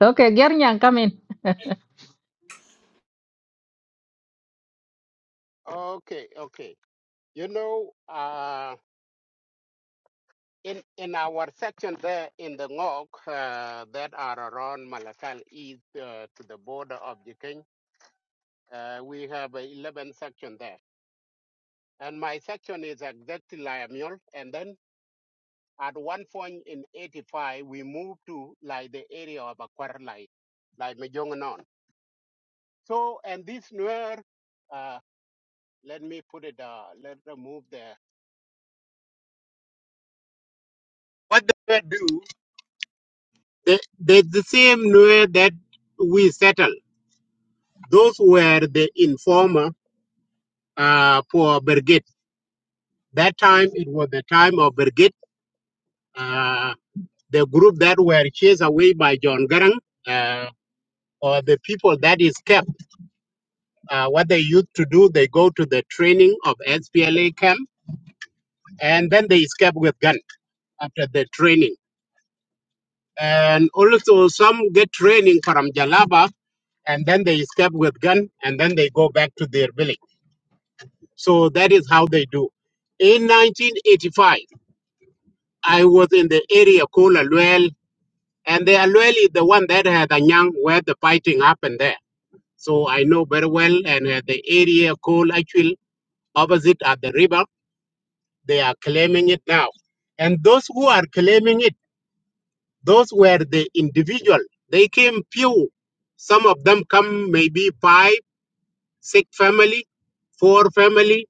S2: Okay, Gernyang, come in.
S3: okay okay you know uh, in in our section there in the ngok uh, that are around malakal east uh, to the border of jikeng uh, we have uh, 11 section there And my section is exactly Lyamul. And then at one point in 85, we moved to like the area of Akwar, like, like Mejongnon. So, and this Nuer, uh, let me put it, uh, let me move there. What they were do, they, they the same Nuer that we settled. Those were the informer uh, for Birgit. That time it was the time of Birgit, uh, the group that were chased away by John Garang. or the people that is kept, uh, what they used to do, they go to the training of SPLA camp and then they escape with gun after the training. And also some get training from Jalaba and then they escape with gun and then they go back to their village. So that is how they do. In 1985, I was in the area called Aluel and the Aluel is the one that had Anyang where the fighting happened there. So I know very well and uh, the area called actually opposite at the river They are claiming it now. And those who are claiming it, those were the individual. They came few. Some of them come maybe five, six family, four family,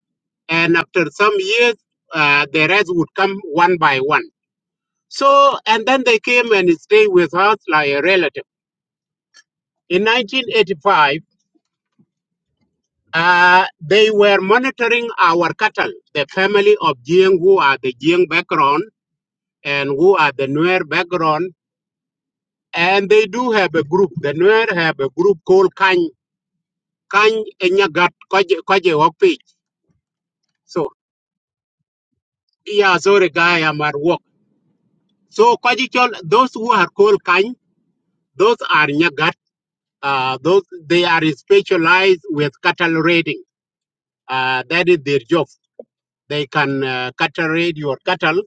S3: and after some years, uh, the rest would come one by one. So, and then they came and stay with us like a relative. In 1985, uh, they were monitoring our cattle, the family of Jiang who are the Jiang background and who are the Nuer background And they do have a group. The Nuer have a group called Kany, Kany Enyagat, Kwaje Kwaje Wapage. So, yeah, sorry, guy, I'm at work. So, Kwaji Chol, those who are called Kany, those are Nyagat. Uh, those They are specialized with cattle raiding. Uh, that is their job. They can uh, cattle raid your cattle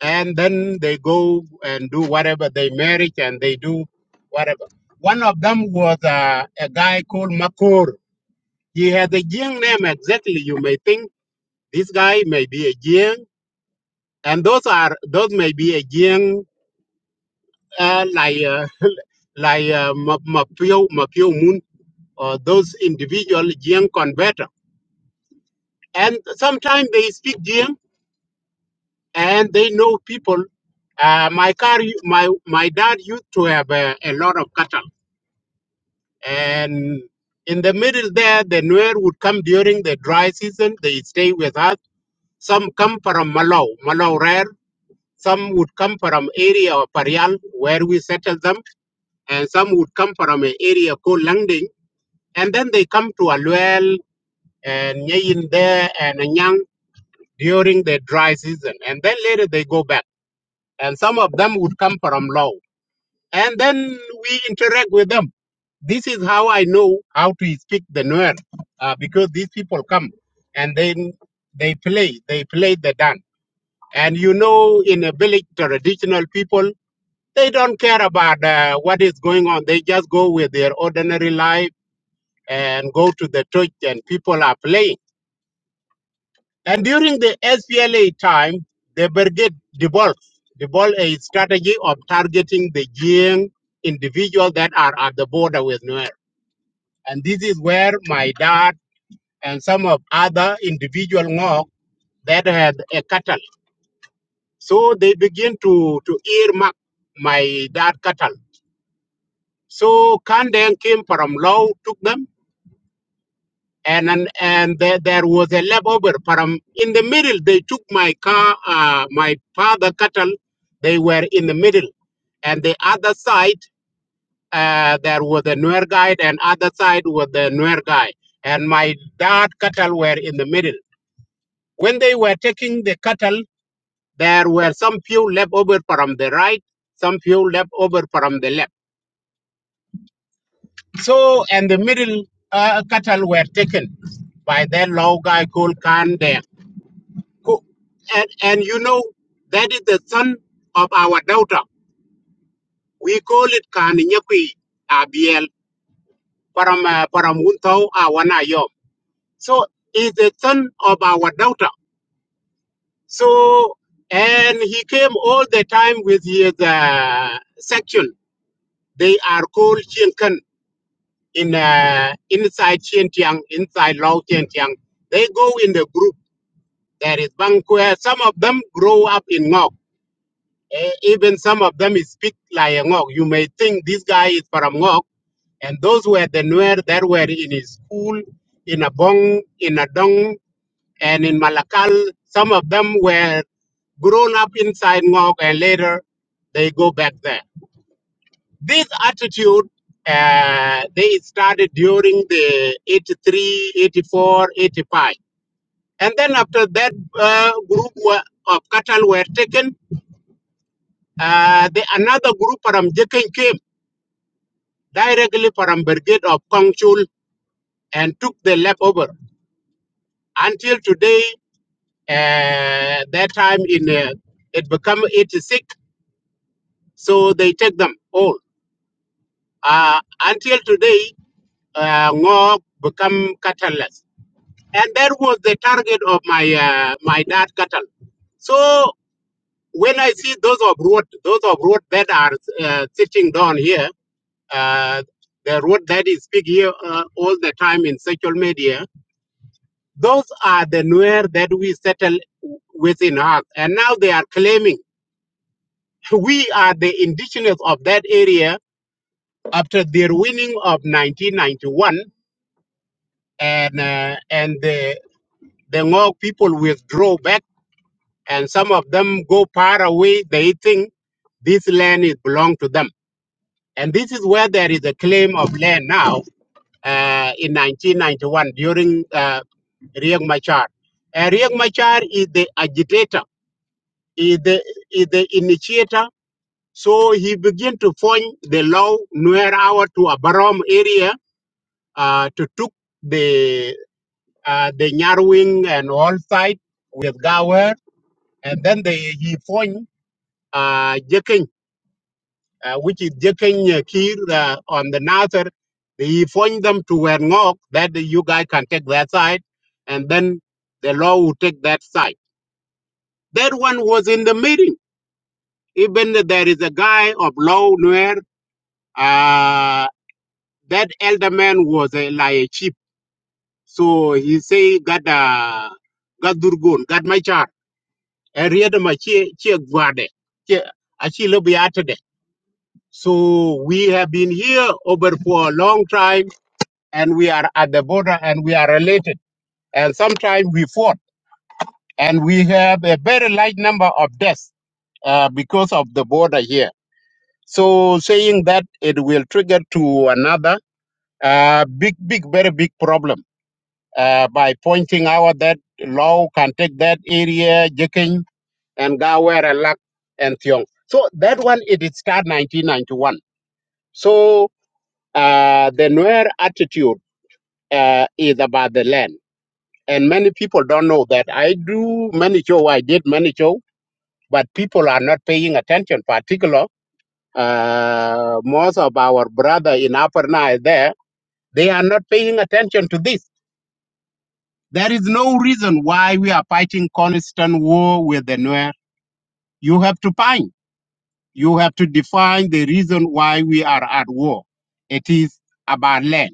S3: and then they go and do whatever they marry and they do whatever. One of them was uh, a guy called Makur He has a Jing name exactly. You may think this guy may be a Jing, and those are those may be a Jing uh, like uh, like uh, Ma- Mapio Mapio Moon or those individual Jing converter. And sometimes they speak Jing and they know people. Uh, my car, u- my my dad used to have a, a lot of cattle, and in the middle there, the Nuer would come during the dry season. They stay with us. Some come from Malau, Malau Rare Some would come from area of Parial where we settled them, and some would come from an area called Langding, and then they come to Aluel and Nyayin there and Anyang during the dry season, and then later they go back. And some of them would come from Low, and then we interact with them. This is how I know how to speak the Nuer, uh, because these people come and then they play, they play the dance. And you know, in a village, traditional people They don't care about uh, what is going on. They just go with their ordinary life and go to the church, and people are playing. And during the SPLA time, the brigade developed developed a strategy of targeting the young individuals that are at the border with Nuer. And this is where my dad and some of other individual Ngok that had a cattle. So they begin to, to earmark my dad cattle. So Kandeng came from Law, took them and and, and there, there was a lap over param in the middle they took my car uh, my father cattle they were in the middle and the other side uh, there was a Nuer guide and other side was the Nuer guy and my dad cattle were in the middle when they were taking the cattle there were some few left over from the right some few left over from the left so and the middle uh, cattle were taken by that low guy called Khan there Co- And, and you know, that is the son of our daughter. We call it Kaninyakui Abiel Param uh, Paramuntau Awanayom. So he's the son of our daughter. So, and he came all the time with his uh, section. They are called Chienkan in uh, inside Chientiang, inside Lao Chientiang. They go in the group. There is Bangkwe. Some of them grow up in Ngok. Eh, even some of them speak like a Ngok. You may think this guy is from Ngok, and those were the Nuer that were in his school, in Abong, in Adong, and in Malakal. Some of them were grown up inside Ngok, and later they go back there. This attitude, uh, they started during the 83, 84, 85, And then after that uh, group were, of cattle were taken, uh, the, another group from Jekin came directly from Brigade of Kongchul and took the lap over. Until today, uh, that time in uh, it become 86, so they take them all. Uh, until today, uh, Ngok become cattleless. And that was the target of my uh, my dad cattle. So when I see those of road, those of road that are uh, sitting down here, uh, the road that is big here uh, all the time in social media, Those are the Nuer that we settled within us. And now they are claiming we are the indigenous of that area after their winning of 1991. And, uh, and the, the Ngok people withdraw back and some of them go far away. They think this land is belong to them. And this is where there is a claim of land now uh, in 1991 during uh, Riek Machar. Uh, Riek Machar is the agitator is the, is the initiator. So he began to form the law near our to a Barom area uh, to took the uh, the Nyarwing and all side with Gower, and then they, he formed uh, Jeking, uh, which is Jeking uh, Kir uh, on the Nasser. He formed them to Wernok that you guys can take that side, and then the law will take that side. That one was in the meeting. Even there is a guy of law Nuer Uh, that elder man was a, like a chief. So he say, God, uh, God Durgun, God my child. I read my chi chi guarde. Chi- achi lobi atade. So we have been here over for a long time and we are at the border and we are related. And sometimes we fought and we have a very large number of deaths uh, because of the border here. So saying that it will trigger to another uh, big, big, very big problem. uh, by pointing out that Law can take that area, Jiking and Gawera, Lak and Thiong. So that one, it is start 1991. So uh, the Nuer attitude uh, is about the land. And many people don't know that. I do many show, I did many show, but people are not paying attention, particular uh, most of our brother in Upper Nile there, they are not paying attention to this There is no reason why we are fighting constant war with the Nuer. You have to find, you have to define the reason why we are at war. It is about land.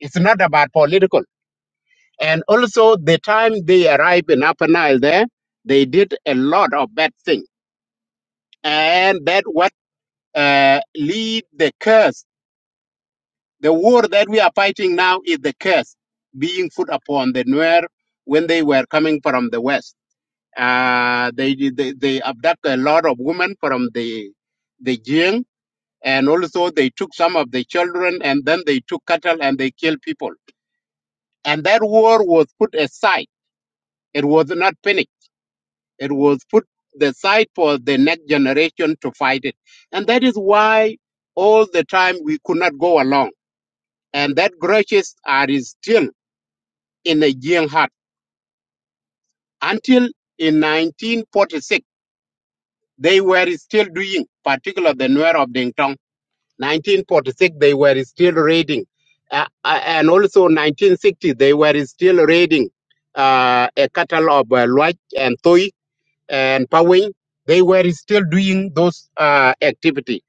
S3: It's not about political. And also, the time they arrived in Upper Nile there, they did a lot of bad things. And that what uh, lead the curse. The war that we are fighting now is the curse being put upon the Nuer when they were coming from the West Uh, they, they they abduct a lot of women from the the Jing, and also they took some of the children, and then they took cattle and they killed people. And that war was put aside. It was not finished. It was put aside for the next generation to fight it. And that is why all the time we could not go along. And that grudges are is still in the Jing heart until in 1946 they were still doing, particularly the Nuer of Ding Tong. 1946 they were still raiding uh, uh, and also 1960 they were still raiding uh, a cattle of uh, Luach and Thoi and Pawing. They were still doing those uh, activity.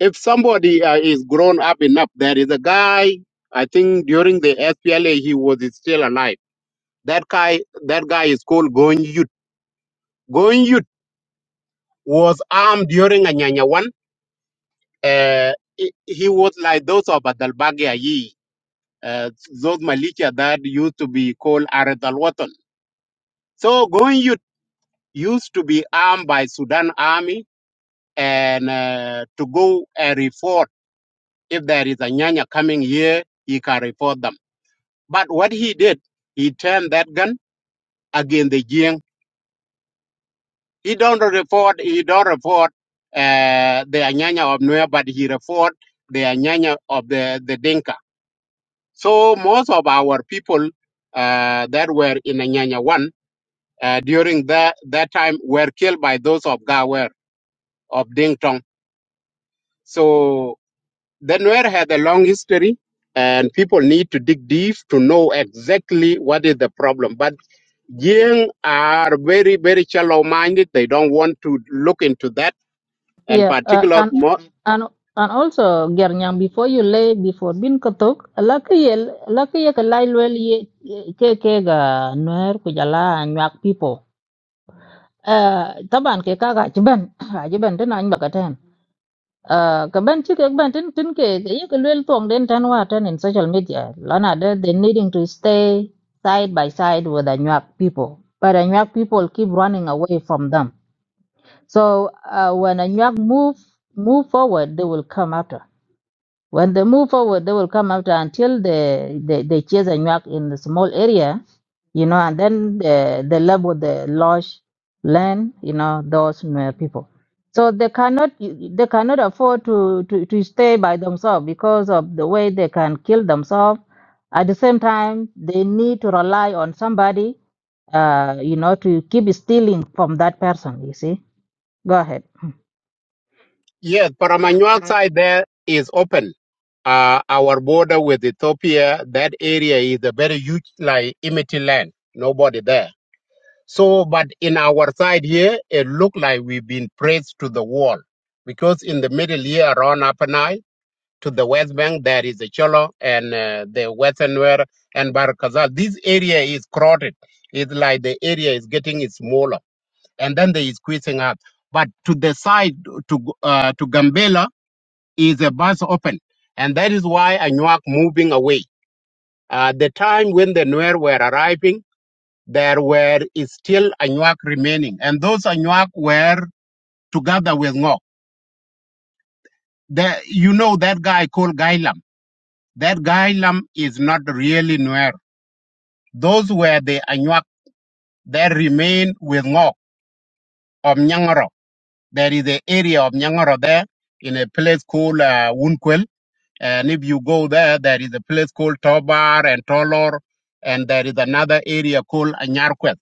S3: If somebody uh, is grown up enough, there is a guy. I think during the SPLA he was still alive. That guy, that guy is called Going Yut. Going Yut was armed during Anyanya one. Uh, he he was like those of Adalbagi Ayi. uh, those militia that used to be called Arad al Watan. So going youth used to be armed by Sudan army and uh, to go and report if there is a Nyanya coming here, he can report them. But what he did, he turned that gun against the Jiang. He don't report, he don't report uh, the Anyanya of Nuer, but he report the Anyanya of the, the Dinka. So most of our people uh, that were in Anyanya 1 uh, during that, that time were killed by those of Gawer, of Ding Tong. So the Nuer had a long history and people need to dig deep to know exactly what is the problem. But Jing are very, very shallow minded. They don't want to look into that. And
S2: Yeah, uh,
S3: particular,
S2: and
S3: mo-
S2: and and also Gernyang, before you lay before bin katok, lucky lucky ka lai well ye ye- ke ke ga nuer ku jala nyak people. Uh, taban ke ka ga jiban, a jiban tin an baka tan. Uh, ka ban chi ke ban tin tin ke ye ke lel tong den tan wa tan in social media. Lana de they needing to stay side by side with the nyak people. But the nyak people keep running away from them. So uh, when Anuak move move forward, they will come after. When they move forward, they will come after until they they, they chase Anuak in the small area, you know, and then they, they live with the large land, you know, those uh, people. So they cannot they cannot afford to, to, to stay by themselves because of the way they can kill themselves. At the same time, they need to rely on somebody, uh, you know, to keep stealing from that person. You see, go ahead.
S3: yes, Paramanyuan side there is open. Uh, our border with Ethiopia, that area is a very huge, like, empty land. Nobody there So, but in our side here, it looked like we've been pressed to the wall because in the middle here around Upper Nile to the West Bank, there is a Cholo and uh, the Western Nuer and Barakazal. This area is crowded. It's like the area is getting smaller and then they squeezing out. But to the side, to G- uh, to Gambela, is a bus open. And that is why Anuak moving away. Uh, the time when the Nuer were arriving, there were is still Anuak remaining. And those Anuak were together with Ngok. The, you know that guy called Gailam. That Gailam is not really Nuer. Those were the Anuak that remain with Ngok of Nyangoro. There is an area of Nyangoro there in a place called uh, Wunkwel. And if you go there, there is a place called Tobar and Tolor. And there is another area called Anyarkwet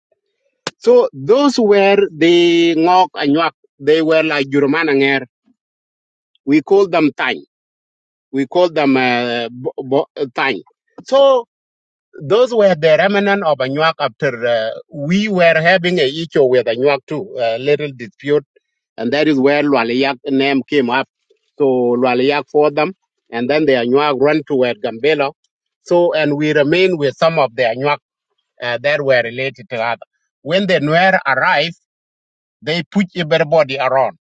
S3: So those were the Ngok Anyak. They were like Jurumananger. We call them Tang. We call them uh, bo- bo- uh, Tang. So those were the remnant of Anyak after uh, we were having a issue with Anyak too, a little dispute. And that is where Lualiyak name came up. So Lualiyak for them. And then the Anyak run toward Gambela. So, and we remain with some of the Anyak uh, that were related to other. When the Nuer arrived, They push everybody around.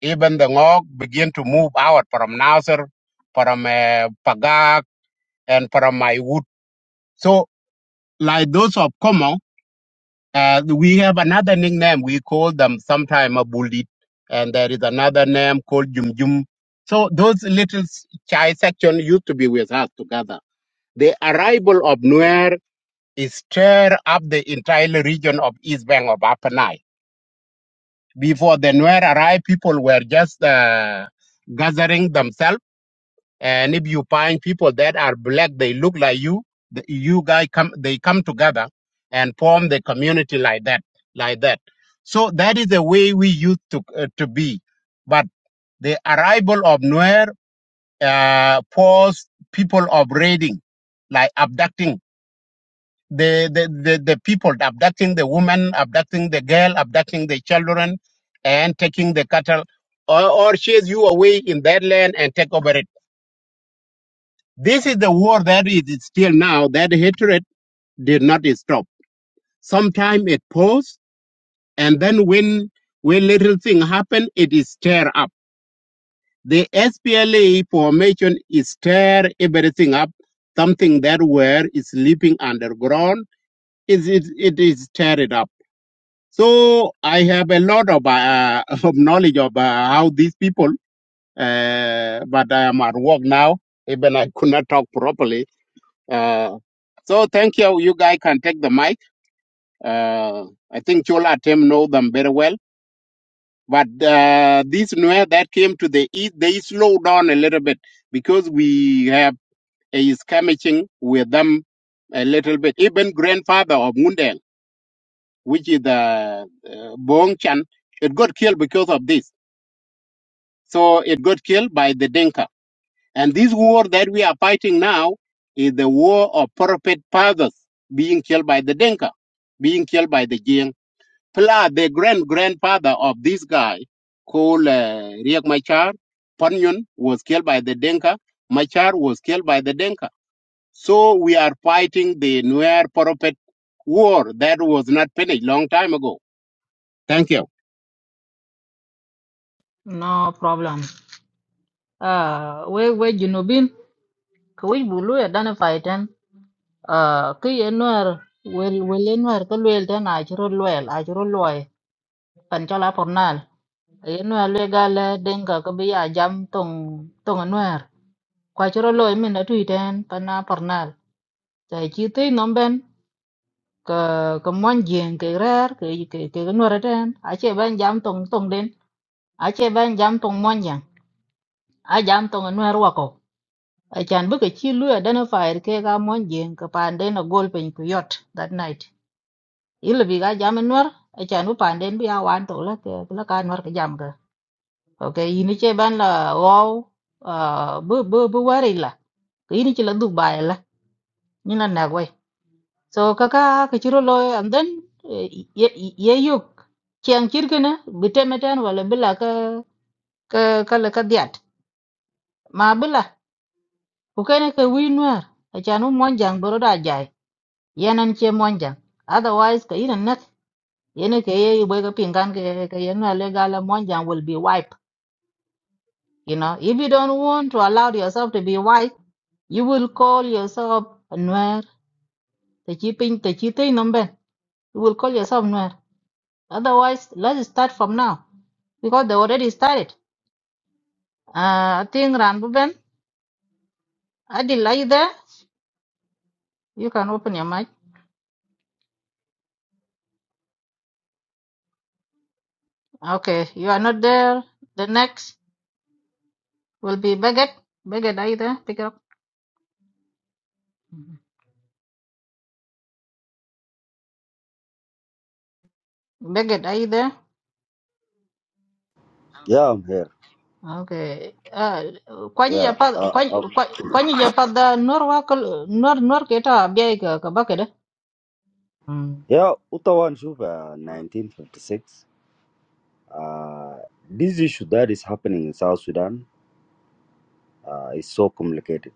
S3: Even the Ngok begin to move out from Nasser, from uh, Pagak, and from Maiwut. So, like those of Como, uh, we have another nickname. We call them sometimes a bullet. And there is another name called Jum Jum. So, those little s- child section used to be with us together. The arrival of Nuer is stir up the entire region of East Bank of Upper Nile Before the Nuer arrived, people were just uh, gathering themselves. And if you find people that are black, they look like you. The, you guys come, they come together and form the community like that, like that. So that is the way we used to uh, to be. But the arrival of Nuer uh, forced people of raiding, like abducting the, the, the, the people abducting the women, abducting the girl, abducting the children, and taking the cattle, or, or chase you away in that land and take over it. This is the war that is still now. That hatred did not stop. Sometimes it paused, and then when when little thing happen, it is stir up. The SPLA formation is stir everything up. Something that were is sleeping underground is it, it is stir it up So I have a lot of, uh, of knowledge of uh, how these people, uh, but I am at work now. Even I could not talk properly. Uh, so thank you. You guys can take the mic. Uh, I think Chola Tem know them very well. But uh, this Nuer that came to the east, they slowed down a little bit because we have a skirmishing with them a little bit. Even grandfather of Mundel, which is the uh, Bong Chan, it got killed because of this. So it got killed by the Dinka. And this war that we are fighting now is the war of prophet fathers being killed by the Dinka, being killed by the Jing. Plus, the grand grandfather of this guy called uh, Riek Machar, Panyun, was killed by the Dinka. Machar was killed by the Dinka. So we are fighting the Nuer prophet war that was not finished long time ago. Thank you.
S2: No problem. Uh, we we junubin ko we bulu ya dana fighten. Uh, ki enwar wel wel enwar ko wel tan a chiro wel a loy pan chala pornal. Enwar le gala denga ko bi ya jam tong tong enwar. Kwa chiro loy min na tuiten pan a pornal. Ta chi te nomben ka ka mon jeng ke rar ke ke ke enwar tan a ban jam tong tong den a ban jam tong mon jang a jam tong enwar wako. achan bï ke cï lui identifier kek a mon jïng kï pandeen agol piny ku yot that night ilïbï ka jami nwër acan bï pandeen bï a wan tök lëka nwër kï jam ka ok in ïcë ban la wöw bï bï bï wër ïla kï in ïcï la dhuk ba ïla nyin la nëk wëy so kaka kï cï ro lo and then eh, ye ye ye yök cëng cït kënë bï tëmë tën wëla bï la ka ka ka lë ka dhiat ma bï la ku kene ke wic nwër acan bï mon jang bërö dö ajai yen en che monjang otherwise ka ina nak ene ke ye ibo ka pingan ke ke yen na monjang will be wiped you know if you don't want to allow yourself to be wiped you will call yourself nuer the keeping the chite number you will call yourself nuer otherwise let's start from now because they already started uh i think ran adil are you there you can open your mic okay you are not there the next will be Beget. Beget, are you there? Pick up. Beget, are you there?
S11: Yeah, I'm here.
S2: Okay. Ah, kwanyi ja
S11: Yeah.
S2: pa
S11: Uh,
S2: kwanyi
S11: uh,
S2: kwanyi kwanyi ja pa da nor wa kal nor nor keta abia ka ka ba kada. Mm.
S11: yeah, Utawan Juba, 1956. Uh, this issue that is happening in South Sudan uh, is so complicated,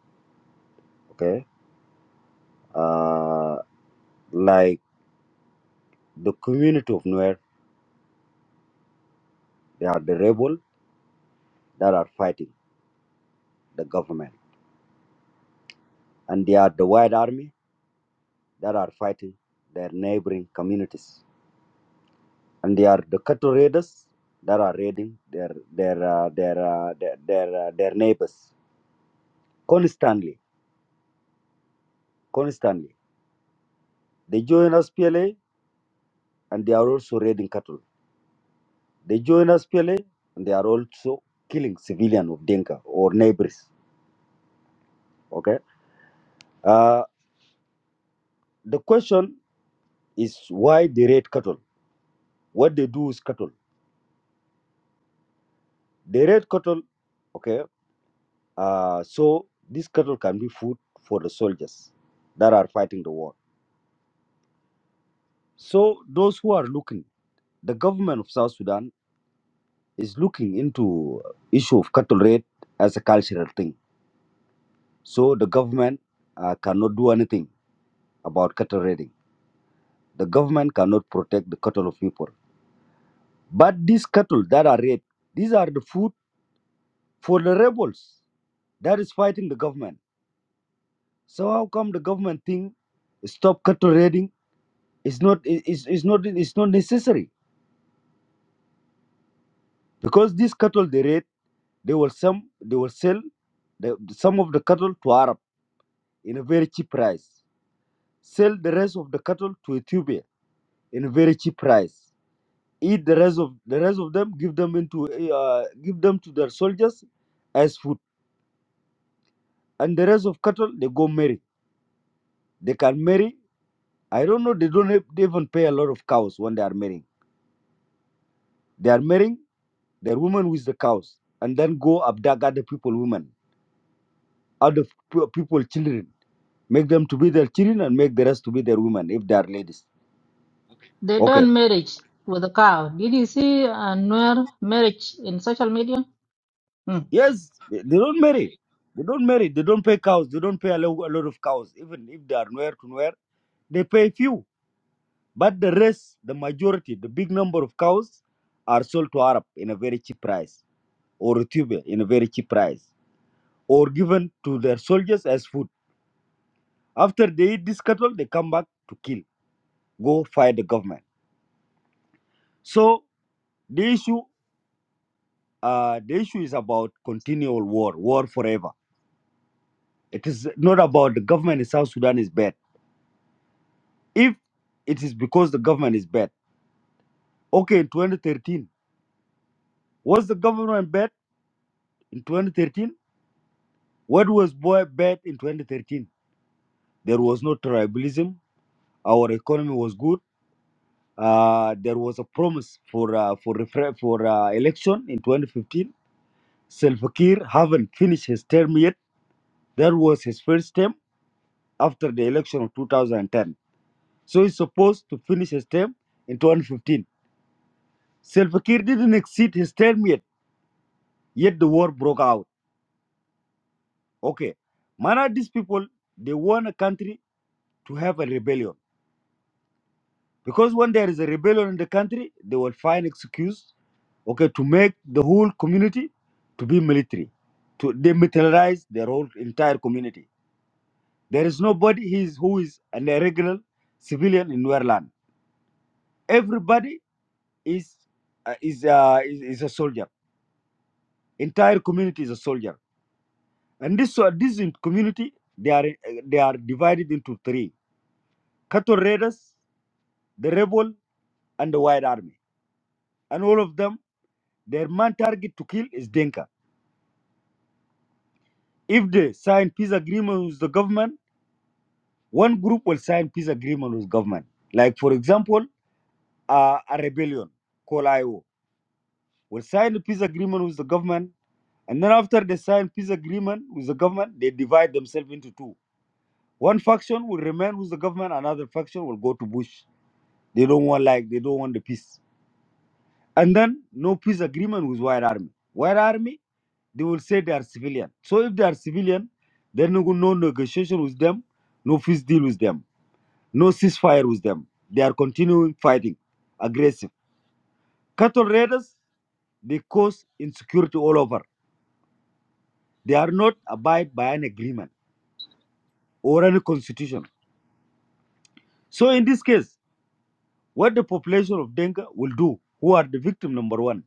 S11: okay? Uh, like the community of Nuer, they are the rebel that are fighting the government, and they are the white army that are fighting their neighboring communities, and they are the cattle raiders that are raiding their their uh, their, uh, their their uh, their neighbors constantly, constantly. They join SPLA and they are also raiding cattle. They join SPLA and they are also killing civilian of Denka or neighbors. Okay. Uh, the question is why they raid cattle? What they do is cattle. They raid cattle. Okay. Uh, so this cattle can be food for the soldiers that are fighting the war. So those who are looking, the government of South Sudan is looking into issue of cattle raid as a cultural thing. So the government uh, cannot do anything about cattle raiding. The government cannot protect the cattle of people. But these cattle that are raided, these are the food for the rebels that is fighting the government. So how come the government think stop cattle raiding is not is, is not is not necessary? Because these cattle they raid, they will some they will sell the, some of the cattle to Arab in a very cheap price. Sell the rest of the cattle to Ethiopia in a very cheap price. eat the rest of the rest of them give them into eh, uh, give them to their soldiers as food and the rest of cattle they go marry they can marry i don't know they don't have, they even pay a lot of cows when they are marrying they are marrying their women with the cows and then go abduct other people women other p- people children make them to be their children and make the rest to be their women if they are ladies
S2: They
S11: okay
S2: done marriage with a cow. Did you see uh, nor marriage in social media? Mm.
S11: yes they they don't marry they don't marry they don't pay cows they don't pay a lo- a lot of cows even if they are nowhere to nowhere they pay few But the rest, the majority, the big number of cows are sold to Arab in a very cheap price, or Ethiopia in a very cheap price, or given to their soldiers as food. After they eat this cattle, they come back to kill, go fight the government. So the issue, uh, the issue is about continual war, war forever. It is not about the government in South Sudan is bad. If it is because the government is bad, okay, in 2013, was the government bad in 2013? What was boy bad in 2013? There was no tribalism. Our economy was good. Uh, there was a promise for uh, for refer- for uh, election in 2015. Salva Kiir haven't finished his term yet. That was his first term after the election of 2010. So he's supposed to finish his term in 2015. Salva Kiir didn't exceed his term yet. Yet the war broke out. Okay, man, are these people they want a country to have a rebellion because when there is a rebellion in the country, they will find excuse okay, to make the whole community to be military, to demilitarize their whole entire community. There is nobody is- who is an irregular civilian in Nuer land. Everybody is uh, is, uh, is is a soldier. Entire community is a soldier, and this so this in community they are they are divided into three: cattle raiders, the rebel, and the white army. And all of them, their main target to kill is Denka. If they sign peace agreement with the government One group will sign peace agreement with government. Like for example, uh, a rebellion called IO will sign a peace agreement with the government, and then after they sign peace agreement with the government, they divide themselves into two. One faction will remain with the government, another faction will go to Bush. They don't want like they don't want the peace. And then no peace agreement with White Army. White Army, they will say they are civilian. So if they are civilian, then no no negotiation with them, no peace deal with them No ceasefire with them. They are continuing fighting, aggressive. Cattle raiders, they cause insecurity all over. They are not abide by an agreement or any constitution. So in this case, what the population of Denga will do, who are the victim number one,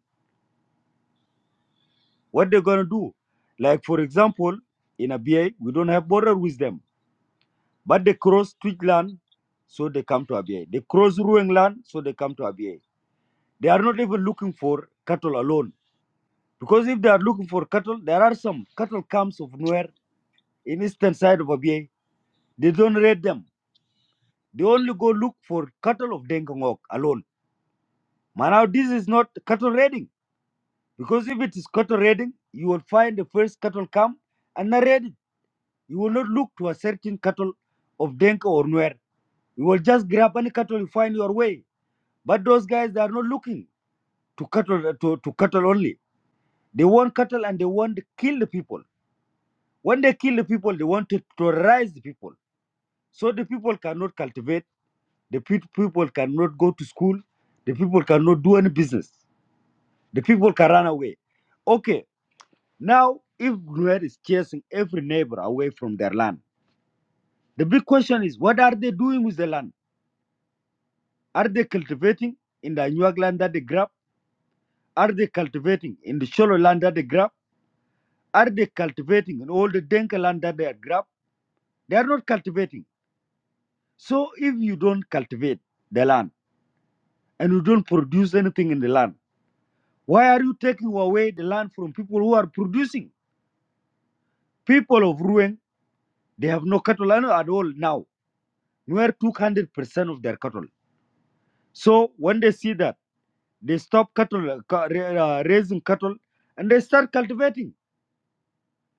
S11: what they're gonna do. Like for example, in Abia, we don't have border with them, but they cross Twig land, so they come to Abia. They cross Ruang land, so they come to Abia. They are not even looking for cattle alone Because if they are looking for cattle, there are some cattle camps of nowhere in eastern side of Abyei. They don't raid them. They only go look for cattle of Dengongok alone. But now this is not cattle raiding. Because if it is cattle raiding, you will find the first cattle camp and not raid it. You will not look to a certain cattle of Denka or Nuer. You will just grab any cattle you find your way. But those guys, they are not looking to cattle uh, to, to cattle only. They want cattle and they want to kill the people. When they kill the people, they want to terrorize the people So the people cannot cultivate, the pe- people cannot go to school, the people cannot do any business, the people can run away. Okay, now if Nuer is chasing every neighbor away from their land, the big question is what are they doing with the land? Are they cultivating in the Anuag land that they grab? Are they cultivating in the shallow land that they grab? Are they cultivating in all the Denka land that they have grabbed? They are not cultivating. So if you don't cultivate the land and you don't produce anything in the land, Why are you taking away the land from people who are producing? People of Ruang, they have no cattle at all now. Nuer took 100% of their cattle. So when they see that, they stop cattle uh, uh, raising cattle and they start cultivating.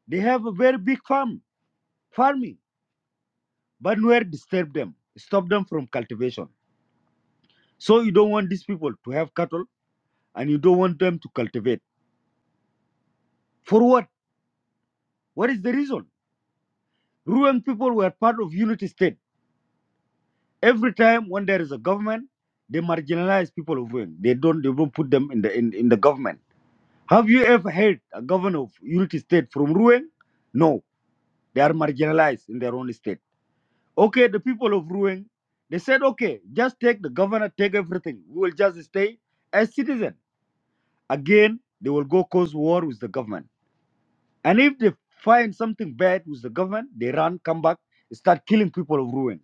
S11: They have a very big farm, farming. But Nuer disturb them, stop them from cultivation. So you don't want these people to have cattle and you don't want them to cultivate. For what? What is the reason? Ruang people were part of unity state Every time when there is a government, they marginalize people of Wing. They don't they don't put them in the in, in the government. Have you ever heard a governor of Unity State from Ruang? No, they are marginalized in their own state. Okay, the people of Ruang, they said, okay, just take the governor, take everything. We will just stay as citizen. Again, they will go cause war with the government. And if they find something bad with the government, they run, come back, start killing people of Ruang.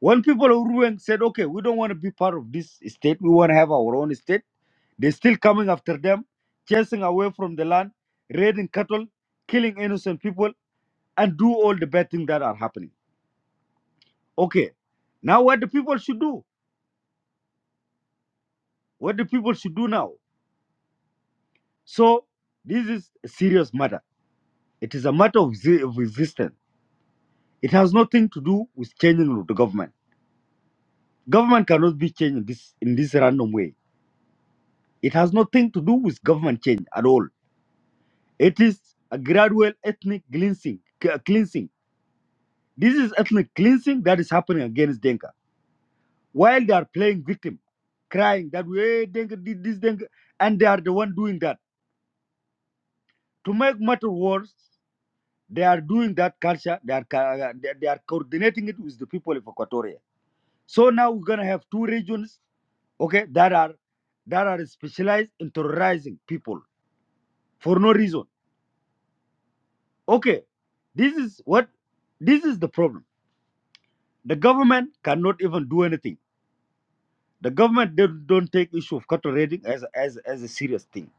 S11: When people of Ruang said, okay, we don't want to be part of this state, we want to have our own state, they're still coming after them, chasing away from the land, raiding cattle, killing innocent people, and do all the bad things that are happening. Okay, now what the people should do? What the people should do now? So, this is a serious matter. It is a matter of, ze- of existence. It has nothing to do with changing of the government. Government cannot be changed in this, in this random way. It has nothing to do with government change at all It is a gradual ethnic cleansing. c- cleansing. This is ethnic cleansing that is happening against Denka. While they are playing victim, crying that way Denka did this, Denka, and they are the one doing that. To make matter worse, they are doing that culture. They are ca- they they are coordinating it with the people of Equatoria. So now we're gonna have two regions, okay, that are that are specialized in terrorizing people for no reason. Okay, this is what this is the problem The government cannot even do anything. The government don't, don't take issue of cattle raiding as, as, as a serious thing.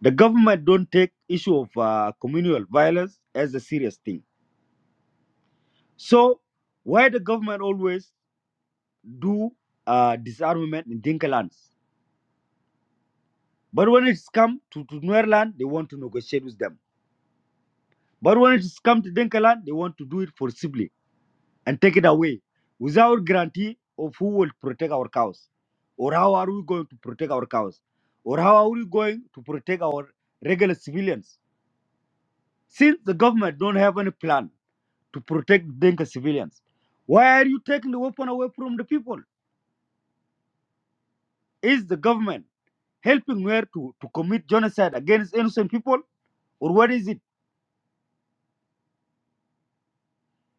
S11: The government don't take issue of uh, communal violence as a serious thing. So why the government always do uh, disarmament in Dinka lands? But when it's come to, to Nuer land, they want to negotiate with them. But when it's come to Dinka land, they want to do it forcibly and take it away without guarantee of who will protect our cows or how are we going to protect our cows or how are we going to protect our regular civilians since the government don't have any plan to protect Dinka civilians why are you taking the weapon away from the people is the government helping where to, to commit genocide against innocent people or what is it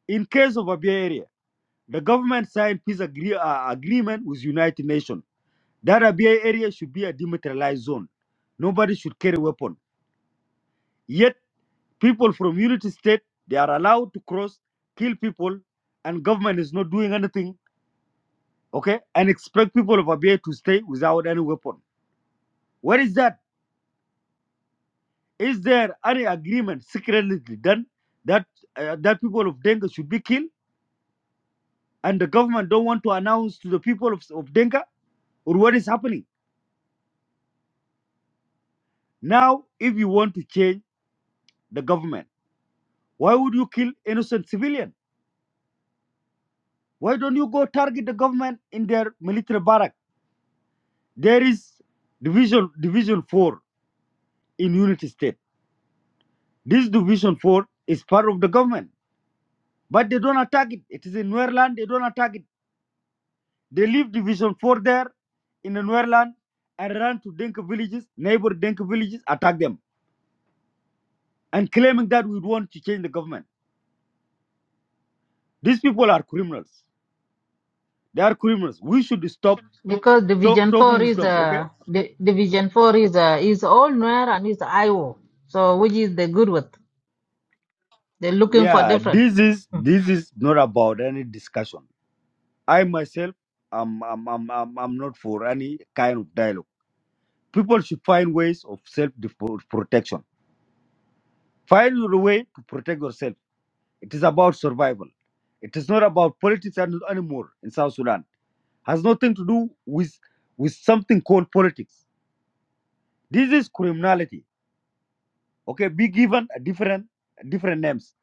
S11: in case of Abia area the government signed peace agree, uh, agreement with united nations That Abia area should be a demilitarized zone. Nobody should carry weapon. Yet people from Unity State they are allowed to cross, kill people, and government is not doing anything. Okay, and expect people of Abia to stay without any weapon. What is that? Is there any agreement secretly done that uh, that people of Denga should be killed, and the government don't want to announce to the people of, of Denga or what is happening now? If you want to change the government, why would you kill innocent civilian? Why don't you go target the government in their military barrack? There is division division four in Unity State. This division four is part of the government, but they don't attack it. It is in Nuerland. They don't attack it. They leave division four there in the Nuerland and run to Dinka villages, neighbor Dinka villages, attack them, and claiming that we want to change the government. These people are criminals. They are criminals. We should stop
S2: Because
S11: to-
S2: division
S11: talking
S2: four
S11: with
S2: is
S11: them. Okay?
S2: uh, di division four is uh, is all nor and is Iowa. So which is the good with? They're looking for
S11: Yeah.
S2: different.
S11: This is this is not about any discussion I myself, I'm, I'm, I'm, I'm, I'm not for any kind of dialogue. People should find ways of self protection. Find your way to protect yourself. It is about survival. It is not about politics an- anymore in South Sudan. Has nothing to do with with something called politics. This is criminality. Okay, be given a different different names,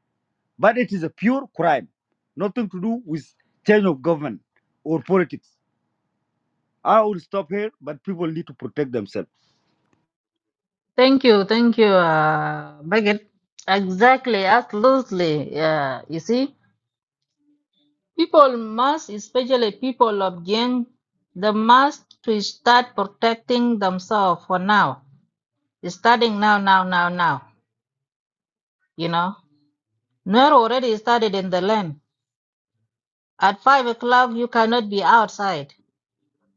S11: but it is a pure crime. Nothing to do with change of government or politics. I will stop here, but people need to protect themselves.
S2: Thank you, thank you, uh, Baggett. Exactly, absolutely. Yeah, you see. People must, especially people of Jing, they must to start protecting themselves for now. Starting now, now, now, now. You know, Nuer already started in the land. At five o'clock, you cannot be outside.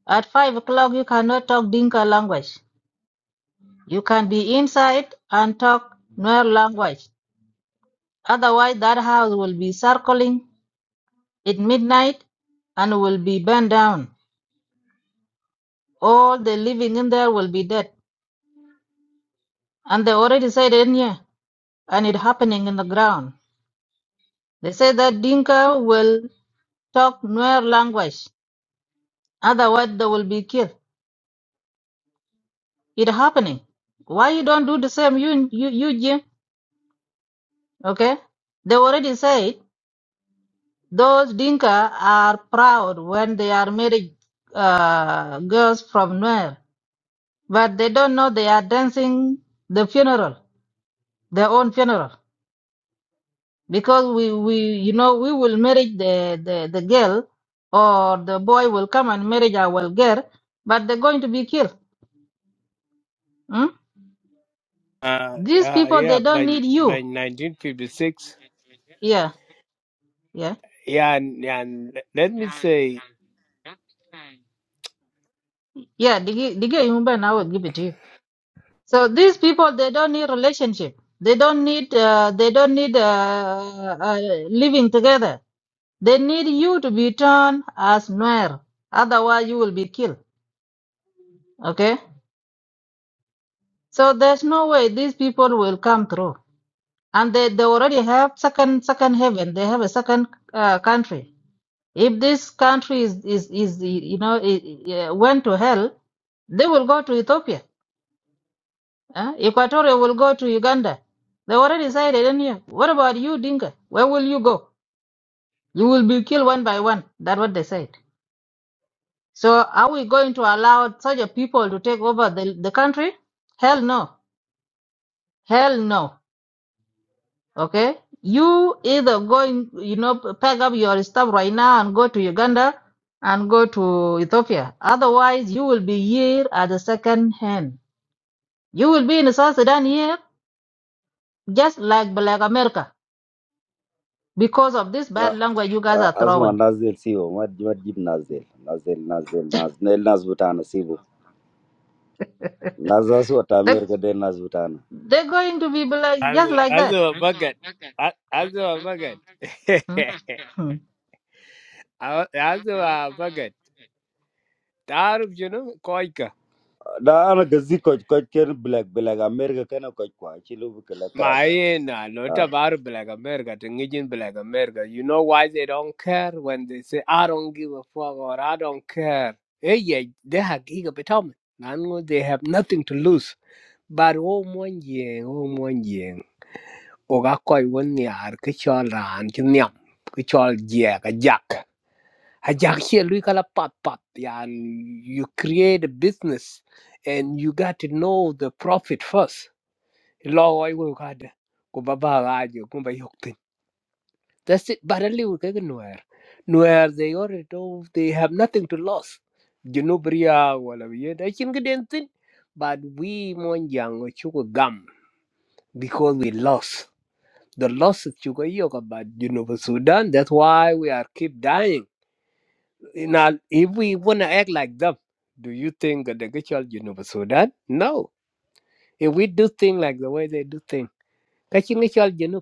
S2: At five o'clock, you cannot talk Dinka language. You can be inside and talk Nuer language. Otherwise, that house will be circling at midnight and will be burned down. All the living in there will be dead. And they already said it in here, and it happening in the ground. They say that Dinka will talk Nuer language, otherwise they will be killed. It happening. Why you don't do the same, you, you, you, Jim? Okay? They already said those Dinka are proud when they are married uh, girls from Nuer, but they don't know they are dancing the funeral, their own funeral. because we we you know we will marry the the, the girl or the boy will come and marry our girl but they're going to be killed hmm?
S6: Ah,
S2: these
S6: ah,
S2: people they
S6: yeah,
S2: don't
S6: by
S2: need
S6: by
S2: you
S6: 1956.
S2: yeah yeah
S6: Yeah, and, yeah, and let me say,
S2: yeah Digi- Digi Yumben, i will give it to you so these people they don't need relationship they don't need uh, they don't need uh, uh, living together they need you to be turned as nuer otherwise you will be killed okay so there's no way these people will come through and they, they already have second second heaven they have a second uh, country if this country is is, is you know it, it went to hell they will go to ethiopia huh? equatorial will go to uganda they already said it in here what about you dinka where will you go you will be killed one by one that's what they said so are we going to allow such a people to take over the, the country hell no hell no Okay? You either going, you know, p- pack up your stuff right now and go to Uganda and go to Ethiopia. Otherwise, you will be here at the second hand. You will be in South Sudan here just like Black America because of this bad language you guys
S11: Ah,
S2: are
S11: asma
S2: throwing.
S11: Nazil Sibo, madi madi Nazil, Nazil, Nazil, Nazel, Nazbutana Sibo, Nazasota
S2: They,
S11: America, Nazbutana.
S2: they're going to be black
S6: as
S2: just
S6: a,
S2: like
S6: as
S2: that.
S6: a bucket, as as a bucket,
S2: Mhm.
S6: as a bucket. Darb, you know, koi ka.
S11: Da ana gazi koj koj kero black black America kena koj koa chilu vukeletera ja.
S6: Myena, lota
S11: Ah,
S6: baru blaga merka, ten gijin blaga merka. You know why they don't care when they say I don't give a fuck or I don't care? Hey, they have ego. They tell me, I know they have nothing to lose. Baru mo njeng, mo njeng. Oga koi weni ar kichal ran ten niam kichal jack a jack. Si luy kalapat pat ya. You create a business and you got to know the profit first. lowoi we kada ku baba gaje ku ba ga je ko ba yok tin. that's it barali we kaga nuer nuer they already know they have nothing to lose junubria wala we da kin gden tin but we mon yang chuko gam because we lost the losses chuko yoka but junub sudan that's why we are keep dying now if we want to act like them do you think that the gachal junub sudan no if we do things like the way they do things kachin gachal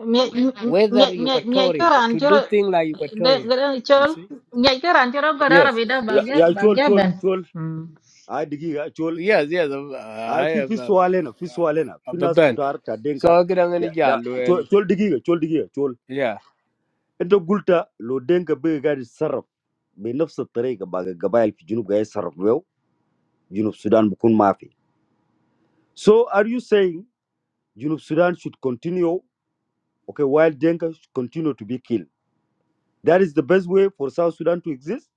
S2: Mia- mia- m-
S6: whether
S2: mia- mia- mia
S6: Equatorian,
S2: kira an
S6: to do
S2: kira-
S6: things like
S2: de-
S6: Equatorian.
S2: de- de-
S6: You
S2: chol-
S6: see?
S2: mia kira an kira gwada
S6: Yes.
S2: rabi da
S11: ya
S2: bagya-
S11: ya chol
S2: bagya
S11: chol
S2: ben.
S11: chol. A digi ya chol.
S6: Yes, yes. um, I
S11: A fi
S6: have
S11: fi
S6: a,
S11: soalena fi soalena fi
S6: a
S11: nas
S6: band.
S11: kutar ta
S6: So
S11: denga.
S6: I'm
S11: Ya
S6: going
S11: da
S6: to well,
S11: chol chol digi ya chol digi ya chol.
S6: yeah.
S11: Ento gulta lo denga be gari sarb be nafsa tarega ba ga gabay fi junuba ya sarb beo junub Sudan bukun maafi. So are you saying Junub Sudan should continue, okay, while Denka should continue to be killed? That is the best way for South Sudan to exist?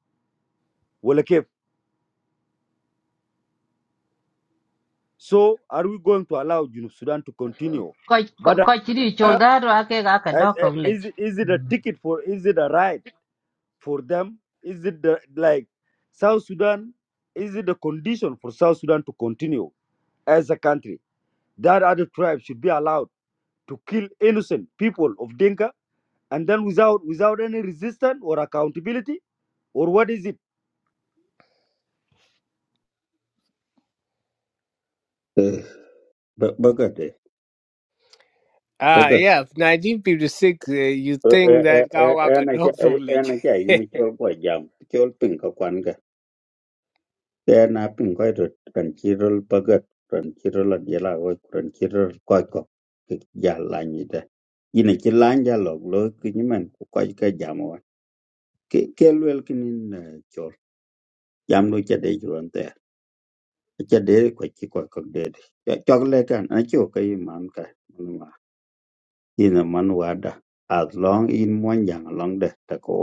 S11: Well, okay. So are we going to allow Junub Sudan to continue?
S2: Quite
S11: But uh,
S2: quite chiri
S11: uh,
S2: choldar ake ga ka
S11: uh,
S2: dok tong lech.
S11: is, it- is it a ticket for, is it a right for them? Is it the, like South Sudan, is it a condition for South Sudan to continue as a country? That other tribes should be allowed to kill innocent people of Denka and then without without any resistance or accountability? or what is it?
S9: to bagate
S6: Ah,
S9: bagat
S6: yeah, 1956, uh, you
S9: e
S6: think
S9: e
S6: that
S9: e e
S6: Kawaka
S9: na ke
S6: dog
S9: e
S6: village.
S9: na ke yi mi chol ko jam chol pin ka kwan ga e na pin ko to kan chirol bagat kan chirol ad yela ko kan chirol ko ko ki ja la ni da ina ki lan ja lo lo ki ni men ko ko ka jam wa ke ke lwel kin jam du ca de juron te ca de ko ci ko ko de jog le kan a ci ko yi man ka man ma ina man wada as long in mon jang long de ta ko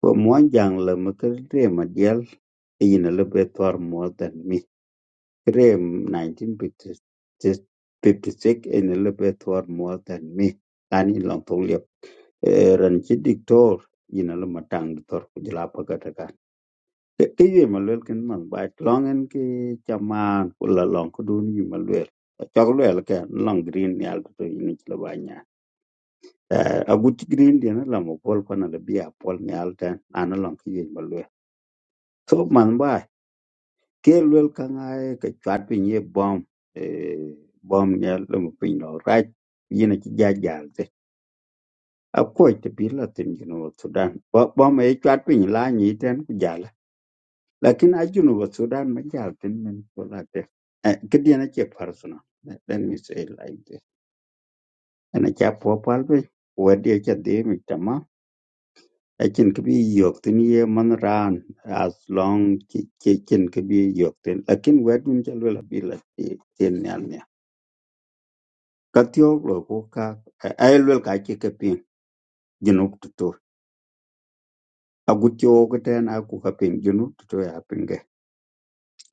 S9: ko mon jang le ma ke re ma dial ina le be tor more than me re 1956 ina le be tor more than me ani long to le ran ci diktor ina le matang tor ku jla Ke ke yue mà lwel kin man ba long en ki chaman la long ko dun yue ma lwel. Chok lwel cái, long green ni al to yini là ba nya. A gut green di là lamo pol pa na bi a pol ni al ten an long ki yue ma lwel. So man ba cái lwel cái ngay cái chat pin ye bom eh bom ni al lamo pin no right yini chi ja jal te. A ko te bi la tin you know Sudan. Bom e chat pin la ni ten ku Lakini ajunuba Sudan majal tin min kolate. Kidi na che personal. Let let me say it like this. Ana cha po palbe wadi cha de mi tama. Akin kibi yok tin ye man ran as long ki ki- kin kibi yok tin. Lakin wadun cha lwela bila ti tin nyal nya. Katio lo ko ka ay lwel ka che kapin junub tutu. Agutio ko ten aku kapin junub tutu ya pinge.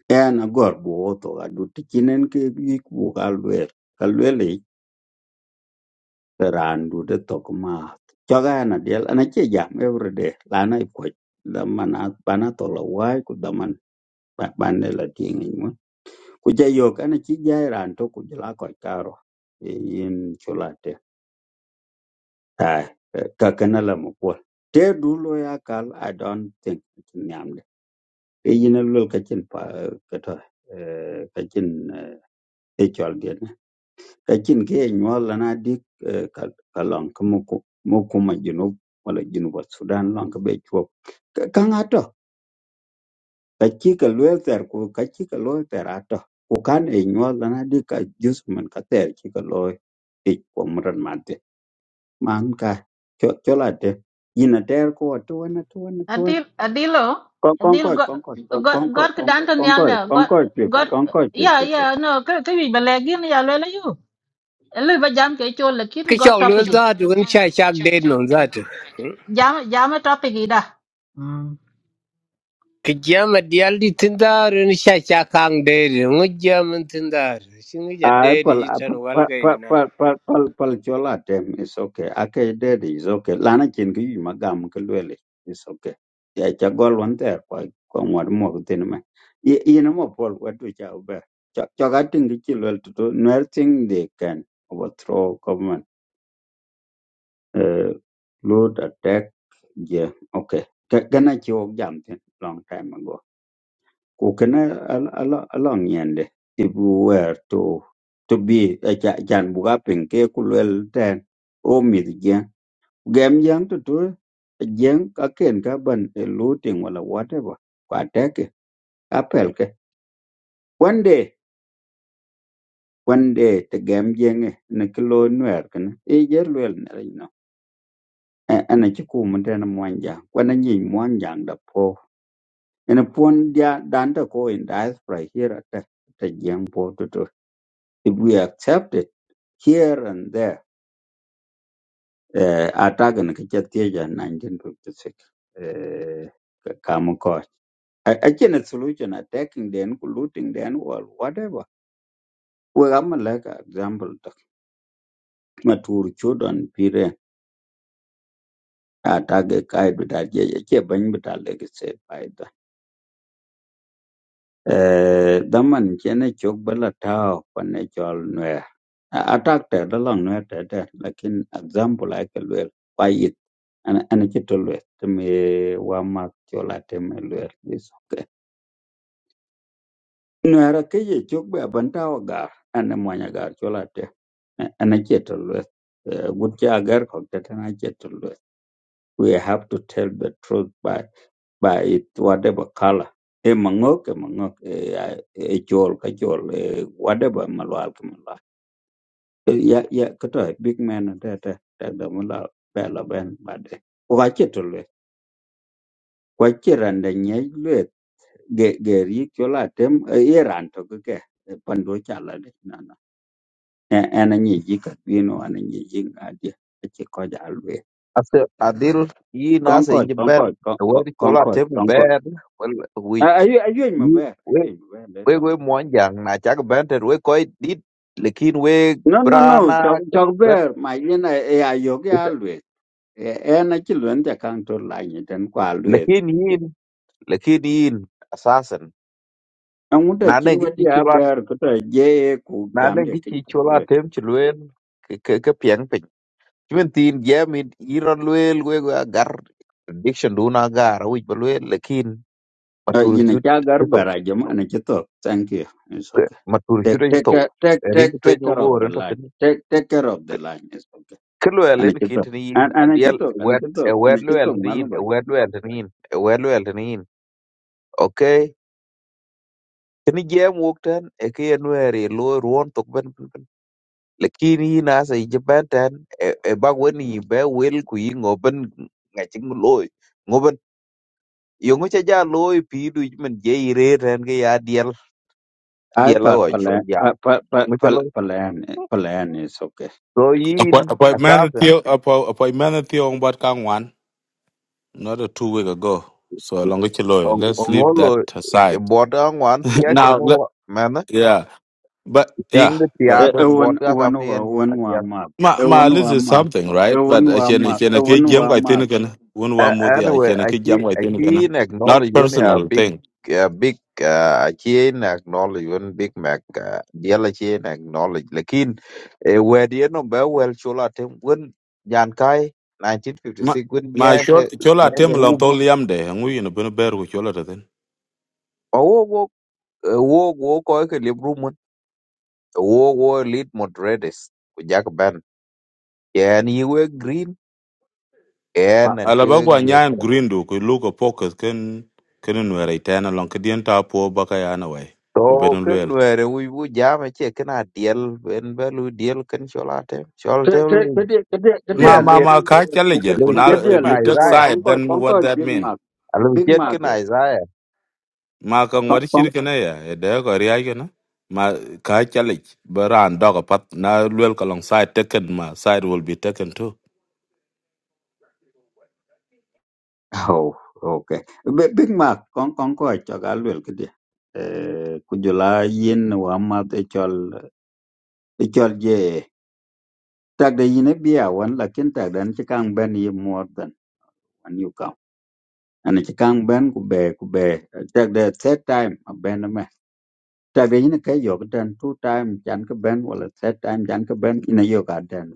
S9: En agor bo to adu tikinen ke bi ku ka lwel. randu de tok ma chaga na del ana che jam every day la na ko da mana bana to la wai ku da man ban ne la ting ni mo ku ja yo kana chi ja ran to ku la ko karo E yin chulate ta ka kana la mo ko te du lo ya kal i don't think chin nyam de e yin lo ka chin pa e, ka to ka chin e chol Lakin ke ye nyuɔl la na dik eh, ka ka lɔŋ ki mi ku mi junub wala junuba Sudan lɔŋ ki be chuɔp kaŋ a tɔ ka ci ka luel thɛr ku ka ci ka looi thɛr a tɔ ku kan ye nyuɔl la na dik ka jus min ka thɛr ci ka looi tic kuom ren mate man ka cɔl a te yin a tɛɛr ku wa tuwen a tuwen a tuwen
S2: Adil adilo adil
S9: kɔnkɔc
S2: got
S9: kɔnkɔc kɔnkɔc
S2: got got
S9: kɔnkɔc
S2: ka dan ton yal
S9: kɔnkɔc
S2: da got
S9: kɔnkɔc fif
S2: got
S9: kɔnkɔc
S2: yeah
S9: fif
S2: yeah no ka ka wi balagin ya le la yu. Ele ba jam ke chol lakin got
S6: Kichok lose
S2: topic.
S6: that, you're going to shake dead on
S2: i.
S6: that.
S2: Jam jam a topic i da. Mm.
S6: Kijama dialdi tindar, and shake hang dead, and what German tindar. Sing it a
S9: I
S6: dead,
S9: pal
S6: it's an well
S9: pal
S6: guy
S9: pal
S6: now.
S9: pal pal pal pal chola tem is okay. Ake daddy is okay. Lana chin ki yu magam kulwele is okay. Ya cha gol one there kwa kwa mwad mo kutin me. Ye ye no mo pol kwa tu cha ube. Cha cha gating ki chilwel to do nothing they can overthrow government. Uh, loot attack yeah okay. Ka- Kana chi wok jam tin long time ago ku kina along yende ibu wer to to bi chan buga ping ke ku lwel ten o mith jieng gem jieng to to jieng ka ken ka ban e looting wala whatever kwa teke apel ke one day one day te gem jieng e ne ki lo nwer kina e jer lwel ne ri no ana ci ku mun ten mwanja kwana nyi mwanja da po ene pon dia danta ko in diaspora here at the jieng po to to if we accept it here and there uh, atagan ka chatia 1956 uh, kama ko achene solution attacking then looting then wall whatever we am like an example tak matur children pire atage kai bita je che ban bita legacy by eh daman chene chok bala tao pane chol nwe attack te da long nwe te te lakin example ai ke lwe pa yit an an ke to lwe te me wa ma chola te me lwe is okay nwe ra ke ye chok ba ban tao ga an mo nya ga chola te an ke to lwe gut cha gar ko te na ke to We have to tell the truth by by it, whatever color. E mangok, e mangok, e a- e chol, ka chol, e whatever malwal ka malwal. E Ya ya kato big man da da da da mala bela ben bade. Kwa chetu le, kwa chiranda nyej le ge ge ri chola tem e iran to ke ke e pando chala le na na. E ana nyeji ka pino ana nyeji ngadia. Ache koja alwe.
S4: After a deal, you nasa in
S9: Concord,
S4: your bed.
S9: Concord, Con-
S4: Where
S9: Con-
S4: you all are
S9: Concord,
S4: taking
S9: Concord.
S4: bed? Well, we
S9: Ayuny ayuny
S4: you
S9: maber,
S4: we
S9: ayuny maber
S4: we
S9: leta.
S4: we one young na chak bed we quite did. Lekin we
S9: No no no, chok
S4: brana
S9: chok
S4: but
S9: ber ma yin e e ayo ke alwe. E en a chilwen te kang to la ni ten kwa alwe.
S4: lekin yin lekin yin assassin.
S9: Ang da
S4: Na
S9: chin wa
S4: nengi
S9: dia ber ko ta je ku
S4: na ne
S9: jam
S4: gi
S9: de ti
S4: ci
S9: ta
S4: chola
S9: be.
S4: tem ci luel ke ke ke piang pin chimen tin jam in iron luel we go agar addiction do na gar wi ba luel lekin matur
S9: Yin a
S4: chut
S9: cha
S4: ci
S9: gar
S4: to
S9: ber a jam an chi to. Thank you. It's okay.
S4: matur chut
S9: Take
S4: ci
S9: take
S4: to
S9: care- take
S4: rin
S9: take
S4: to
S9: take
S4: ño
S9: care
S4: bo
S9: of the
S4: ren to
S9: line.
S4: pin
S9: Take take care of the line. It's okay.
S4: ke luel
S9: An
S4: len
S9: chi
S4: kit
S9: to.
S4: ni in
S9: An an chi
S4: adiel
S9: to, an
S4: wet
S9: chi
S4: e
S9: to, an
S4: wet
S9: chi
S4: luel
S9: to
S4: ni
S9: man
S4: in e wet luel ni in e wet luel ni in okay kini jam wok tan e ke en weri lo ruon to ben Lakini yin hasa ijibatan e bak wen yi be wel ku yi ngoben ngachin loy ngoben yongu cha ja loy pi du men je ire ren ke ya diel
S9: I
S4: diel
S9: pa-
S4: ago chol
S9: Palan
S4: ya
S9: pa- pa- pa-
S4: mucha lo
S9: Pal- Palan Palan is okay.
S4: so yin
S12: Appoint appointment with
S4: asasen
S12: you appo- appointment with you on what can one not a two week ago. So along with your lawyer. Let's leave
S4: ongolo
S12: that
S4: e
S12: aside.
S4: bota ngwan tia ke
S12: now
S4: no
S12: le-
S4: mana
S12: yeah. But
S4: ting
S12: yeah,
S4: de tia
S12: but
S9: Eh,
S12: but
S9: Ewan
S4: bota kam
S9: ewan wa- ewan wa mak.
S12: my my
S9: Ewan
S12: list
S9: wa
S12: is
S9: mak.
S12: something, right?
S9: Ewan
S12: But I
S9: wa
S12: can I
S9: mak.
S12: can I can
S9: Ewan
S12: jam
S9: wa
S12: I think
S9: mak.
S12: again. One one
S4: Uh,
S12: more I
S4: anyway,
S12: can I
S4: I
S12: can jam
S4: can
S12: I
S4: I
S12: think again.
S4: can
S12: Not
S4: acknowledge you a
S12: personal
S4: big,
S12: thing.
S4: a big, uh, I can acknowledge you Big Mac, uh, the other can acknowledge. Lakin, uh, where the end of well, chola tem, when Jan Kai,
S12: ma
S4: 1956, when
S12: ma
S4: Yang,
S12: shol
S4: eh,
S12: chola tem
S4: Yang,
S12: lon to
S4: um,
S12: liam de ngu yin bin ber ku chola de den
S4: oh, wo, eh, wo, wo, koi ke lip room, mun. wo, wo, lead moderators, with Jack Ben, and you were green, and, and,
S12: ala ba gwa
S4: you
S12: nyan green do ku lu ko pokus ken ken nu re ten lon ke dien ta po ba ka ya we bu
S4: So
S12: ben
S4: ken
S12: luel
S4: were we bu jam che kna diel ben be lu diel ken chola te chol te
S9: Ke- ke-
S4: lu
S9: Kedia kedia-
S4: le
S9: kedia
S12: ma ma
S4: chet
S12: ma
S9: lebih
S12: ka challenge.
S9: kedia
S12: je
S4: le
S12: ku
S4: chet
S9: kedia
S4: ken
S12: if you
S9: lebih
S12: take
S9: pol
S4: Isaiah
S12: side
S9: kongko
S12: then what
S9: kongko
S12: that
S9: big
S12: mean
S9: mak
S4: a le
S9: big
S4: chet
S9: mak
S4: ken
S9: eh.
S4: Isaiah
S12: ma ka ngwar
S9: Kong kong
S12: shir ke ya e de ko ri ya na ma ka challenge. ba ran pat na luel ka lon side taken ma side will be taken too
S9: oh okay. Be- Big mak kong kongko chagalwel kedia. Eh kujula yin wa mak echol echol je. Tagda yin e biya wan lakin tagda ni chikang ben ye a new account ana ci kan ben ku be ku be take the third time a ben me ta be ni ke yo den two time jangan ke ben wala third time jangan ke ben ina yo ka den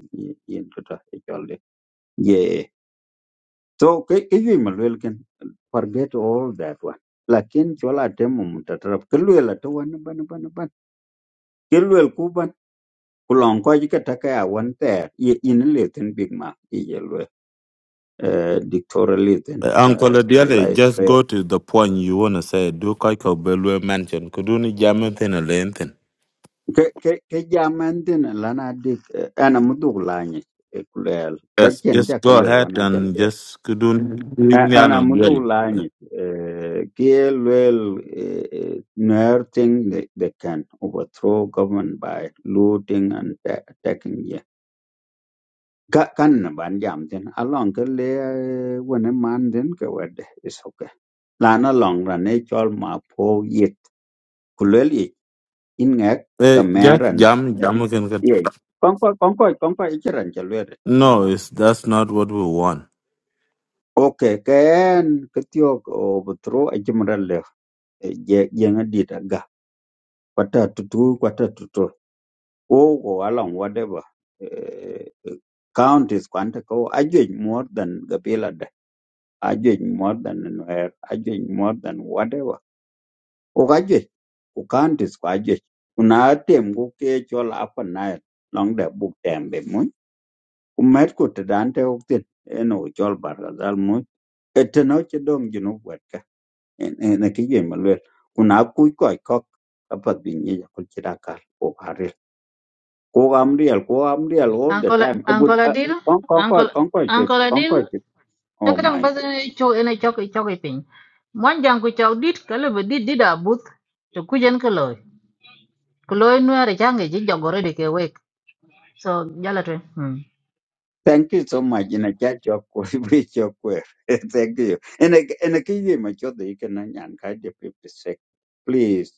S9: yin to ta e jol so kayak ke yi ma lwel forget all that one lakin chola temo mutatarap ke lwel to wan ban ban ban ke lwel ku ban ku lon ko ji ke ta ka wan ter in le ten big ma i ye eh dictorialism,
S12: Uh, Uncle
S9: uh,
S12: Adiele, just
S9: July
S12: go to the point you want to say. Do Kaiko Belue mention? Kuduni Jamathan Alenthin.
S9: ke ke ke jaman tin lana dik eh, ana muduk lanyi eh, kulel ka
S12: Yes,
S9: chen
S12: just
S9: ja ka
S12: go
S9: lwel
S12: ahead
S9: wana chal
S12: and
S9: ber
S12: just Kuduni
S9: A- ana muduk
S12: Yalanthin.
S9: lanyi eh, kie lwel eh, eh, nuer thing they, they can overthrow government by looting and ta- attacking ye ka kan na ban jam tin along ke le eh, wane man tin ke wede is okay lana long ran e chol ma po yit kulel yit in ngak
S12: Uh, just
S9: kameran
S12: jam, jam again.
S9: ye kon ko kon ko kon ko ichiran cha lwede no
S12: No,
S9: no
S12: it's, that's not what we want.
S9: okay ken ketio obutro ajimran le je je ngadita ga kwata tutu kwata tutu o go along whatever eh, counties kwanta ko ajwe more than gabila da ajwe more than nwer ajwe more than whatever o gajwe o counties kwa ajwe kuna tem go ke chola apa na long da buk tembe Kumet kutidante uktit en uchol barkazal much eteno chedom junu wetka en en kije malwel kuna kuy koy kok apat binye jakul chidakal ko karil ko amriel ko amriel all the
S2: Uncle
S9: time kabut
S2: Uncle Adil
S9: kon kon koy
S2: Uncle
S9: kon koy chwep
S2: Uncle
S9: kon
S2: Adil
S9: koy chwep
S2: ta
S9: oh
S2: kadang
S9: my
S2: ba
S9: god
S2: chu ene chok chok pin. Mwan jang ku chok dit ka le ba dit dida but to kujen ka loy. ku lo nuer change ji jogore de ke wek so jala twen mm.
S9: thank you so much in a chat your we your thank you in a in a kije macho de ikena nyan ka je 56 please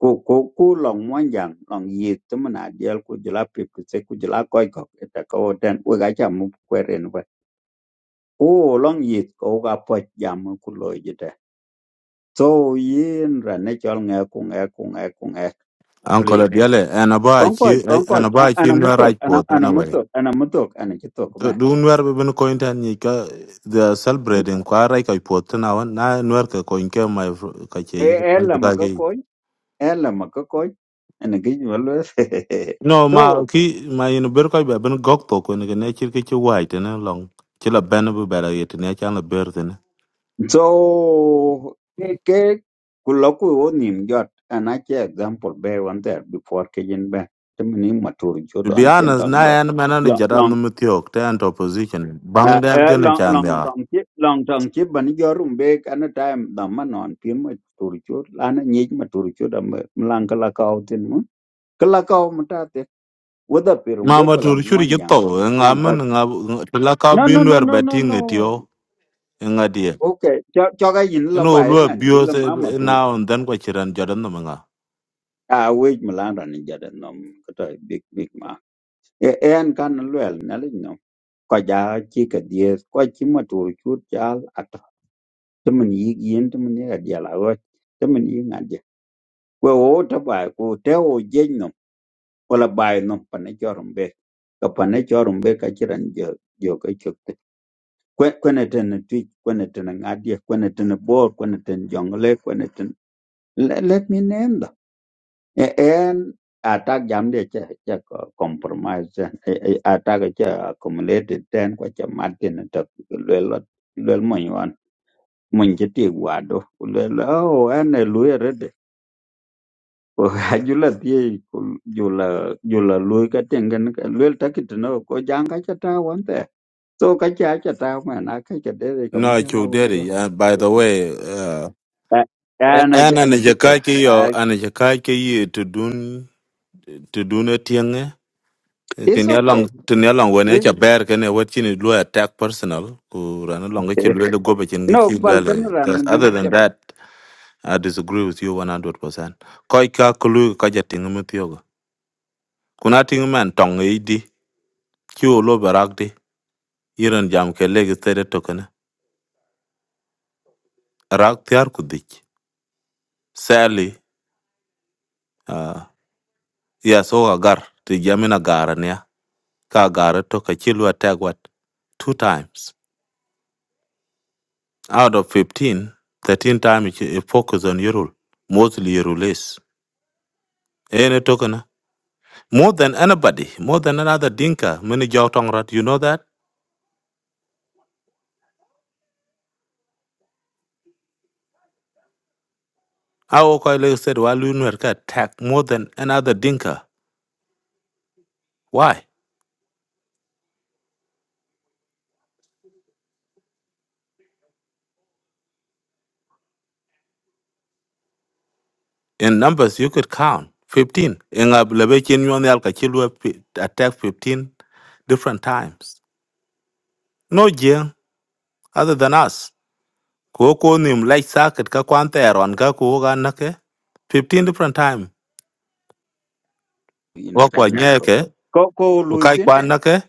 S9: ku ku ku long mwanjang long yit tumana dial ku jula pip ku se ku jula koi kok eta ko den we ga cham mu kweren we o long yit ko ga po jam ku lo jite so yin ra ne chol nge ku nge ku nge ku nge
S12: Uncle
S9: please
S12: Adiele, and about
S9: konkoj
S12: you, eh, and
S9: konkoj a-
S12: about you,
S9: ana
S12: no
S9: mutok
S12: right
S9: ana
S12: port,
S9: ana
S12: anyway.
S9: mutok ana mutok ana chitok
S12: So,
S9: me
S12: do you know when coin and you they are celebrating quite right? I put now, and I work a coin came
S9: e e la
S12: my
S9: makakoj e la makakoj ana gijwalwe
S12: no
S9: so
S12: ma ki ma yin ber ko be ben gok to ko ne ne chir ke chi wai te ne long chi la ben bu bela yet ne chan la ber te ne
S9: So ke ke kuloku wonim jot and I che example be one there before ke yin be temni matur
S12: to
S9: jod
S12: be
S9: an chen
S12: honest na
S9: tong jot
S12: yan man ne
S9: long
S12: jara no
S9: long
S12: mutiok te an opposition
S9: uh,
S12: bang den
S9: uh,
S12: ke ne
S9: long
S12: chan
S9: long
S12: yar
S9: tong chi long tong chi ban yorum be kan time da man on pin matur jod lan ni matur jod am lang kala kau tin mu kala kau mata te wada pirum
S12: ma
S9: be
S12: ma
S9: kula
S12: tur churi
S9: mwan
S12: je
S9: yang
S12: to
S9: ko ge
S12: nga
S9: long ko
S12: men nga to la ka
S9: no no
S12: bin
S9: no
S12: wer
S9: no
S12: be
S9: no
S12: ti nge ti
S9: no
S12: nga die
S9: okay cho cho cái yin la
S12: no
S9: bai
S12: lu e
S9: man chi
S12: bio
S9: la
S12: se
S9: ma
S12: na on den ko chiran jara no ma nga
S9: a wej malanda ni jada nom kata big big ma e en kan lwel na li no ko ja chi ka dies ko chi ma tu chu chal at temen yi yin temen ya dia la wa temen yi nga dia ko o ta ba ko te o je no ko la ba no pa ne jorum be ka pa ne jorum be ka chiran jo jo ka chuk te ko ko ne ten tu ko ne ten nga dia ko ne ten bor ko ne ten jong le ko ne ten let me name them E- en atak jam de che che co- compromise zen. E- e- atak che accumulated ten ko che martin to lwel lwel monywan mon che ti wado lwel oh en e luye rede ko ajula ti jula jula luy ka tengen ka lwel takit no ko janga cha ta wante so ka cha cha ta ma na ka ke de ka mo
S12: no
S9: cha la
S12: chu
S9: wedo
S12: uh, by the way uh,
S9: ana
S12: an an
S9: ana
S12: je
S9: chito
S12: ka ki yo an je ka to dun to dun etienge
S9: it's
S12: tin ya
S9: okay
S12: long tin ya long wen ya ber ken ya wet chin lu attack personal ku ran long ke lu le gobe chin ke
S9: no
S12: chi
S9: balkan
S12: bele
S9: ran
S12: That's- other than
S9: gana
S12: that i disagree with you 100% koi ka kulu ka ja ting mu tiogo kuna ting man tong e di ki o lo barak di iran jam ke le ke tere to rak tiar ku dik sali ya so agar ti jamina gara ne ka gara to ka chi lu attack wat two times out of 15, 13 times you focus on Yorul, mostly Yorulis. Any token, more than anybody, more than another Dinka, many Jotongrat, you know that? Our colleague said, while attacked more than another Dinka. Why? In numbers, you could count 15. In Ablebechin, Yonelka, attack 15 different times. No Jing, other than us. Koko nim light socket, Kakwante, Ron Kaku, Nake, 15 different times.
S9: ina chan
S12: Wakwa
S9: nok to
S12: nyeke
S9: ko ko
S12: kai
S9: luitin
S12: kwan na ke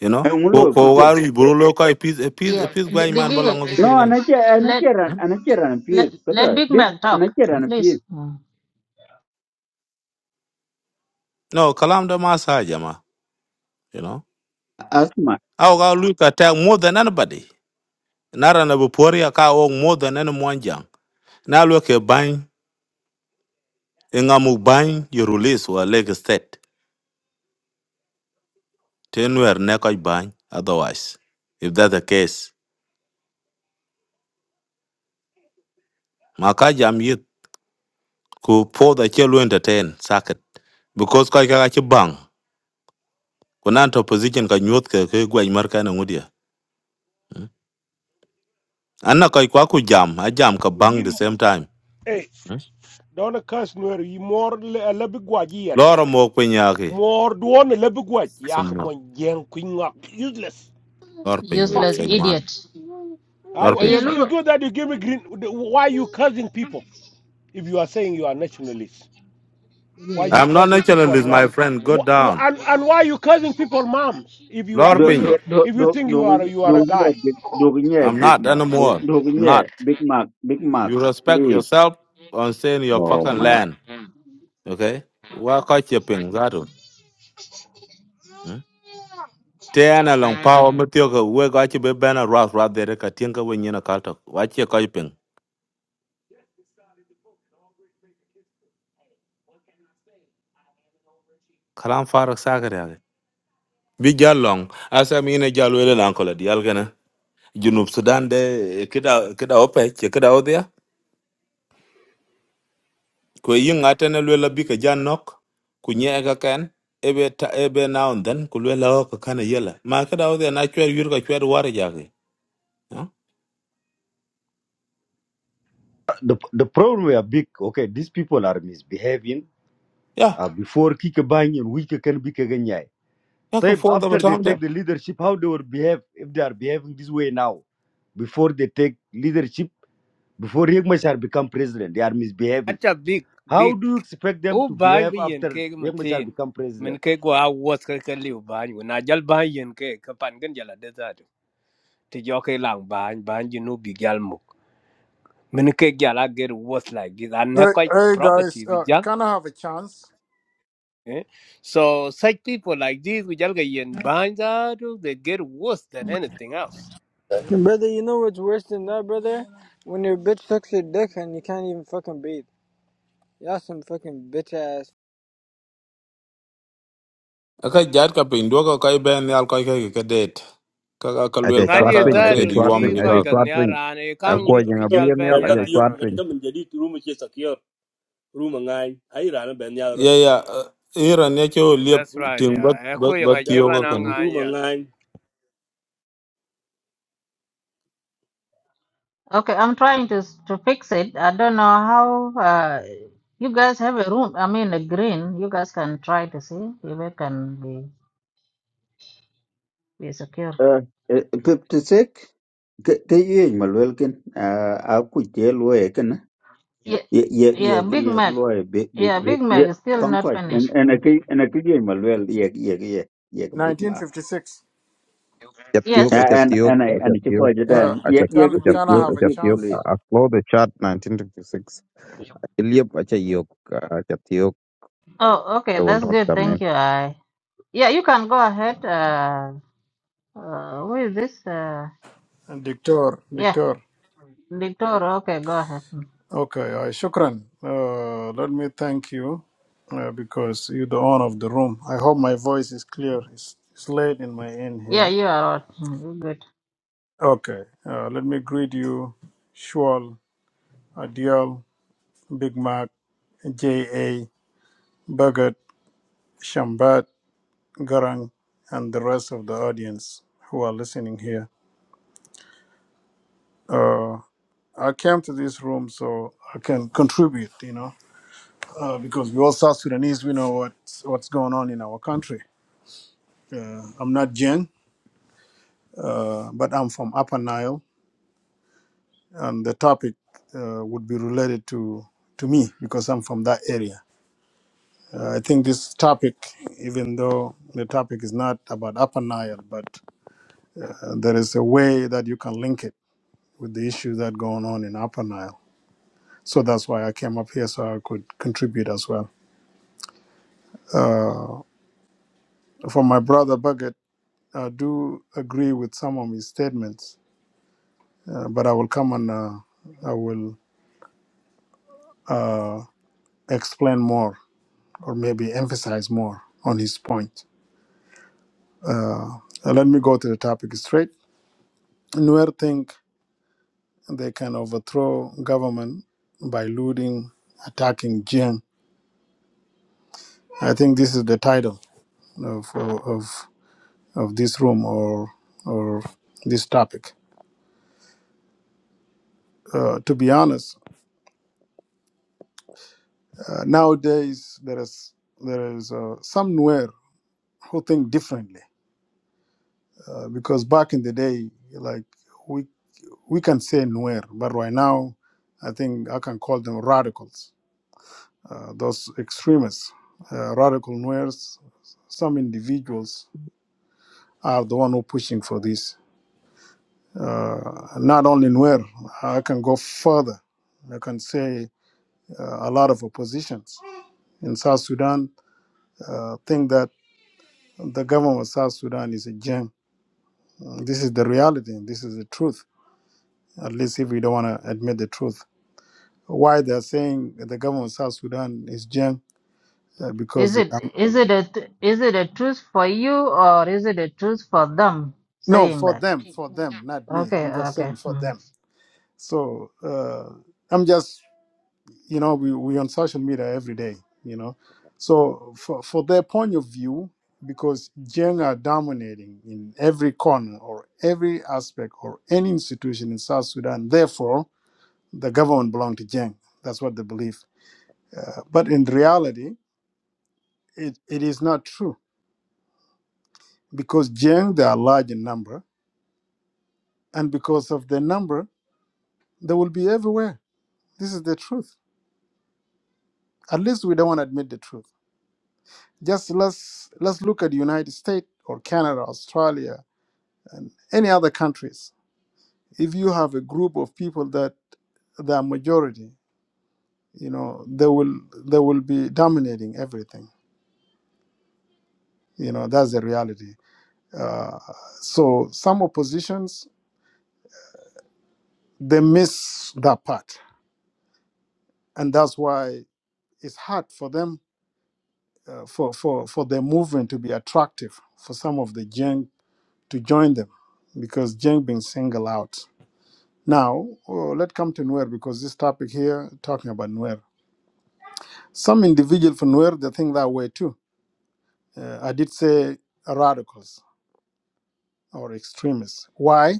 S12: you
S9: e
S12: know
S9: un lo
S12: ko ko
S9: kutin
S12: waru
S9: E,
S12: buru
S9: e,
S12: lo kai pis pis
S2: yeah
S12: pis
S2: the
S12: gwai man
S2: big
S12: bala ngo
S9: no
S12: fikir gan
S9: anache
S2: let
S9: anache ran anache ran
S2: let
S9: pir
S2: let
S9: kata
S2: big
S9: big
S2: man talk
S9: anache ran
S2: please
S9: pir
S2: mm.
S12: no kalam da ma jama you know
S9: asma
S12: aw ga lu ka ta more than anybody nara na bu pori ka o more than any one jam na lo ke ban nga mu you release wa leg state ten wer ne ko ban otherwise if that's the case ma ka jam yit ko po da che entertain socket because ko ka ka ci bang ko nan to position ka nyot ke ke gwai mar ka na anna koy kwa ku jam a jam ka bang the
S13: yin
S12: same time
S13: eh
S12: Mm.
S13: don kas nuer yi mor le lebi gwaji yade
S12: loro mo kwenyaki
S13: mor duon lebi gwaji yak
S12: summa
S13: mon jeng kuin ngak useless
S12: lor pin ya
S2: useless
S13: fuck
S12: said
S13: you
S12: man
S2: idiot
S13: I,
S12: lor
S2: Eh,
S12: pin
S13: it's, it's
S2: Yeluru.
S13: good that you give me green why are you cursing people if you are saying you are nationalists why are you
S12: i'm not
S13: cursing people
S12: naturalist my
S13: mom
S12: friend go
S13: Wh- wh-
S12: down
S13: and, and why are you cursing people moms if you are
S12: lor
S9: do do
S13: really
S12: pin
S9: do
S13: if you
S9: do
S13: think
S9: do
S13: you are you are
S9: do
S13: a
S9: nye
S13: guy
S9: big do nye
S12: i'm
S9: big
S12: not
S9: mark do
S12: anymore
S9: do
S12: i'm
S9: nye
S12: not
S9: big mark big mark
S12: you respect
S9: please
S12: yourself on saying your
S9: oh
S12: fucking
S9: my
S12: land okay wa ka che pin zato Mm. te ana long power mutio we ga che be bana ras ras there. ka tinga we nyina kalto wa che ka pin kalam farak sagare Be jalong asa mine jalwele nan ko la dial junub sudan de eh, kida kida ope che kida odhia ko yinga tene lwela bi ka jan nok ku nye ka ken ebe ta ebe now and then ku lwela o ka kana yela ma kida odhia na chwer yur ka chwer war jagi ya
S11: The, the problem we are big. Okay, these people are misbehaving.
S12: ya
S11: Uh, before Kikabang and Wika can be Kaganyai.
S12: ya ko
S11: Type
S12: for the
S11: after they
S12: batam de
S11: take the leadership, how they will behave if they are behaving this way now. Before they take leadership, before Riek Machar become president, they are misbehaving.
S6: Acha big
S11: How
S6: big
S11: do you expect them
S6: u
S11: to
S6: bany
S11: behave
S6: bi yen
S11: after
S6: kek
S11: Riek Machar
S6: matin
S11: become president?
S6: min kek wa awuoth ka liu ban bany na jal ban yen kek ka pan gin jal ade dhatu ti jo ke lang ban ban ji nu bi jal muk min kek jal a get worth like this an ne
S10: Hey,
S6: quite
S10: hey guys,
S6: properties
S10: uh,
S6: jal
S10: can I have a chance?
S6: eh? so such people like this we jal ga yen bany dhatu they get worse than anything else
S14: Brother, you know what's worse than that, brother? When your bitch sucks your dick and you can't even fucking breathe. Y'all some fucking bitch ass
S12: aka jar ka pin do ka kai ben yal ka ka ka det ka ka ka
S4: I
S12: lwel
S4: say
S12: ka
S6: ngadi
S4: chwat ping,
S12: ka
S4: I
S12: ka
S4: say
S12: ed
S6: dhatu
S4: chwat
S12: yuam
S6: bi
S4: ping,
S12: ni
S4: I
S6: koi
S4: say
S12: ka
S6: ka
S4: chwat ping.
S6: ra ane
S4: A
S15: room
S6: kang
S12: no?
S15: ki
S4: ko
S6: ngich
S4: yang
S6: bi
S4: a
S15: secure
S6: jal
S4: bia
S6: ben
S15: ben
S4: mel, I
S15: ga
S6: nyala
S15: tiyo
S6: jama
S4: chwat
S15: ngai
S4: ping.
S15: ta min jadi room ki secure room ngai ai rana ben ya rot
S12: ya ya iran ya cho liep
S6: that's right
S12: ting bak
S6: yeah.
S12: bak
S6: Eku yang
S12: bak
S6: aje
S12: tiyo ka
S6: banang
S12: kana
S15: room
S6: anya.
S15: ngai
S2: okay i'm trying to to fix it i don't know how uh, you guys have a room i mean a green you guys can try to see if it can be be secure
S9: uh, uh, 56 cái cái gì mà lưu kinh à à cũng chế
S2: yeah
S9: ye ye ye
S2: yeah big
S9: ye
S2: mac
S9: loy big big
S2: yeah
S9: big
S2: big mac
S9: ye
S2: is still not
S9: concord and
S2: finished
S9: and a
S2: Mm.
S9: ki and a ki ye mal well ye ye ye ye ki big ma
S10: 1956.
S4: Chap tiok, I
S2: yes
S9: Ah, and
S4: tiok,
S9: and I
S4: I
S9: and chi ko
S4: tiok,
S9: je
S4: uh,
S10: Yeah,
S9: den
S4: I
S9: ye ye
S10: can
S9: ki big
S10: can I
S9: ye
S4: tiok,
S9: ki
S4: I
S10: have a
S9: big
S4: tiok.
S10: chance?
S9: police
S4: I flow the chart 1956. I live I yok, uh, I chap tiok.
S2: oh okay
S4: I will
S2: that's
S4: not
S2: good
S4: come
S2: thank
S4: in.
S2: you i Yeah, you can go ahead. Uh, uh, who is this? Uh,
S10: And Dictor,
S2: yeah,
S10: Dictor.
S2: Victor. Okay, go ahead. Mm.
S10: Okay, uh, shukran. Uh, let me thank you uh, because you're the owner of the room. I hope my voice is clear. It's, it's late in my end
S2: Yeah,
S10: here.
S2: you are out. Mm, You're good.
S10: Okay, uh, let me greet you, Shual, Adiel, Big Mac, J.A., Bhagat, Shambat, Garang, and the rest of the audience who are listening here. Uh, I came to this room so I can contribute, you know, uh, because we all South Sudanese, we know what's, what's going on in our country. Uh, I'm not Jen, uh, but I'm from Upper Nile, and the topic uh, would be related to, to me because I'm from that area. Uh, I think this topic, even though the topic is not about Upper Nile, but there is a way that you can link it with the issue that going on in Upper Nile. So that's why I came up here so I could contribute as well. For my brother Bucket, I do agree with some of his statements, uh, but I will come and uh, I will explain more or maybe emphasize more on his point. Uh, let me go to the topic straight. Nuer think they can overthrow government by looting, attacking Jiang. I think this is the title of, of of this room or or this topic. Uh, to be honest, uh, nowadays there is there is uh, somewhere who think differently uh, because back in the day, like we we can say nowhere, but right now, I think I can call them radicals, uh, those extremists, uh, radical noirs. Some individuals are the one who pushing for this. Uh, not only Nuer, I can go further. I can say uh, a lot of oppositions in South Sudan uh, think that the government of South Sudan is a gem. This is the reality. This is the truth. At least if we don't want to admit the truth. Why they're saying the government of South Sudan is gem? Uh, because
S2: Is
S10: they,
S2: it
S10: um,
S2: is it a t- is it a truth for you or is it a truth for them
S10: no,
S2: saying
S10: for
S2: that?
S10: them, for them, not me.
S2: Okay,
S10: I'm just
S2: okay.
S10: saying for
S2: Mm.
S10: them. So uh, I'm just you know we we on social media every day you know so for, for their point of view because Gen are dominating in every corner or every aspect or any institution in South Sudan. Therefore, the government belong to Gen. That's what they believe. Uh, but in reality, it, it is not true because Gen they are large in number, and because of their number, they will be everywhere. This is the truth. At least we don't want to admit the truth Just let's let's look at the United States or Canada, Australia, and any other countries. If you have a group of people that they are majority, you know, they will they will be dominating everything. You know, that's the reality. Uh, so some oppositions they miss that part, and that's why it's hard for them uh, for for for their movement to be attractive for some of the Jiang to join them because Jiang being singled out. Now, oh, let's come to Nuer because this topic here talking about Nuer. Some individual from Nuer they think that way too. Uh, I did say radicals or extremists. Why?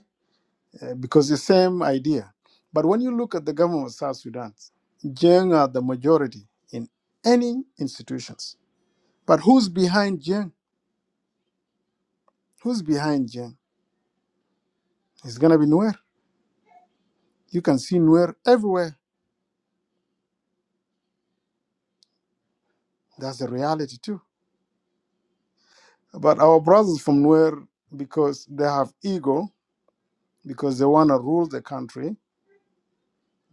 S10: Uh, because the same idea. But when you look at the government of South Sudan, Jeng are the majority in any institutions. But who's behind Jeng? Who's behind Jeng? It's gonna be Nuer. You can see Nuer everywhere. That's the reality too. But our brothers from Nuer, because they have ego, because they want to rule the country.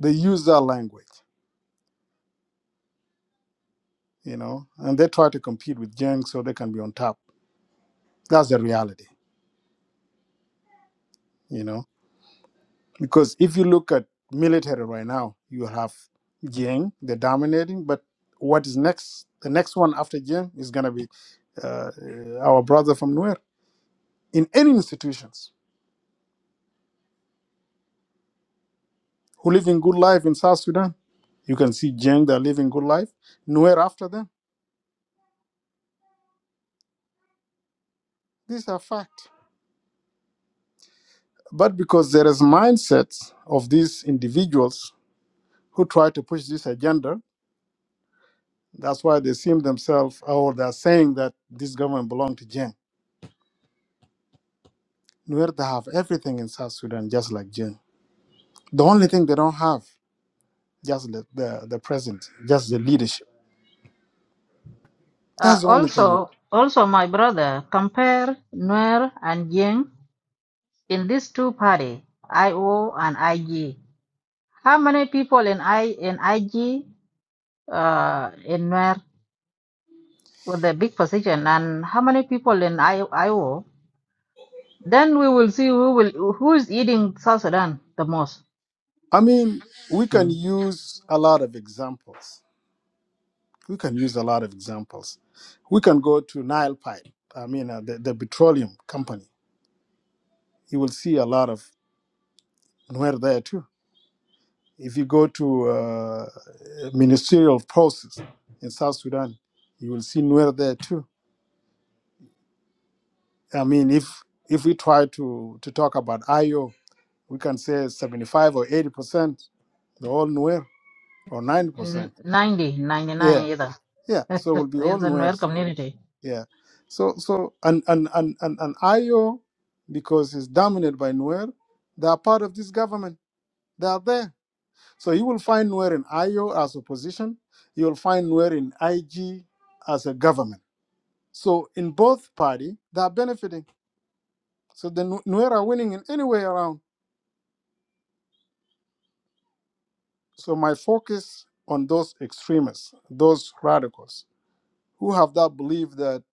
S10: They use their language, you know, and they try to compete with Jiang so they can be on top. That's the reality, you know, because if you look at military right now, you have Jiang, they're dominating, but what is next? The next one after Jiang is going to be uh, our brother from Nuer. In any institutions who live in good life in South Sudan, you can see Jiang, they're living good life. Nuer after them. These are fact. but because there is mindsets of these individuals who try to push this agenda, that's why they seem themselves or they're saying that this government belongs to Jen. Nuer they have everything in South Sudan just like Jen. The only thing they don't have just the, the, the president, just the leadership.
S2: Uh,
S10: That's the only thing.
S2: also, also, my brother, compare Nuer and Jing in these two party, IO and IG. How many people in I in IG uh, in Nuer? with the big position and how many people in I- Iowa, then we will see who will who is eating South Sudan the most.
S10: I mean, we can
S2: Mm.
S10: use a lot of examples. We can use a lot of examples. We can go to Nile Pipe. I mean, uh, the, the petroleum company. You will see a lot of Nuer there too If you go to uh, ministerial process in South Sudan, you will see Nuer there too. I mean, if if we try to to talk about IO, we can say 75 or 80 percent, they're all Nuer, or 90
S2: N-
S10: percent.
S2: 90, 99
S10: Yeah,
S2: either.
S10: yeah. So it will be all
S2: it's a Nuer
S10: Nuers.
S2: community.
S10: Yeah. So so and and and and, and IO because it's dominated by Nuer, they are part of this government. They are there. So you will find Nuer in IO as opposition. You will find Nuer in IG as a government. So in both party, they are benefiting. So the Nu- Nuer are winning in any way around. So my focus on those extremists, those radicals who have that belief that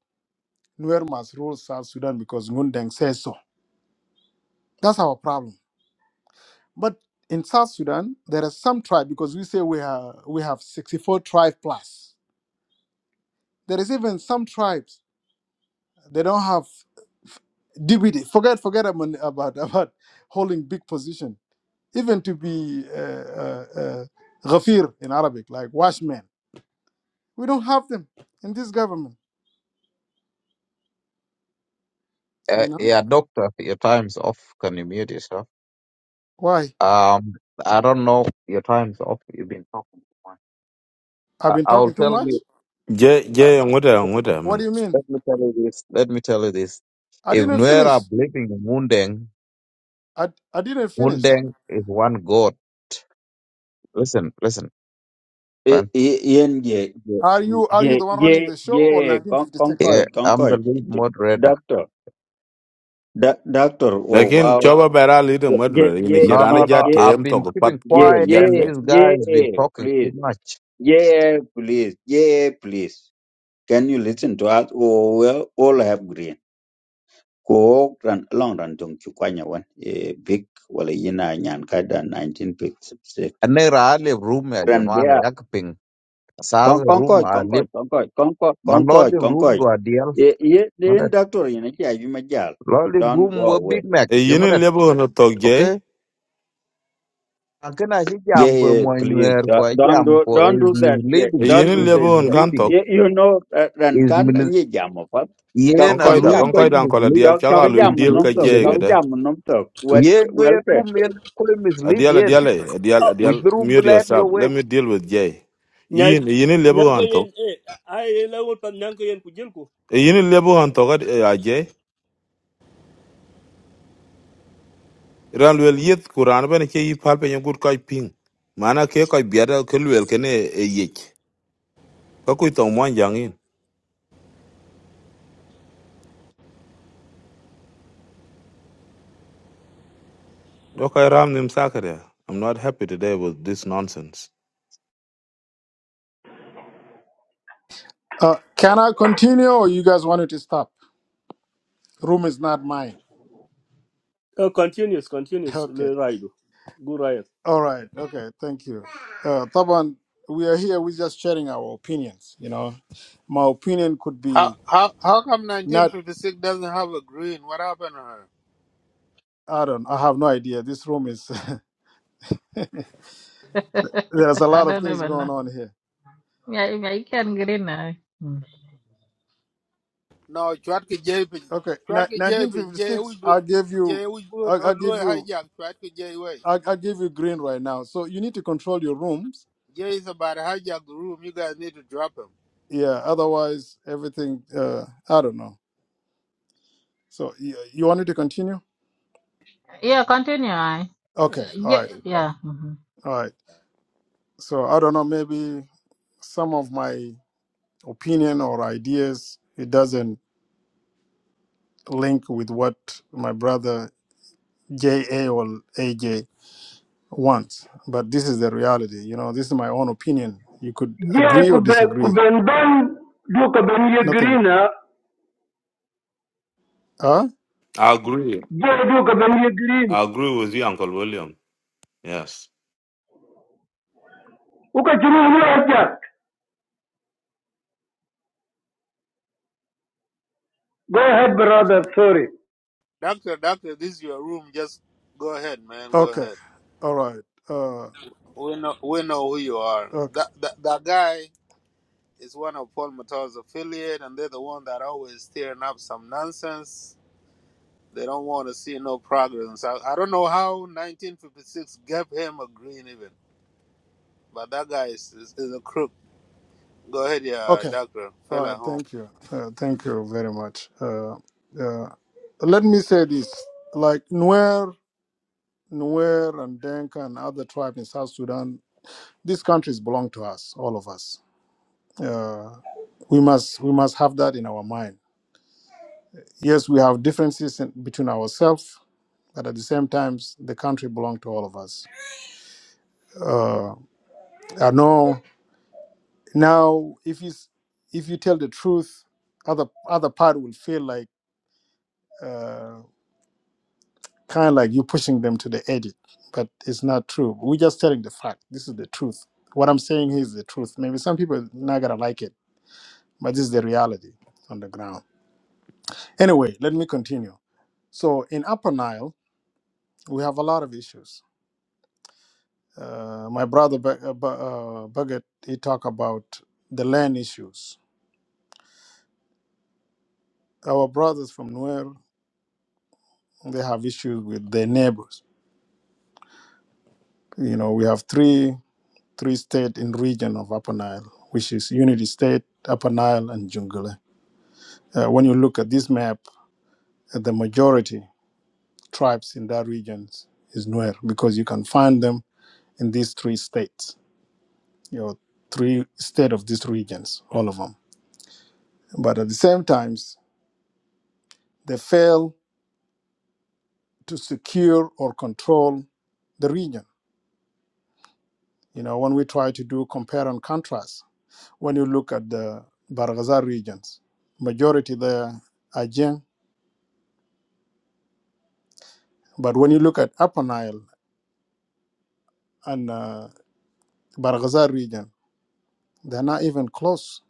S10: Nuer must rule South Sudan because Ngundeng says so. That's our problem. But in South Sudan, there are some tribe because we say we have we have 64 tribe plus. There is even some tribes they don't have. DBD. Forget forget about about, about holding big position. Even to be uh, uh, uh, ghafir in Arabic, like washman. We don't have them in this government.
S4: uh,
S10: You know
S4: yeah doctor your time's off can you mute yourself
S10: why?
S4: Um, I don't know. Your time's up. You've been talking too much.
S10: I've
S4: I,
S10: been
S4: I'll
S10: talking too
S4: tell
S10: much.
S4: you.
S12: je
S4: Uh,
S12: je ngoda
S10: What
S12: ngoda
S10: do you mean?
S4: let me tell you this. Let me tell you this.
S10: I
S4: If
S10: didn't
S4: Nuer
S10: finish.
S4: believing in Mundeng,
S10: I, I didn't finish.
S4: Mundeng is one God. Listen, listen,
S9: e
S4: friend.
S9: e yen ye
S10: Are you are you
S9: ye
S10: the one
S9: ye
S10: running the show
S9: ye
S10: or
S9: con
S10: 1956?
S4: Yeah,
S9: concord
S4: I'm the
S9: concord
S4: lead moderator.
S9: doctor da- doctor oh
S12: lakin
S9: wow
S12: choba bera leader
S9: ye ye
S12: mudra in
S9: ye
S12: the
S4: No,
S12: kirana
S4: no,
S12: ja
S4: no.
S9: ye
S4: I've
S12: tem to
S4: been
S12: pat
S4: keeping
S9: ye
S12: elwel
S4: quiet,
S9: ye
S4: and
S12: yatke
S4: these
S9: ye
S4: guys been
S9: ye
S4: talking too
S9: please
S4: much.
S9: ye please ye please can you listen to us oh well all have green ko ran long ran dong chu kwanya wan e big wala yina nyan ka da 1956
S4: And they rarely room ya
S9: ran
S4: jamana
S9: bea
S4: yakping. Sasa
S9: kon kon
S4: room
S9: ko
S4: I
S9: kon ko
S4: live.
S9: kon ko kon ko
S4: My
S9: kon ko
S4: lolly
S9: kon ko
S4: room do a deal.
S9: ye ye
S4: Not
S9: den
S4: that
S9: doctor yina ki ayu majal
S4: lolly
S9: don't
S4: room
S9: go
S4: were
S9: away
S4: Big Mac.
S12: e
S4: You know
S12: yinin
S4: that,
S12: lebo no togje
S4: okay? Akina shi jam
S9: yeah,
S4: ko
S9: yeah please
S4: moñwer ko
S9: do- don't
S4: jam
S9: do
S4: ko
S9: don't
S4: is
S9: do that yeah
S12: e
S4: misleading
S9: don't
S12: yinin
S9: do
S4: is
S9: that
S12: lebo on
S9: yeah
S4: misleading
S12: kantok
S9: you you know uh, ran
S4: is
S9: kan
S4: mis
S9: ni jam pat cho
S4: yen
S12: on
S4: a
S9: cho cái
S12: koida
S4: lui
S12: on
S9: jam
S4: ko
S9: ku
S12: koida on kola
S4: mislead
S12: dial
S9: cho
S12: chaga
S9: cái
S4: is
S12: lu
S9: jam mình
S12: deal ka
S9: nóng
S4: misleading
S9: tục
S4: the
S12: je
S9: cho
S4: room
S9: cái
S12: gede
S9: jam mình nom tục
S4: yen no yen
S9: wet
S4: room yen ko
S12: a
S4: mislead
S12: deal a
S4: yen
S12: deal a deal. a
S4: with
S12: dial
S4: the room
S12: mute
S4: black
S12: yourself
S4: your way
S12: let me deal with jay
S15: nyai
S12: yin e yinin lebo
S15: nyang ka
S12: on to
S15: yen eh ai la won pan nyang ka yen ku jil ku
S12: e yinin lebo on to gad a je ran wel yet kuran ben ke yi palpe nyen gut kai ping mana ke kai biada ke lwel kene e yech ka kuitong mwan Okay, Ramnim Sakaria. I'm not happy today with this nonsense.
S10: Uh, can I continue or you guys wanted to stop? Room is not mine.
S15: Uh, continuous continuous
S10: Okay.
S15: le raidu go riot.
S10: All right. Okay. Thank you. Uh, Taban, we are here. We're just sharing our opinions. You know, my opinion could
S16: How
S10: be
S16: how how come
S10: not.
S16: 1956 doesn't have a green? What happened to her?
S10: I don't. I have no idea. This room is. there's a
S2: I
S10: lot of
S2: don't
S10: things
S2: even know.
S10: going on here.
S2: Yeah, yeah, you can get in. uh, mm.
S16: No, Chwatka Japing.
S10: Okay. Ni-
S16: Chwatka Japing. Jay
S10: 1956.
S16: we
S10: I gave you.
S16: Jay we good.
S10: I,
S16: Oh,
S10: I give
S16: Louis
S10: you.
S16: hijack Chwatka Jay way.
S10: I, I give you green right now. So you need to control your rooms.
S16: Jay is about to hijack the room. You guys need to drop him.
S10: Yeah. Otherwise, everything. Uh, I don't know. So you, you want me to continue?
S2: Yeah, continue. I. Uh,
S10: Okay. All
S2: Yeah,
S10: right.
S2: yeah. mhm.
S10: All right. So I don't know. Maybe some of my opinion or ideas. It doesn't link with what my brother JA or AJ wants. But this is the reality. You know, this is my own opinion. You could
S17: Jee
S10: agree
S17: ku
S10: or
S17: be- ku
S10: disagree.
S17: ben ban du ka ben ye
S10: Nothing.
S17: green ah.
S10: Huh?
S12: I agree.
S17: Jee du ka ben ye green.
S12: I agree with you, Uncle William. Yes.
S17: Uka churu ni ajak. Go ahead brother, sorry.
S16: Doctor, doctor, this is your room. Just go ahead, man. Go
S10: Okay.
S16: ahead.
S10: All right. Uh,
S16: We know we know who you are.
S10: okay.
S16: That that, that guy is one of Paul Mattel's affiliate, and they're the one that always stirring up some nonsense. They don't want to see no progress. I, I don't know how 1956 gave him a green even, but that guy is, is, is a crook. Go ahead, yeah,
S10: Okay.
S16: doctor,
S10: All
S16: fella
S10: right.
S16: home.
S10: Thank you. Uh, thank you very much. Uh, uh, let me say this like Nuer, Nuer, and Denka and other tribes in South Sudan, these countries belong to us, all of us. Uh, we must we must have that in our mind yes we have differences in, between ourselves but at the same time the country belongs to all of us uh, i know now if you s- if you tell the truth other other part will feel like uh, kind of like you pushing them to the edge but it's not true we're just telling the fact this is the truth what i'm saying here is the truth maybe some people are not gonna like it but this is the reality on the ground anyway let me continue so in upper nile we have a lot of issues Uh, my brother Ba- uh, Ba- uh, Bagat, he talk about the land issues. Our brothers from Nuer, they have issues with their neighbors. You know, we have three three states in region of Upper Nile, which is Unity State, Upper Nile, and Jungle. Uh, when you look at this map, uh, the majority tribes in that region is Nuer because you can find them in these three states. You know, three state of these regions, all of them. But at the same times, they fail to secure or control the region. You know, when we try to do compare and contrast, when you look at the Barghazal regions, majority there are Jiang. But when you look at Upper Nile and uh, Barghazal region, they're not even close.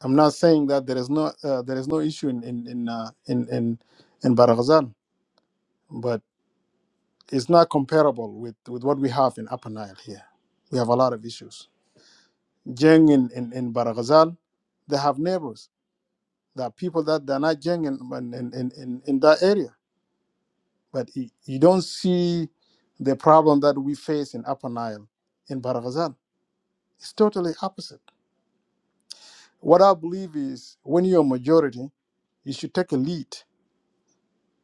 S10: I'm not saying that there is no uh, there is no issue in in in uh, in, in, in Barghazal, but it's not comparable with, with what we have in Upper Nile here. We have a lot of issues. Jiang in, in, in Barghazal, they have neighbors There are people that they're not genuine in, in, in, in in that area. But y- you don't see the problem that we face in Upper Nile, in Baragazal. It's totally opposite. What I believe is when you're a majority, you should take a lead.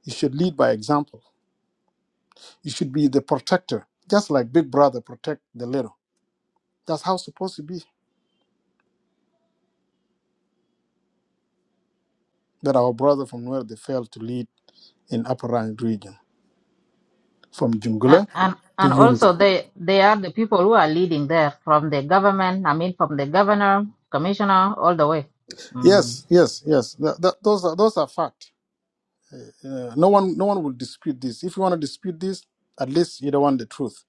S10: You should lead by example. You should be the protector, just like Big Brother protect the little. That's how it's supposed to be. That our brother from where they failed to lead in Upper Nile region, from
S2: Uh,
S10: Jungule
S2: and
S10: to
S2: and
S10: unity.
S2: also they they are the people who are leading there from the government. I mean, from the governor, commissioner, all the way. Mm.
S10: Yes, yes, yes. Th- th- those are those are fact. Uh, no one, no one will dispute this. If you want to dispute this, at least you don't want the truth.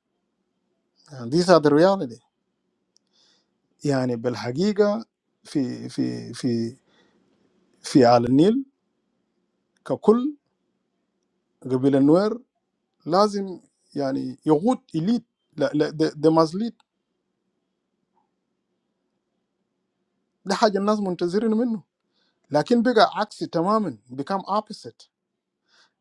S10: And these are the reality. يعني بالحقيقة في في في في على النيل ككل قبيلة النوير لازم يعني يغوت إليت لا لا they they must ده حاجة الناس منتظرين منه لكن بقى عكسي تماما become opposite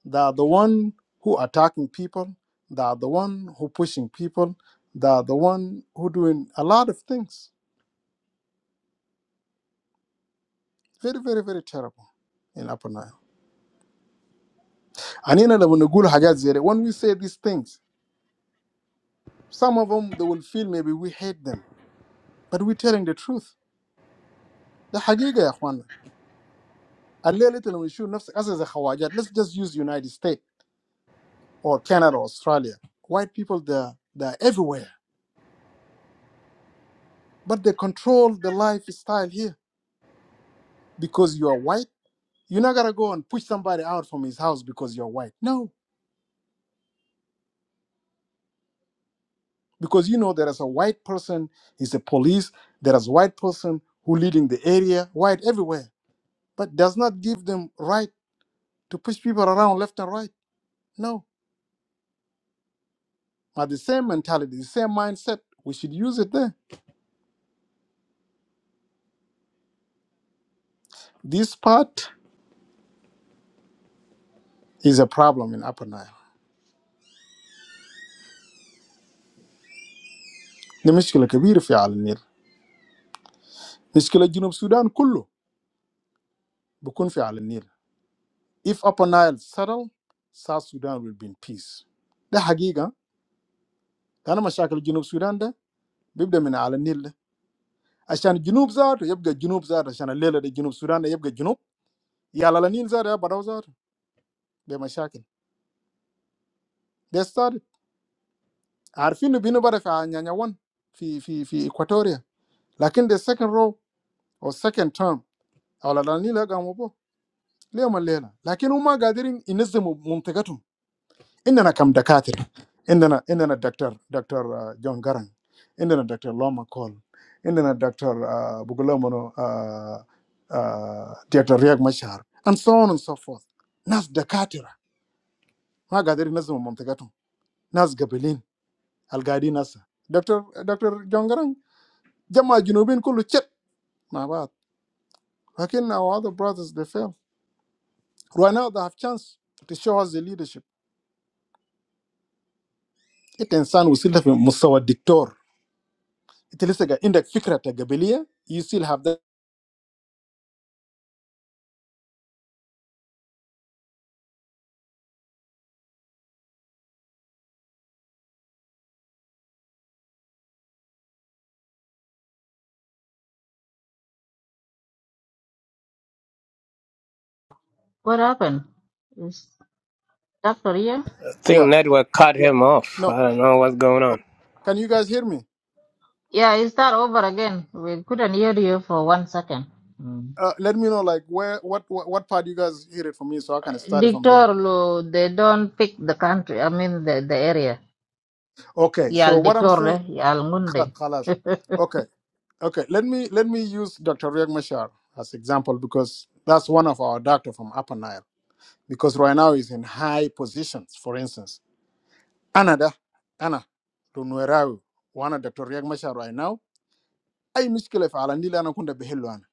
S10: they are the one who attacking people they are the one who pushing people they are the one who doing a lot of things Very, very, very terrible in Upper Nile. And in other Nugul when we say these things, some of them they will feel maybe we hate them, but we're telling the truth. The حقيقة يا اخوانا الليلة لما نشوف نفسك As Hagiga Yahwan. Let's just use United States or Canada or Australia. White people they're they're everywhere. But they control the lifestyle here. Because you are white, you're not gonna go and push somebody out from his house because you're white. No. because you know there is a white person is a police there is white person who leading the area white everywhere but does not give them right to push people around left and right no but the same mentality the same mindset we should use it there this part is a problem in upper nile دي مشكلة كبيرة في على النيل مشكلة جنوب السودان كله بيكون في على النيل if upper nile settle South Sudan will be in peace ده حقيقة لأن مشاكل جنوب السودان ده بيبدأ من على النيل ده. عشان الجنوب زاد يبقى الجنوب زاد عشان الليله دي جنوب السودان يبقى الجنوب يا لا النيل زاد يا بدو زاد بمشاكل ده ستارت عارفين انه بينو بره في نيانيوان في في في اكواتوريا لكن ده second row او second term على النيل قاموا بو ليه ما الليله لكن هم قادرين ينظموا منطقتهم Indana kam Dr. Carter, Indana Indana Dr. Dr. John Garang, Indana Dr. Loma Cole, Indana Dr. Bugulamono Dr. Riaug Mashar, and so on and so forth. Nas Dr. Carter, magadiri nas mo Montegato, Nas Gabelin, algarini Nas. Dr. Dr. John Garang, jamajinubin kulo check ma bat. Hakin our other brothers they fail. Who are now the half chance to show us the leadership? It insan usila fi musawa doctor. It is انت لسه قاعد- عندك فكره قبليه you still have that
S2: What happened? Dr. Ian?
S6: I think
S10: yeah
S6: network cut
S10: yeah
S6: him off.
S10: no
S6: I don't know what's going
S10: Oh,
S6: on.
S10: can you guys hear me
S2: Yeah, you that over again. We couldn't hear you for one second. Mm.
S10: uh, let me know like where what, what what part you guys hear it from me so i can start it from there
S2: Dictor, lo, they don't pick the country, I mean the, the area.
S10: okay so
S2: Yal
S10: what i'm
S2: Dictor,
S10: saying
S2: le, Yal
S10: خ-
S2: Munde.
S10: خلاص okay okay let me let me use dr riek mashar as example because that's one of our doctor from upper nile because right now he's in high positions for instance anada ana لو نوراوي وانا Dr. رياض مشار right now اي مشكله في علاندي اللي انا كنت بحله انا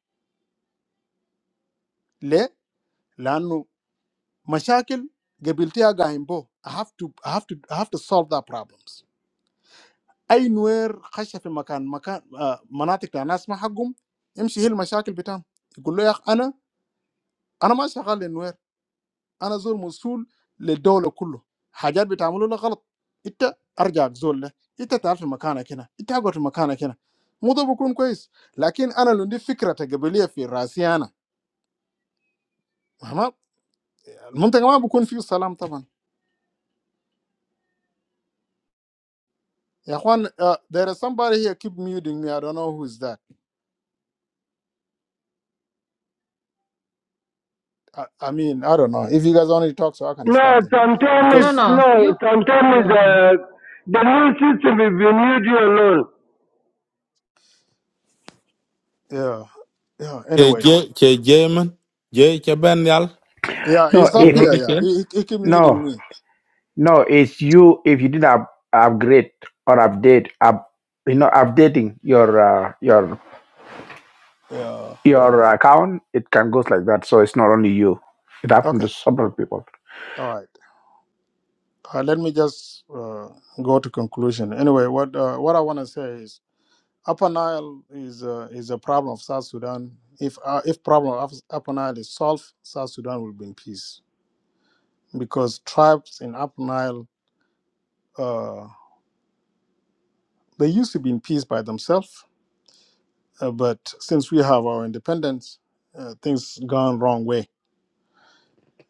S10: لانه مشاكل قبيلتها قايم بو I have to I have to I have to solve that problems اي نوير خش في مكان مكان آه، مناطق بتاع ناس ما حقهم يمشي هي المشاكل بتاعهم يقول له يا اخ انا انا ما شغال للنوير انا زول مسؤول للدوله كله حاجات بتعملوا لها غلط انت ارجعك زول ده انت تعال في مكانك هنا انت اقعد في مكانك هنا مو ده بكون كويس لكن انا لو عندي فكره قبليه في راسي انا ما- المنطقه ما بكون فيه سلام طبعا Yeah, Juan, uh, there is somebody here keep muting me. I don't know who's that. I, I mean, I don't know. If you guys only talk, so I can I stop
S17: No,
S10: them?
S17: sometimes
S2: No,
S10: Because
S2: no,
S17: no,
S2: you go
S17: sometimes
S2: ahead.
S17: uh, the new system is we need you alone.
S10: yeah, yeah.
S12: Che
S10: Anyway,
S12: Che Che Jamin. Che Che Ben Yal.
S10: yeah,
S18: No,
S10: he's
S12: Hello,
S10: up
S18: if
S12: what
S10: here.
S12: is
S10: Yeah,
S12: it?
S10: he, he he keep
S18: no,
S10: muting me.
S18: no, it's you. If you didn't up, upgrade or update, up, you know, updating your uh, your
S10: Yeah.
S18: your account, it can goes like that. So it's not only you. It happened
S10: Okay.
S18: to several people.
S10: All right. Uh, let me just uh, go to conclusion. Anyway, what uh, what I want to say is Upper Nile is uh, is a problem of South Sudan. If uh, if problem of Upper Nile is solved, South Sudan will be in peace because tribes in Upper Nile. Uh, They used to be in peace by themselves, uh, but since we have our independence, uh, things gone wrong way.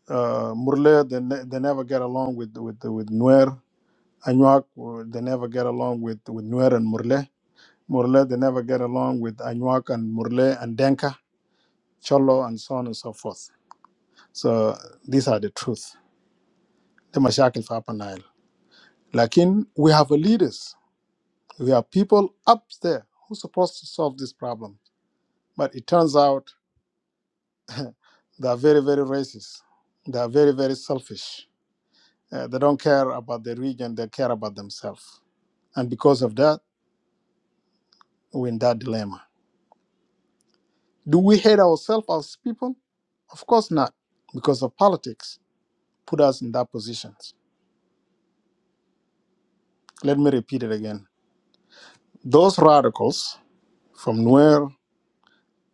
S10: Uh, Murle, they, ne- they never get along with with with Nuer. Anuak, uh, they never get along with with Nuer and Murle. Murle, they never get along with Anuak and Murle and Denka, Cholo, and so on and so forth. So these are the truth. The mashakil for Upper Nile. Lakin, we have leaders. We have people up there who supposed to solve this problem. But it turns out They are very, very racist. They are very, very selfish. Uh, they don't care about the region, they care about themselves. And because of that, we're in that dilemma. Do we hate ourselves as people? Of course not, because of politics put us in that position. Let me repeat it again. Those radicals from Nuer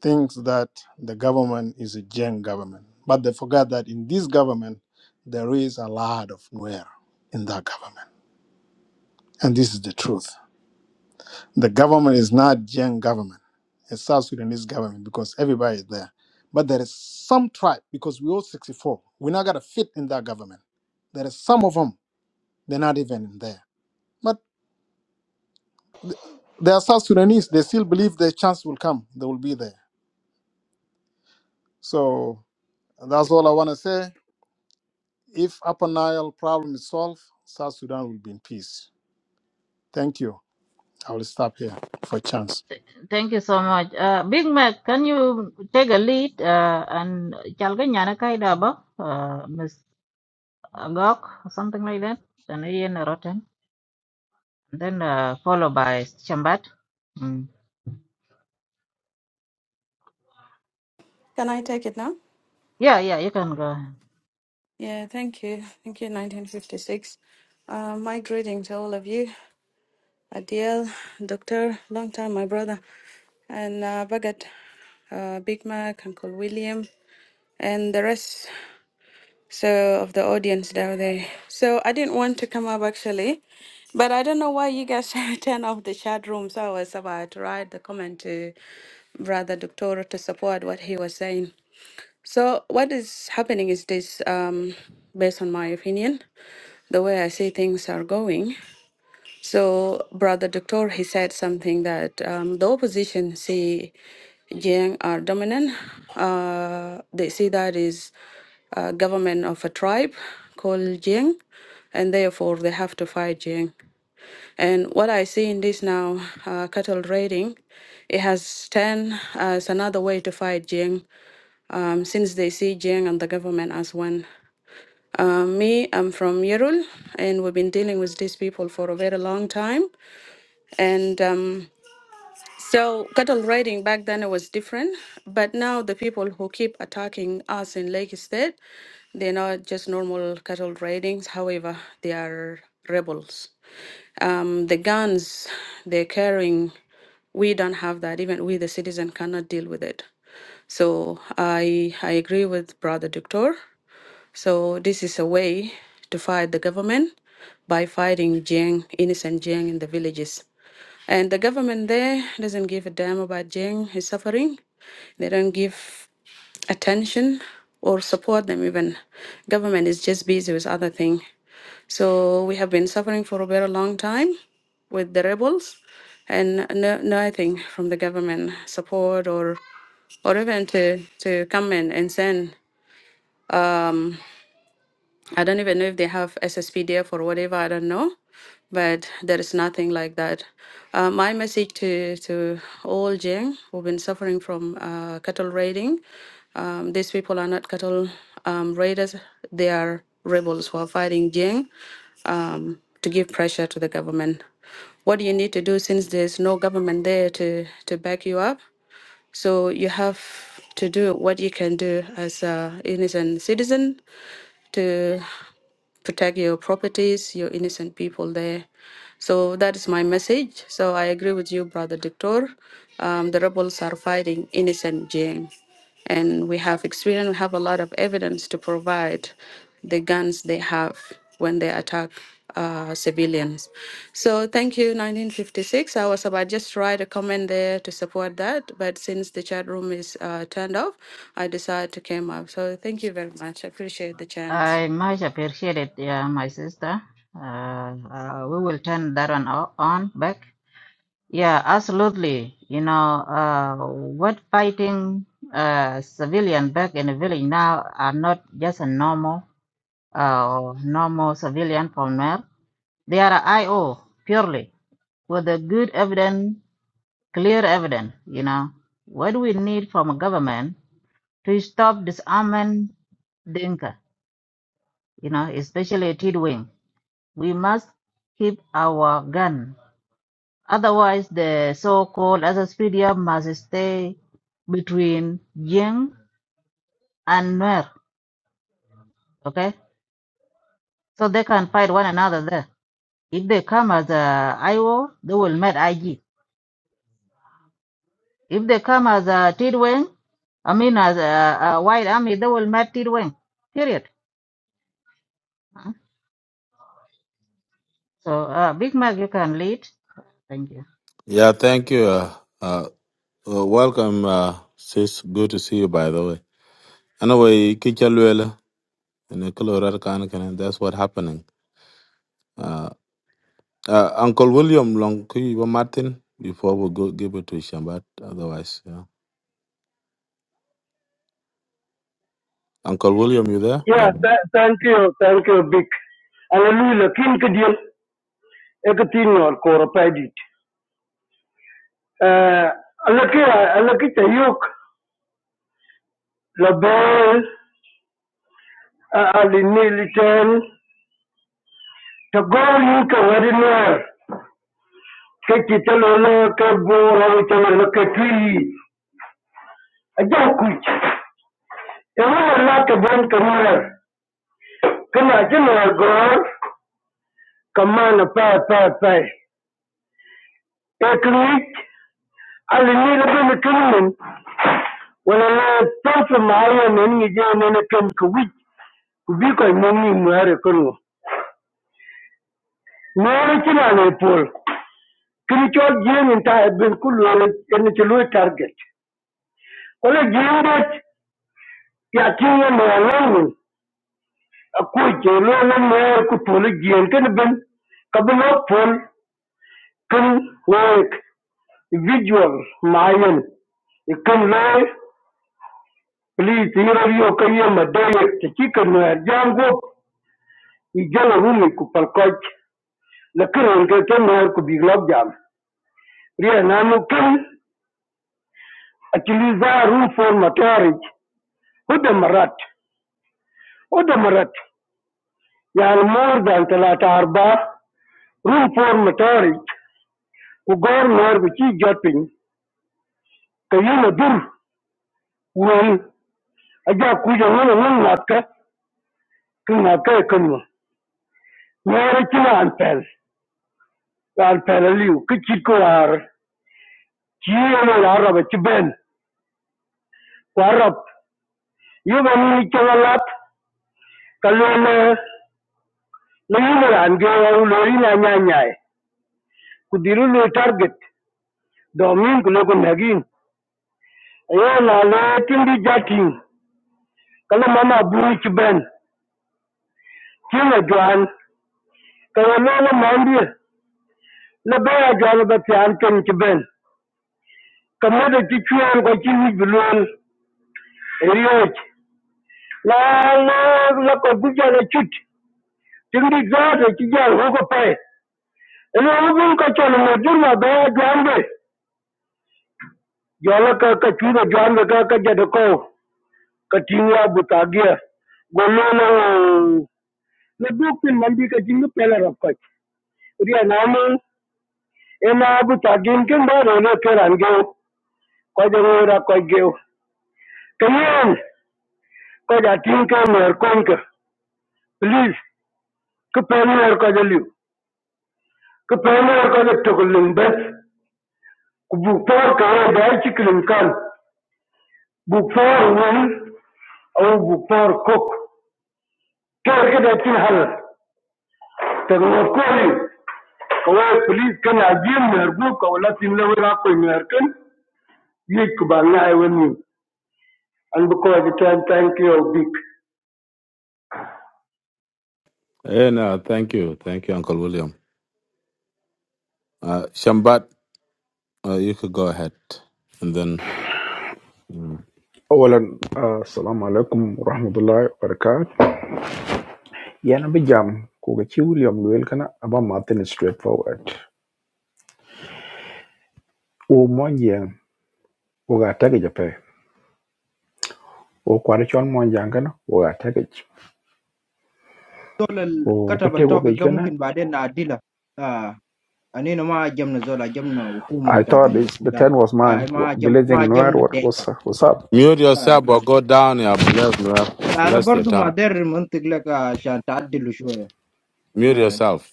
S10: think that the government is a Jen government, but they forgot that in this government, there is a lot of Nuer in that government. And this is the truth. The government is not Jian government. It's South Sudanese government because everybody is there. But there is some tribe because we all 64. We're not gonna fit in that government. There is some of them they're not even in there. But th- they are South Sudanese. They still believe their chance will come. They will be there. So that's all I wanna say. If Upper Nile problem is solved, South Sudan will be in peace. Thank you. I will stop here for chance.
S2: Thank you so much. Uh, Big Mac, can you take a lead uh, and chalga nyana kai daba, uh, Miss Agok, something like that? And Ian Rotten. Then uh, followed by Shambat. Mm.
S19: Can I take it now?
S2: Yeah, yeah, you can go.
S19: Yeah, thank you. Thank you, 1956. Uh, my greeting to all of you. Adiel, Doctor, long time, my brother, and uh, Bagat, uh, Big Mac, Uncle William, and the rest so of the audience down there. So I didn't want to come up actually, but I don't know why you guys turned off the chat room. So I was about to write the comment to Brother Doctor to support what he was saying. So what is happening is this, um, based on my opinion, the way I see things are going. So Brother Doctor, he said something that um, the opposition see Jiang are dominant. Uh, they see that is uh, government of a tribe called Jiang, and therefore they have to fight Jiang. And what I see in this now, uh, cattle raiding, it has turned as another way to fight Jing um, since they see Jiang and the government as one. Um, me, I'm from Yerul, and we've been dealing with these people for a very long time. And um, so cattle raiding back then it was different, but now the people who keep attacking us in Lake State, they're not just normal cattle raidings. However, they are rebels. Um, the guns they're carrying we don't have that. Even we, the citizen, cannot deal with it. So I I agree with Brother Doctor. So this is a way to fight the government by fighting Jiang, innocent Jiang in the villages. And the government there doesn't give a damn about Jiang, his suffering. They don't give attention or support them even. Government is just busy with other thing. So we have been suffering for a very long time with the rebels and no, nothing from the government support or or even to, to come in and send um, I don't even know if they have SSPDF or whatever. I don't know, but there is nothing like that. Uh, my message to to all Jing who've been suffering from uh, cattle raiding, um, these people are not cattle um, raiders. They are rebels who are fighting Jing um, to give pressure to the government. What you need to do since there's no government there to to back you up, so you have to do what you can do as a innocent citizen to protect your properties, your innocent people there. So that is my message. So I agree with you, Brother Dictor. Um, the rebels are fighting innocent Jane. And we have experience, we have a lot of evidence to provide the guns they have when they attack uh, civilians. So thank you, 1956. I was about just write a comment there to support that, but since the chat room is uh, turned off, I decided to came up. So thank you very much. I appreciate the chance.
S2: I much appreciate it, yeah, my sister. Uh, uh, we will turn that on on back. Yeah, absolutely. You know, uh, what fighting uh, civilian back in the village now are not just a normal, uh, normal civilian from where They are a IO purely with the good evidence, clear evidence. You know, what we need from a government to stop disarming Dinka. You know, especially Tidwing. We must keep our gun. Otherwise, the so-called Asaspedia must stay between Jing and Nuer, okay? So they can fight one another there. If they come as a Iwo, they will meet IG. If they come as a Tidwang, I mean as a, a white army, they will meet Tidwang, period. So, uh, Big Mac, you can lead. Thank you.
S12: Yeah, thank you. Uh, uh, uh, welcome, uh, sis. Good to see you, by the way. Anyway, Kichalwela and Colorado Kanakan, that's what happening. Uh, uh, Uncle William Long Martin before we go give it to Shambat. Otherwise, yeah. Uncle William, you there? Yeah.
S17: Yeah, th- thank you, thank you, Big. Hallelujah. King Kadiel, Ekatin or Koropedit. Uh, Alakia, Alakita Yuk, Label, uh, Ali Militan, Tagol Yuka, very near. kake ta lolo ka bora wuce lolo ka tuli a jan kuci e wala la ka ban kamara kana jin wa gor kama na pa pa pa e kuni ali ni la bin kunun wala la tafa maaya ne ni je ne na kan ku wi ku bi ko mo ni mu are kunu mo ni kina ne pol kini cho je ni ta bin kullu ne ni ci lo target wala je ya kinye mo lamun أقول جولونا mayar kutulu jientin bin kabilo pol kin woik visual mayen ikin loy please yiro yo kayo madayek tikika mayar jam gop ijala rumi ku palkoch lakin wonke ke mayar ku biglok jam riya nanu kin actually za room for matarij huda marat huda marat yani more than talata arba room for matarij ku gor mayar ku chi jot piny Kayima dur wuren aja kuja wana wana natka kan naka kanwa wera kina alpel alpel aliu kichit ko ar chiyama yara ba chiben warap yuba ni chawalat kalona layuma ange waru lori na nyanyai kudiru lo target domin kulo ko nagin ayo na le tindi jatin kala mama buri chiben kina joan kala lona mandir na baya joan ba tian kan chiben kamodo ti chwer ko chi wich bi luel eriyoc na na na ko bi jana chut ting di gato chi jal ho ko pai ene ho bin ka chon mo dur ma ba jwambe jola ka ka chu da jwambe ka ka jada ko ka tingwa buta gia golo na na duk pin mandi ka jinga pela rap ko riya na mo ena buta gin ken ba ro na keran ge ko jero ra ko ge kayen ko ja ting ka mer kon ka please ki pemiyar ko je liw ki pemiyar ko je tokulim bes ku buk por ka we da ci kilim kan buk por wal au buk por kok ter ke da tin hal te ngor ko li ko we please kan ajim mer bu ko la tin le ra ko mer kan yi ku ba na e woni an bu ko je tan thank you big
S12: And uh, thank you, thank you, Uncle William. Uh, Shambat, uh, you could go ahead, and then mm.
S18: اولا آه، السلام عليكم ورحمه الله وبركاته Yeah, no big jam. Kuga chi William Luel kana aba Martin straightforward. O monje o ga tage jape. O kwari chon monje angana o ga tage.
S20: دول
S18: O
S20: الكتبة
S18: kete
S20: التوفيق ده
S18: go
S20: ممكن بعدين نعدلها آه أنينا ما جمنا زول جمنا حكومة
S18: I
S20: بتاع
S18: thought
S20: جنوب
S18: it's, the
S20: السودان
S18: 10 was mine.
S20: آه ما
S18: What,
S20: جم ما
S18: Blazing Noir,
S20: جمنا
S18: what, what's,
S20: الدينكا
S18: what's up?
S12: mute
S20: آه
S12: yourself or go down. You are Yeah, bless, or
S20: لا لا
S12: bless your
S20: برضو ما
S12: tongue.
S20: دير منطق لك آه، عشان تعدله شوية
S12: Mute
S20: آه
S12: yourself.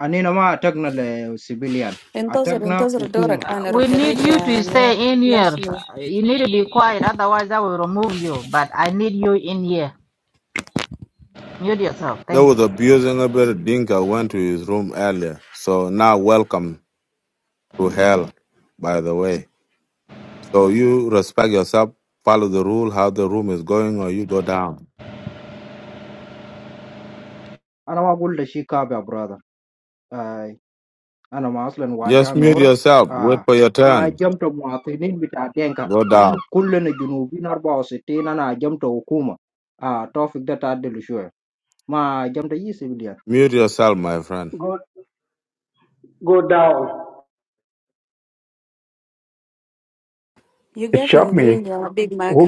S20: أنينا ما عتقنا للسبيليان
S19: انتظر
S20: عتقنا
S19: انتظر
S20: حكومة
S19: دورك،
S2: Uh,
S19: انا
S2: We
S19: ارد
S2: need
S19: لك
S2: you
S19: يا
S2: to
S19: نور.
S2: stay in here.
S19: لاسلي
S2: You need to be quiet, otherwise I will remove you. But I need you in here. Mute yourself.
S12: There
S2: Thank you.
S12: was abusing a bit. of Dinka went to his room earlier, so now welcome to hell. By the way, so you respect yourself, follow the rule how the room is going, or you go down.
S20: أنا ما أقول لشي كاب يا برادر آه أنا ما أصلا
S12: Just
S20: واجامي
S12: mute
S20: هر
S12: yourself. Wait
S20: آه
S12: for your
S20: ما
S12: turn.
S20: جمت مواطنين بتاع دينكا
S12: Go down.
S20: كلنا جنوبين 64 أنا جمت حكومة آه توفيق ده تعدله شوية mà giảm tới 200.000
S12: Mute yourself, my friend.
S17: go go down
S19: You
S18: It
S19: gave him
S18: shocked
S19: green,
S18: me.
S19: yeah, Big Mac.
S18: Who